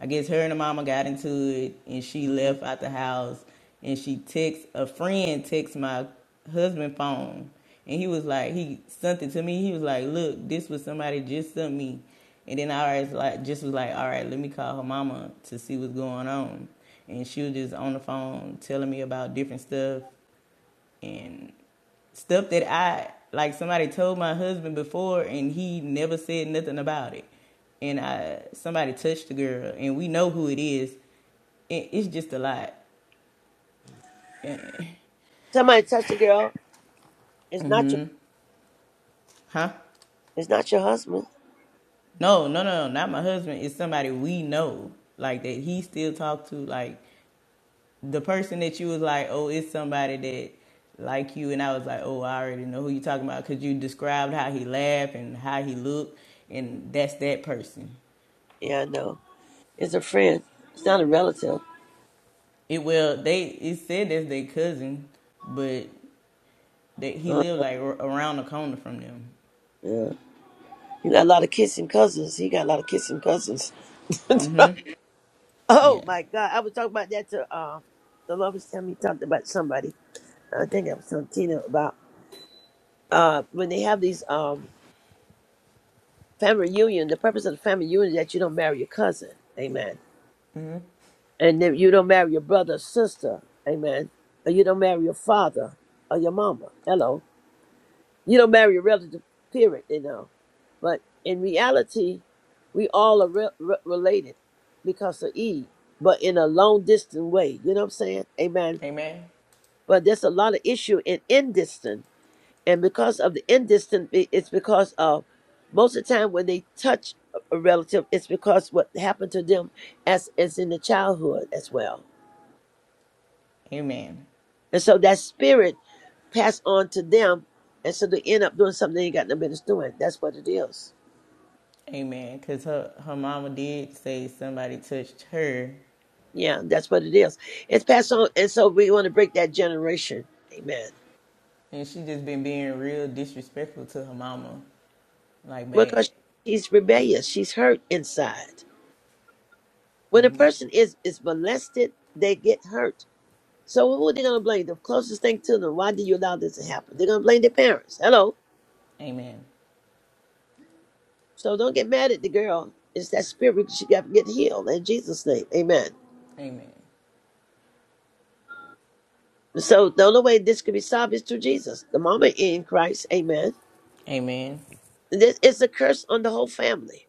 H: I guess her and the mama got into it, and she
B: hmm
H: left out the house, and she text a friend text my husband phone, and he was like, he sent it to me. He was like, look, this was somebody just sent me. And then I was like, just was like, all right, let me call her mama to see what's going on. And she was just on the phone telling me about different stuff and stuff that I like. Somebody told my husband before, and he never said nothing about it. And I somebody touched the girl, and we know who it is. it's just a lot,
B: Somebody touched a girl. It's not your.
H: *laughs* huh?
B: It's not your husband.
H: No, no, no, no, not my husband. It's somebody we know, like that he still talked to, like the person that you was like, oh, it's somebody that like you, and I was like, oh, I already know who you talking about because you described how he laughed and how he looked, and that's that person.
B: Yeah, I know. It's a friend. It's not a relative.
H: It well, they it said that's their cousin, but that he
B: Uh,
H: lived like r- around the corner from them.
B: yeah. You got a lot of kissing cousins. He got a lot of kissing cousins.
H: Mm-hmm.
B: *laughs* oh
H: Yeah.
B: my God! I was talking about that to uh, the lovers. Time you talked about somebody. I think I was telling Tina about uh, when they have these um, family reunion. The purpose of the family reunion is that you don't marry your cousin. Amen.
H: Mm-hmm.
B: And then you don't marry your brother or sister. Amen. Or you don't marry your father or your mama. Hello. You don't marry your relative, period, you know. But in reality, we all are re- re- related because of Eve, but in a long distant way. You know what I'm saying? Amen.
H: Amen.
B: But there's a lot of issue in indistant. And because of the indistant, it- it's because of most of the time when they touch a a relative, it's because what happened to them as, as in the childhood as well.
H: Amen.
B: And so that spirit passed on to them. And so they end up doing something they ain't got no business doing. That's what it is.
H: Amen. Cause her her mama did say somebody touched her,
B: Yeah, that's what it is. It's passed on. And so we want to break that generation. Amen.
H: and she just been being real disrespectful to her mama, like bad.
B: Because she's rebellious. She's hurt inside. When a
H: Mm-hmm.
B: person is, is molested, they get hurt. So who are they going to blame? The closest thing to them. Why did you allow this to happen? They're going to blame their parents. Hello.
H: Amen.
B: So don't get mad at the girl. It's that spirit. She got to get healed in Jesus' name. Amen.
H: Amen.
B: So the only way this could be solved is through Jesus. The moment you're in Christ, amen.
H: Amen.
B: This is a curse on the whole family.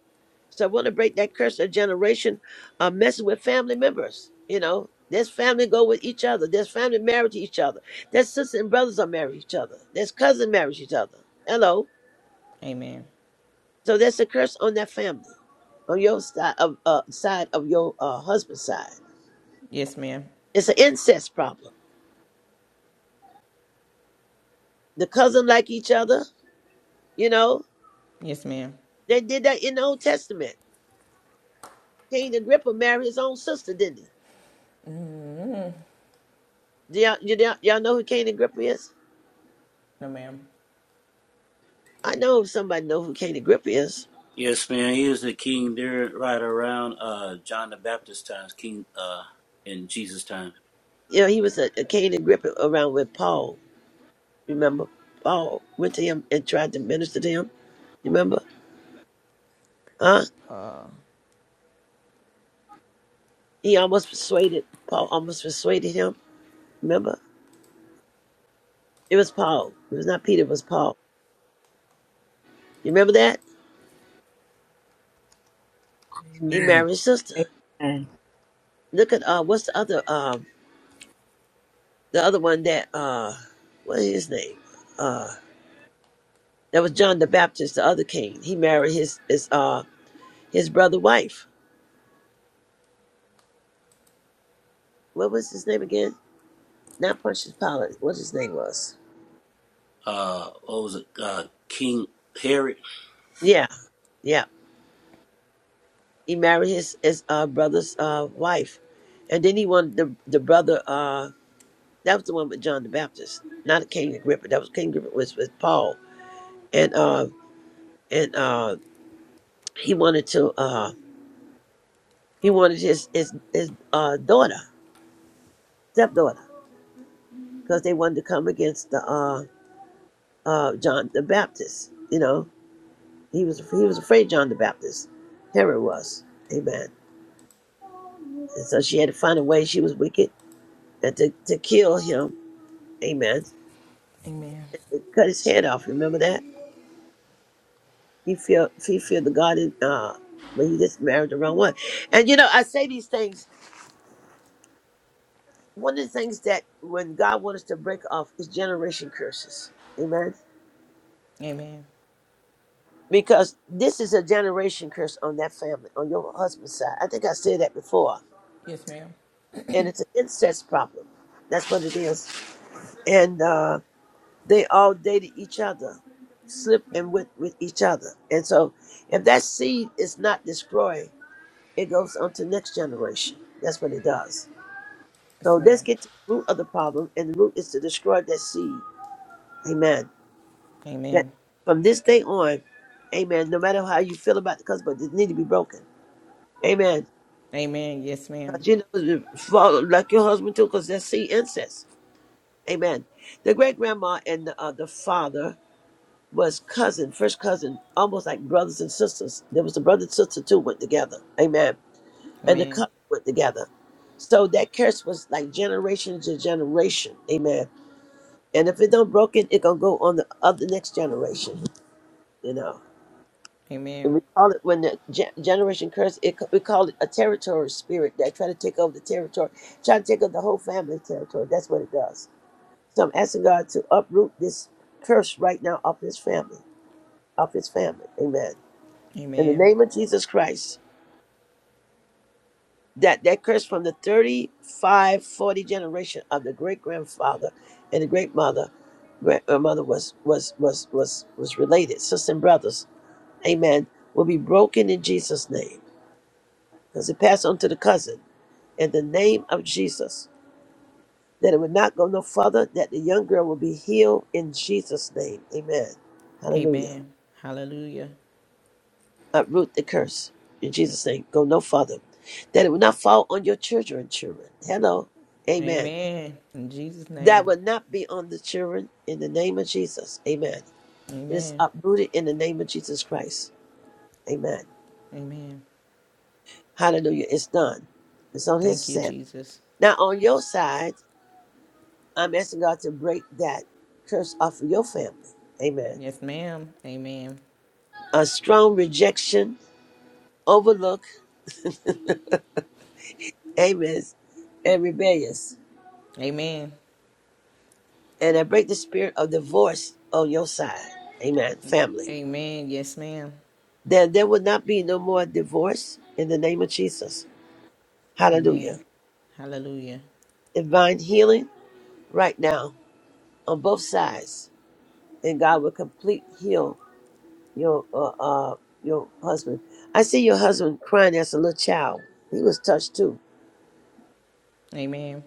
B: So I want to break that curse of generation uh, messing with family members. You know, there's family go with each other. There's family married to each other. There's sisters and brothers are married to each other. There's cousin married to each other. Hello.
H: Amen.
B: So there's a curse on that family, on your side of uh, side of your uh, husband's side.
H: Yes, ma'am.
B: It's an incest problem. The cousin like each other. You know,
H: Yes, ma'am.
B: they did that in the Old Testament Cain the married his own sister, didn't he? Do y'all, you, y'all y'all know who Cain the is?
H: No, ma'am.
B: I know somebody know who Cain the is.
I: Yes, man. He is the king there right around uh John the Baptist times, King uh in Jesus' time.
B: You know, he was a, a Cain the around with Paul. Remember? Paul went to him and tried to minister to him. Remember? Huh?
H: Uh,
B: He almost persuaded, Paul almost persuaded him. Remember? It was Paul. It was not Peter, it was Paul. You remember that? He
G: Amen.
B: married his sister.
G: Amen.
B: Look at, uh, what's the other, um, the other one that, uh, what is his name? Uh, That was John the Baptist, the other king. He married his his uh his brother wife. What was his name again? Not Pontius Pilate. What his name was?
I: Uh what was it? Uh King Herod.
B: Yeah, yeah. He married his his uh brother's uh wife, and then he wanted the the brother uh that was the one with John the Baptist, not King Agrippa. That was King Agrippa was with Paul, and uh and uh he wanted to uh he wanted his his his uh daughter stepdaughter because they wanted to come against the uh uh John the Baptist, you know He was he was afraid John the Baptist. Herod was. Amen. And so she had to find a way. She was wicked and to, to kill him. Amen.
H: amen.
B: They cut his head off. Remember that? He feared he feared the God in uh but he just married the wrong one. And you know, I say these things. One of the things that when God wants us to break off is generation curses. Amen.
H: Amen.
B: Because this is a generation curse on that family, on your husband's side. I think I said that before.
H: Yes, ma'am.
B: And it's an incest problem. That's what it is. And uh they all dated each other, slept and with with each other. And so, if that seed is not destroyed, it goes on to next generation. That's what it does.
H: Yes,
B: So let's
H: ma'am.
B: get to the root of the problem, and the root is to destroy that seed. Amen. That
H: Amen.
B: from this day on, Amen. No matter how you feel about the husband, it need to be broken. Amen.
H: Amen. Yes, ma'am.
B: Because you know, you fall like your husband too, because that's seed incest. Amen. The great grandma and the, uh, the father. was cousin, first cousin, almost like brothers and sisters. There was a brother and sister too went together. Amen. And the
H: Amen.
B: cousin went together. So that curse was like generation to generation. Amen. And if it don't broken, it gonna go on the other next generation. You know. And
H: Amen.
B: we call it when the ge- generation curse. It we call it a territory spirit that try to take over the territory, try to take over the whole family territory. That's what it does. So I'm asking God to uproot this curse right now off this family, off His family. Amen in the
H: Amen.
B: name of Jesus Christ, that that curse from the 35, 40 generation of the great grandfather and the great mother, grand- uh, mother was was was was was related, sisters and brothers, amen, will be broken in Jesus' name, because it passed on to the cousin in the name of Jesus. That it would not go no further, that the young girl will be healed in Jesus' name. Amen. Hallelujah.
H: Amen. Hallelujah.
B: uproot the curse in Jesus' name. Go no further. That it will not fall on your children, children. Hello. Amen.
H: Amen. In Jesus'
B: That
H: name.
B: will not be on the children in the name of Jesus. Amen. It is
H: Amen.
B: uprooted in the name of Jesus Christ. Amen.
H: Amen.
B: Hallelujah. It's done. It's on his
H: Thank you,
B: side.
H: Jesus.
B: Now on your side, I'm asking God to break that curse off of your family. Amen.
H: Yes, ma'am. Amen.
B: A strong rejection, overlook, *laughs* amen, and rebellious.
H: Amen.
B: and I break the spirit of divorce on your side. Amen. Family.
H: Amen. Yes, ma'am.
B: Then there will not be no more divorce in the name of Jesus.
H: Amen.
B: Hallelujah.
H: Hallelujah.
B: Divine healing right now on both sides. And God will complete heal your uh, uh your husband. I see your husband crying as a little child. He was touched too.
H: Amen.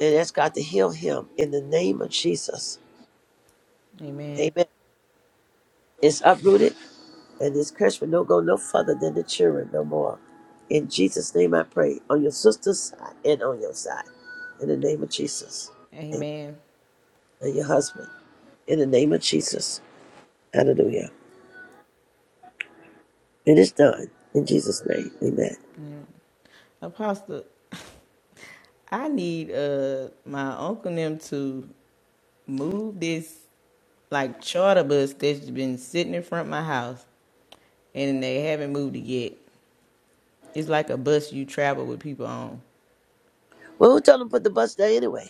B: And ask God to heal him in the name of Jesus.
H: Amen.
B: Amen. It's uprooted And this curse will don't go no further than the children no more. In Jesus' name I pray, on your sister's side and on your side. In the name of Jesus. And,
H: Amen.
B: and your husband. In the name of Jesus. Hallelujah. It is done. In Jesus' name. Amen.
H: Apostle, I need uh my uncle and them to move this like charter bus that's been sitting in front of my house and they haven't moved it yet. It's like a bus you travel with people on.
B: Well, who told them to put the bus there anyway?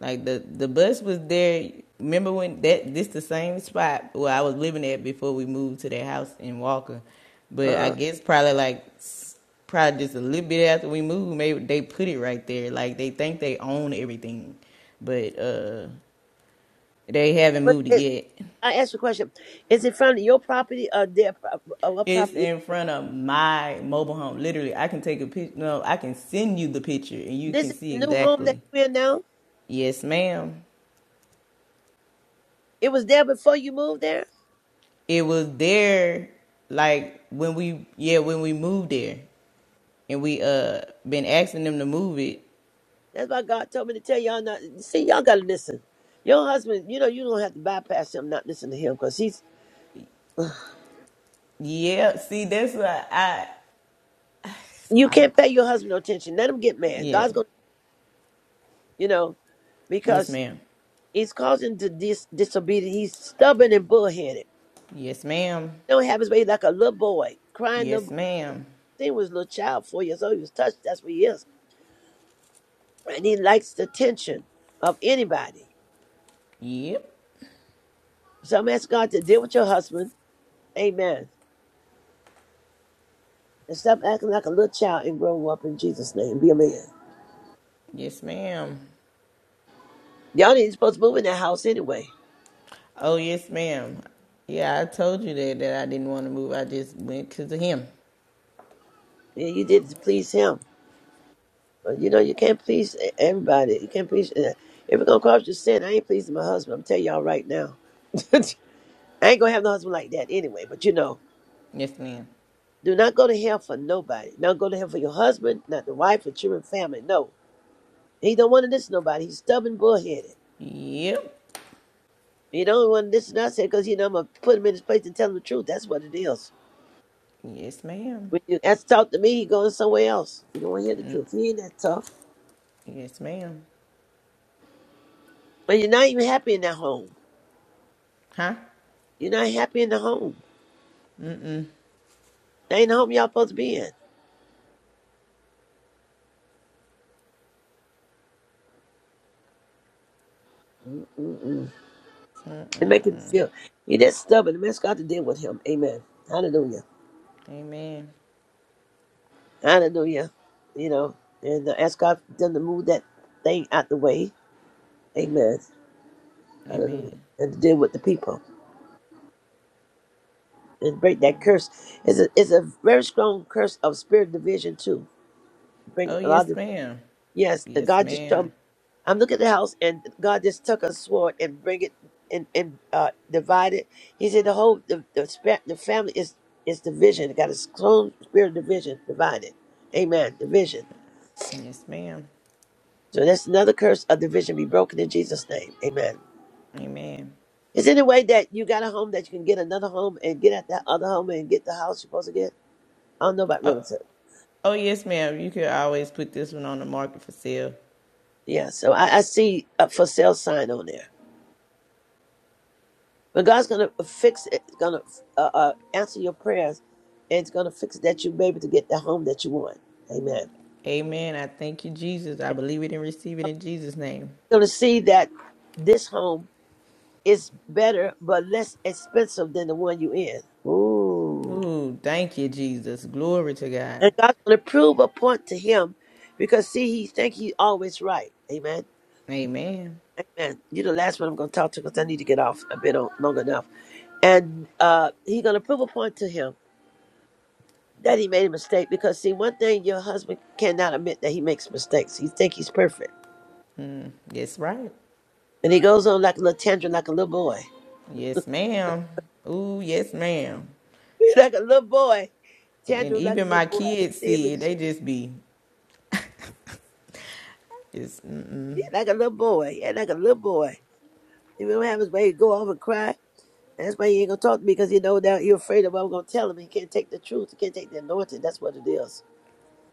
H: Like the the bus was there. Remember when that this the same spot where I was living at before we moved to that house in Walker, but I
B: Uh,
H: guess probably like probably just a little bit after we moved, maybe they put it right there. Like they think they own everything, but uh they haven't
B: but
H: moved it
B: it,
H: yet.
B: I asked a question. Is it front of your property or their prop- or what
H: It's
B: property?
H: in front of my mobile home. Literally, I can take a picture. No, I can send you the picture and you
B: This
H: can
B: is
H: see
B: the new home that
H: exactly.
B: you're in now?
H: Yes, ma'am.
B: It was there before you moved there?
H: It was there like when we yeah, when we moved there and we uh been asking them to move it.
B: That's why God told me to tell y'all not. See, y'all gotta listen. Your husband, you know, you don't have to bypass him, not listen to him, because he's. *sighs*
H: Yeah, see that's why I
B: You
H: I don't
B: can't pay your husband no attention. Let him get mad.
H: yeah.
B: God's gonna, you know,
H: Yes,
B: because
H: ma'am.
B: he's causing the dis- disobedience. He's stubborn and bullheaded.
H: Yes, ma'am.
B: Don't have his way like a little boy crying. Little
H: Yes,
B: boy.
H: ma'am.
B: He was a little child, four years old. He was touched. That's what he is, and he likes the attention of anybody.
H: Yep.
B: So I'm asking God to deal with your husband. Amen. And stop acting like a little child and grow up in Jesus' name. Be a man.
H: Yes, ma'am.
B: Y'all ain't supposed to move in that house anyway.
H: Oh, yes, ma'am. Yeah, I told you that that I didn't want to move. I just went because of him.
B: Yeah, you did it to please him. But you know, you can't please e- everybody. You can't please. uh, If it's gonna cause you sin, I ain't pleasing my husband. I'm telling y'all right now. *laughs* I ain't gonna have no husband like that anyway. But you know,
H: Yes, ma'am.
B: do not go to hell for nobody. do Not go to hell for your husband, not the wife, or children, family. No, he don't want to listen to nobody. He's stubborn, bullheaded.
H: Yep.
B: He don't want to listen to us because you know I'm gonna put him in his place and tell him the truth. That's what it is.
H: Yes, ma'am.
B: When you ask to talk to me, he going somewhere else. You don't want to hear the
H: Mm,
B: truth. He ain't that tough.
H: yes, ma'am.
B: But you're not even happy in that home.
H: Huh?
B: You're not happy in the home.
H: Mm-mm.
B: That ain't the home y'all supposed to be in. Mm-mm-mm. It make him feel. He that stubborn. And ask God to deal with him. Amen. Hallelujah.
H: Amen.
B: Hallelujah. You know, and uh, ask God for them to move that thing out the way. Amen. Hallelujah.
H: Amen.
B: And to deal with the people and break that curse. It's a, it's a very strong curse of spirit division too. Bring
H: Oh,
B: a
H: yes,
B: lot of
H: ma'am.
B: yes. The
H: Yes,
B: God just showed me
H: ma'am.
B: I'm looking at the house, and God just took a sword and bring it and and uh, divide it. He said the whole the the, spa- the family is is division. It got its own spirit of division, divided. Amen. Division.
H: Yes, ma'am.
B: So that's another curse of division be broken in Jesus' name. Amen.
H: Amen.
B: Is there any way that you got a home that you can get another home and get at that other home and get the house you're supposed to get? I don't know about
H: Oh,
B: realtor.
H: oh, yes, ma'am. You can always put this one on the market for sale.
B: Yeah, so I, I see a for sale sign on there. But God's gonna fix it. It's gonna uh, uh, answer your prayers, and it's gonna fix it that you may be able to get the home that you want. Amen.
H: Amen. I thank you, Jesus. I
B: And
H: believe it and receive it in Jesus' name.
B: you're gonna see that this home is better but less expensive than the one you in. Ooh.
H: Ooh, thank you, Jesus. Glory to God.
B: And God's gonna prove a point to him, because see, he think he always right. Amen.
H: Amen.
B: Amen. You're the last one I'm gonna talk to because I need to get off a bit on, long enough. And uh, he's gonna prove a point to him that he made a mistake because see one thing your husband cannot admit that he makes mistakes he think he's perfect
H: Yes, right.
B: and he goes on like a little tantrum like a little boy
H: Yes, ma'am. Ooh, yes, ma'am.
B: *laughs* like a little boy
H: And
B: tantrum like a
H: even
B: little
H: my
B: boy I
H: kids
B: see him in
H: see
B: the
H: it.
B: spirit.
H: They just be, it's, mm-mm.
B: He like a little boy yeah like a little boy If you not have his way, he go off and cry and that's why he ain't gonna talk to me because he know that you're afraid of what I'm gonna tell him he can't take the truth he can't take the anointing that's what it is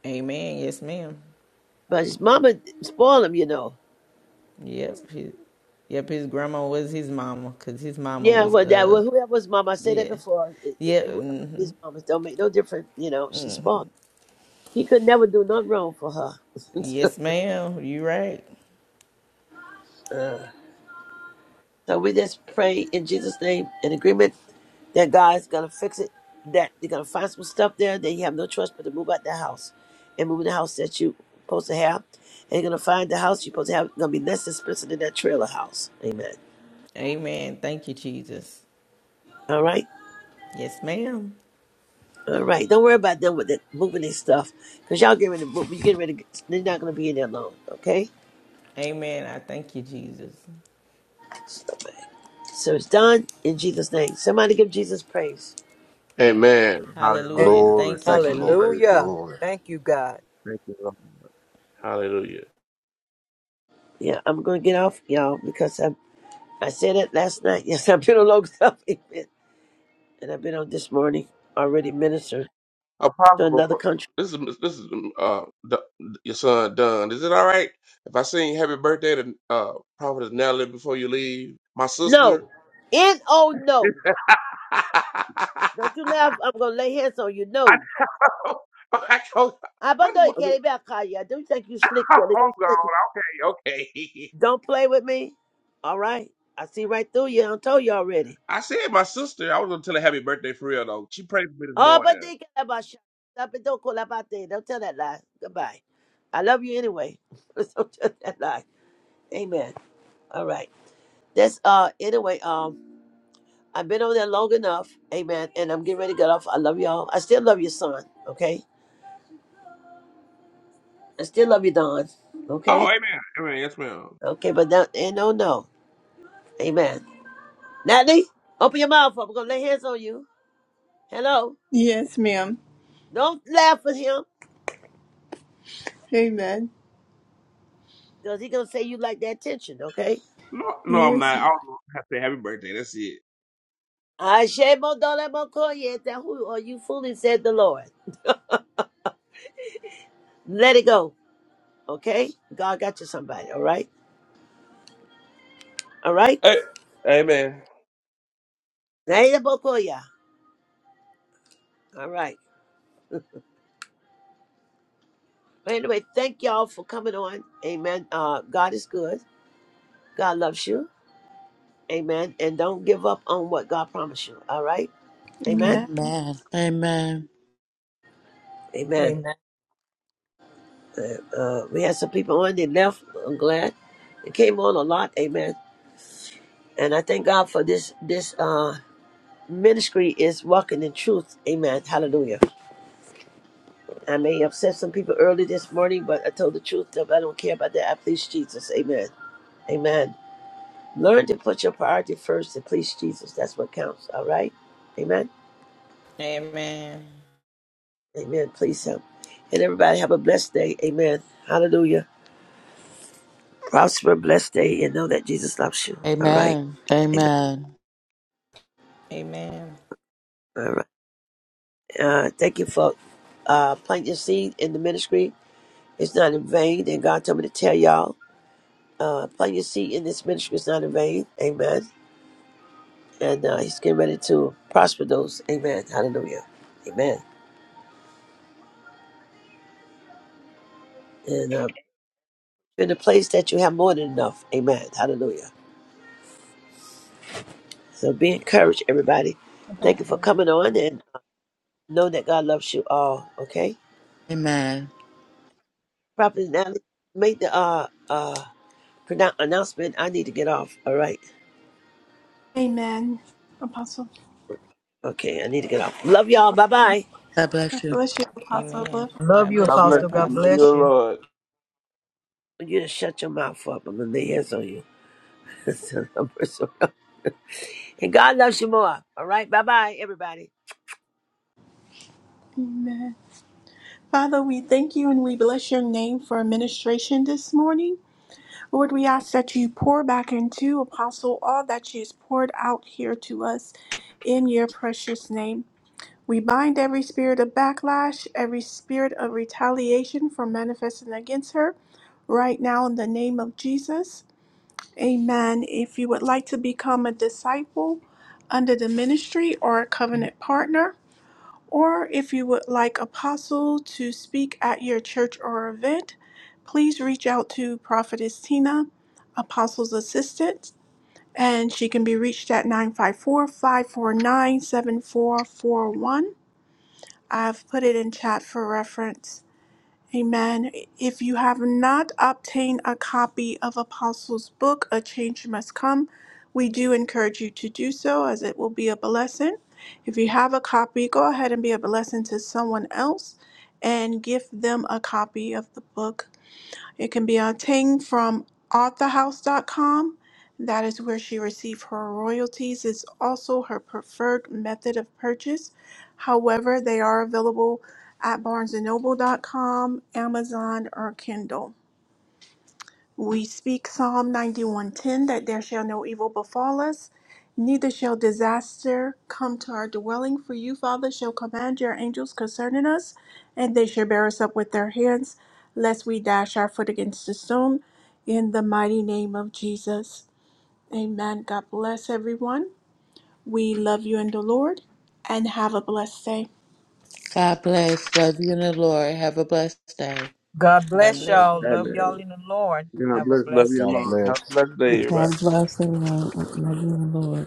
H: amen, yes, ma'am.
B: but his mama spoiled him you know
H: Yep. His, yep, his grandma was his mama because his mama
B: yeah,
H: was,
B: well, that
H: uh,
B: well, whoever's mama I said that
H: yeah.
B: before. It, it,
H: Yep.
B: whoever
H: hmm
B: his mama don't make no difference. You know, She spoiled. He could never do nothing wrong for her.
H: Yes,
B: *laughs*
H: ma'am. You right.
B: Uh, so we just pray in Jesus' name in agreement that God's gonna fix it. That you are gonna find some stuff there that you have no choice but to move out the house and move in the house that you supposed to have. And you're gonna find the house you're supposed to have gonna be less expensive than that trailer house. Amen.
H: Amen. Thank you, Jesus.
B: All right.
H: Yes, ma'am.
B: All right. Don't worry about them with that moving their stuff. Cause y'all getting ready to move you getting ready to get, they're not gonna be in there long. Okay?
H: Amen. I thank you, Jesus.
B: So it's done in Jesus' name. Somebody give Jesus praise.
K: Amen.
H: Hallelujah.
K: Hallelujah.
J: Glory.
H: Thank you,
J: Thank you,
K: Holy
J: Lord.
H: Jesus.
K: praise. you.
G: Hallelujah.
J: Glory.
G: Thank you, God.
K: Thank you, Lord. Hallelujah.
B: Yeah, I'm gonna get off y'all because I I said it last night. *laughs* Yes, I've been on long event, *laughs* and I've been on this morning already ministered to
K: Apostle,
B: another
K: before-
B: country.
K: this is this is uh Du- your son Dunn. Is it all right if I sing Happy Birthday to uh Prophetess Natalie before you leave? My sister.
B: No, N O no.
K: *laughs* I
B: Don't you laugh. I'm gonna lay hands on you. No,
K: know. I told-
B: I but
K: I
B: no,
K: just
B: you
K: want.
B: can't
K: *laughs*
B: even call you. I do think you slick,
K: I'm
B: really. Don't slick.
K: gone. Okay, okay.
B: Don't play with me. All right, I see right through you. I told you already.
K: *laughs* I said my sister. I was gonna tell her happy birthday for real though. She prayed for me this
B: Oh, but
K: morning.
B: they can about shut up and don't call about that. Don't tell that lie. Goodbye. I love you anyway. *laughs* don't tell that lie. Amen. All right. That's uh anyway, um I've been over there long enough, amen, and I'm getting ready to get off. I love y'all. I still love your son, okay? I still love you, Don.
K: Oh,
B: Okay?
K: amen. Amen. Yes, ma'am.
B: Okay, but that ain't no no. Amen. Natalie, open your mouth up. I'm gonna lay hands on you. Hello.
A: Yes, ma'am.
B: Don't laugh at him,
A: Amen.
B: because he's gonna say you like that tension, okay?
K: No, no, I'm
A: Yes.
K: not. I don't know. I say happy birthday. That's it.
B: I shame on dollar mo koye, that who are you fooling, said the Lord. Let it go, okay? God got you somebody, all right? All right?
K: Hey, amen.
B: Now, yeah, mo All right. But anyway, thank y'all for coming on. Amen. Uh, God is good. God loves you. Amen. And don't give up on what God promised you. All right. Amen.
A: Amen.
C: Amen. Amen.
B: Amen.
G: Amen.
B: Uh, uh, we had some people on. They left. I'm glad. They came on a lot. Amen. And I thank God for this. This uh, ministry is walking in truth. Amen. Hallelujah. I may upset some people early this morning, but I told the truth. I don't care about that. I please Jesus. Amen. Amen. Learn to put your priority first and please Jesus. That's what counts. All right? Amen.
H: Amen.
B: Amen. Please Him. And everybody have a blessed day. Amen. Hallelujah. Prosper, blessed day, and know that Jesus loves you. All right.
C: Amen.
B: Amen.
C: Amen.
H: Amen.
B: All right. Uh, thank you for uh, planting your seed in the ministry. It's not in vain. And God told me to tell y'all, uh, plant your seed in this ministry It's not in vain. Amen. And uh, He's getting ready to prosper those. Amen. Hallelujah. Amen. And uh, You're in a place that you have more than enough. Amen. Hallelujah. So be encouraged, everybody. Thank you for
L: Apostle.
B: coming on and know that God loves you all. Okay?
C: Amen.
B: Prophet Natalie, make the uh uh pronoun- announcement. I need to get off. All right.
A: Amen. Apostle.
B: Okay, I need to get off. Love y'all. Bye
A: Yes.
B: bye.
C: God
A: God
C: bless you.
A: bless you,
H: Amen.
A: Apostle.
G: Love
H: God
G: you,
H: bless
K: God
H: you,
K: bless
G: Apostle.
K: you.
G: God
K: Love
H: Apostle.
K: you,
G: bless you.
K: Lord.
B: You just shut your mouth up. I'm gonna lay hands on you. *laughs* and God loves you more. All right. Bye bye, everybody.
A: Amen. Father, we thank you and we bless your name for administration this morning. Lord, we ask that you pour back into Apostle all that she has poured out here to us in your precious name. We bind every spirit of backlash, every spirit of retaliation for manifesting against her right now in the name of Jesus. Amen. If you would like to become a disciple under the ministry or a covenant partner, or if you would like Apostle to speak at your church or event, please reach out to Prophetess Tina, Apostle's assistant, and she can be reached at nine five four five four nine, seven four four one. I've put it in chat for reference. Amen. If you have not obtained a copy of Apostles' book, A Change Must Come, we do encourage you to do so as it will be a blessing. If you have a copy, go ahead and be a blessing to someone else and give them a copy of the book it can be obtained from authorhouse.com. That is where she received her royalties. It's also her preferred method of purchase. However, they are available at barnesandnoble.com, Amazon, or Kindle. We speak Psalm 91:10 that there shall no evil befall us, neither shall disaster come to our dwelling. For you, Father, shall command your angels concerning us, and they shall bear us up with their hands, lest we dash our foot against a stone. In the mighty name of Jesus. Amen. God bless everyone. We love you in the Lord, and have a blessed day.
C: God bless. Love you in the Lord. Have a blessed day.
G: God
H: God
G: bless
H: bless you.
G: y'all. Love y'all
K: Amen.
G: in the Lord.
K: God
G: Have a
K: bless. Love
G: blessed
K: you,
J: God
G: day.
K: Lord. Have
J: bless.
K: a blessed day, everybody.
D: God bless everyone. Love you, Lord.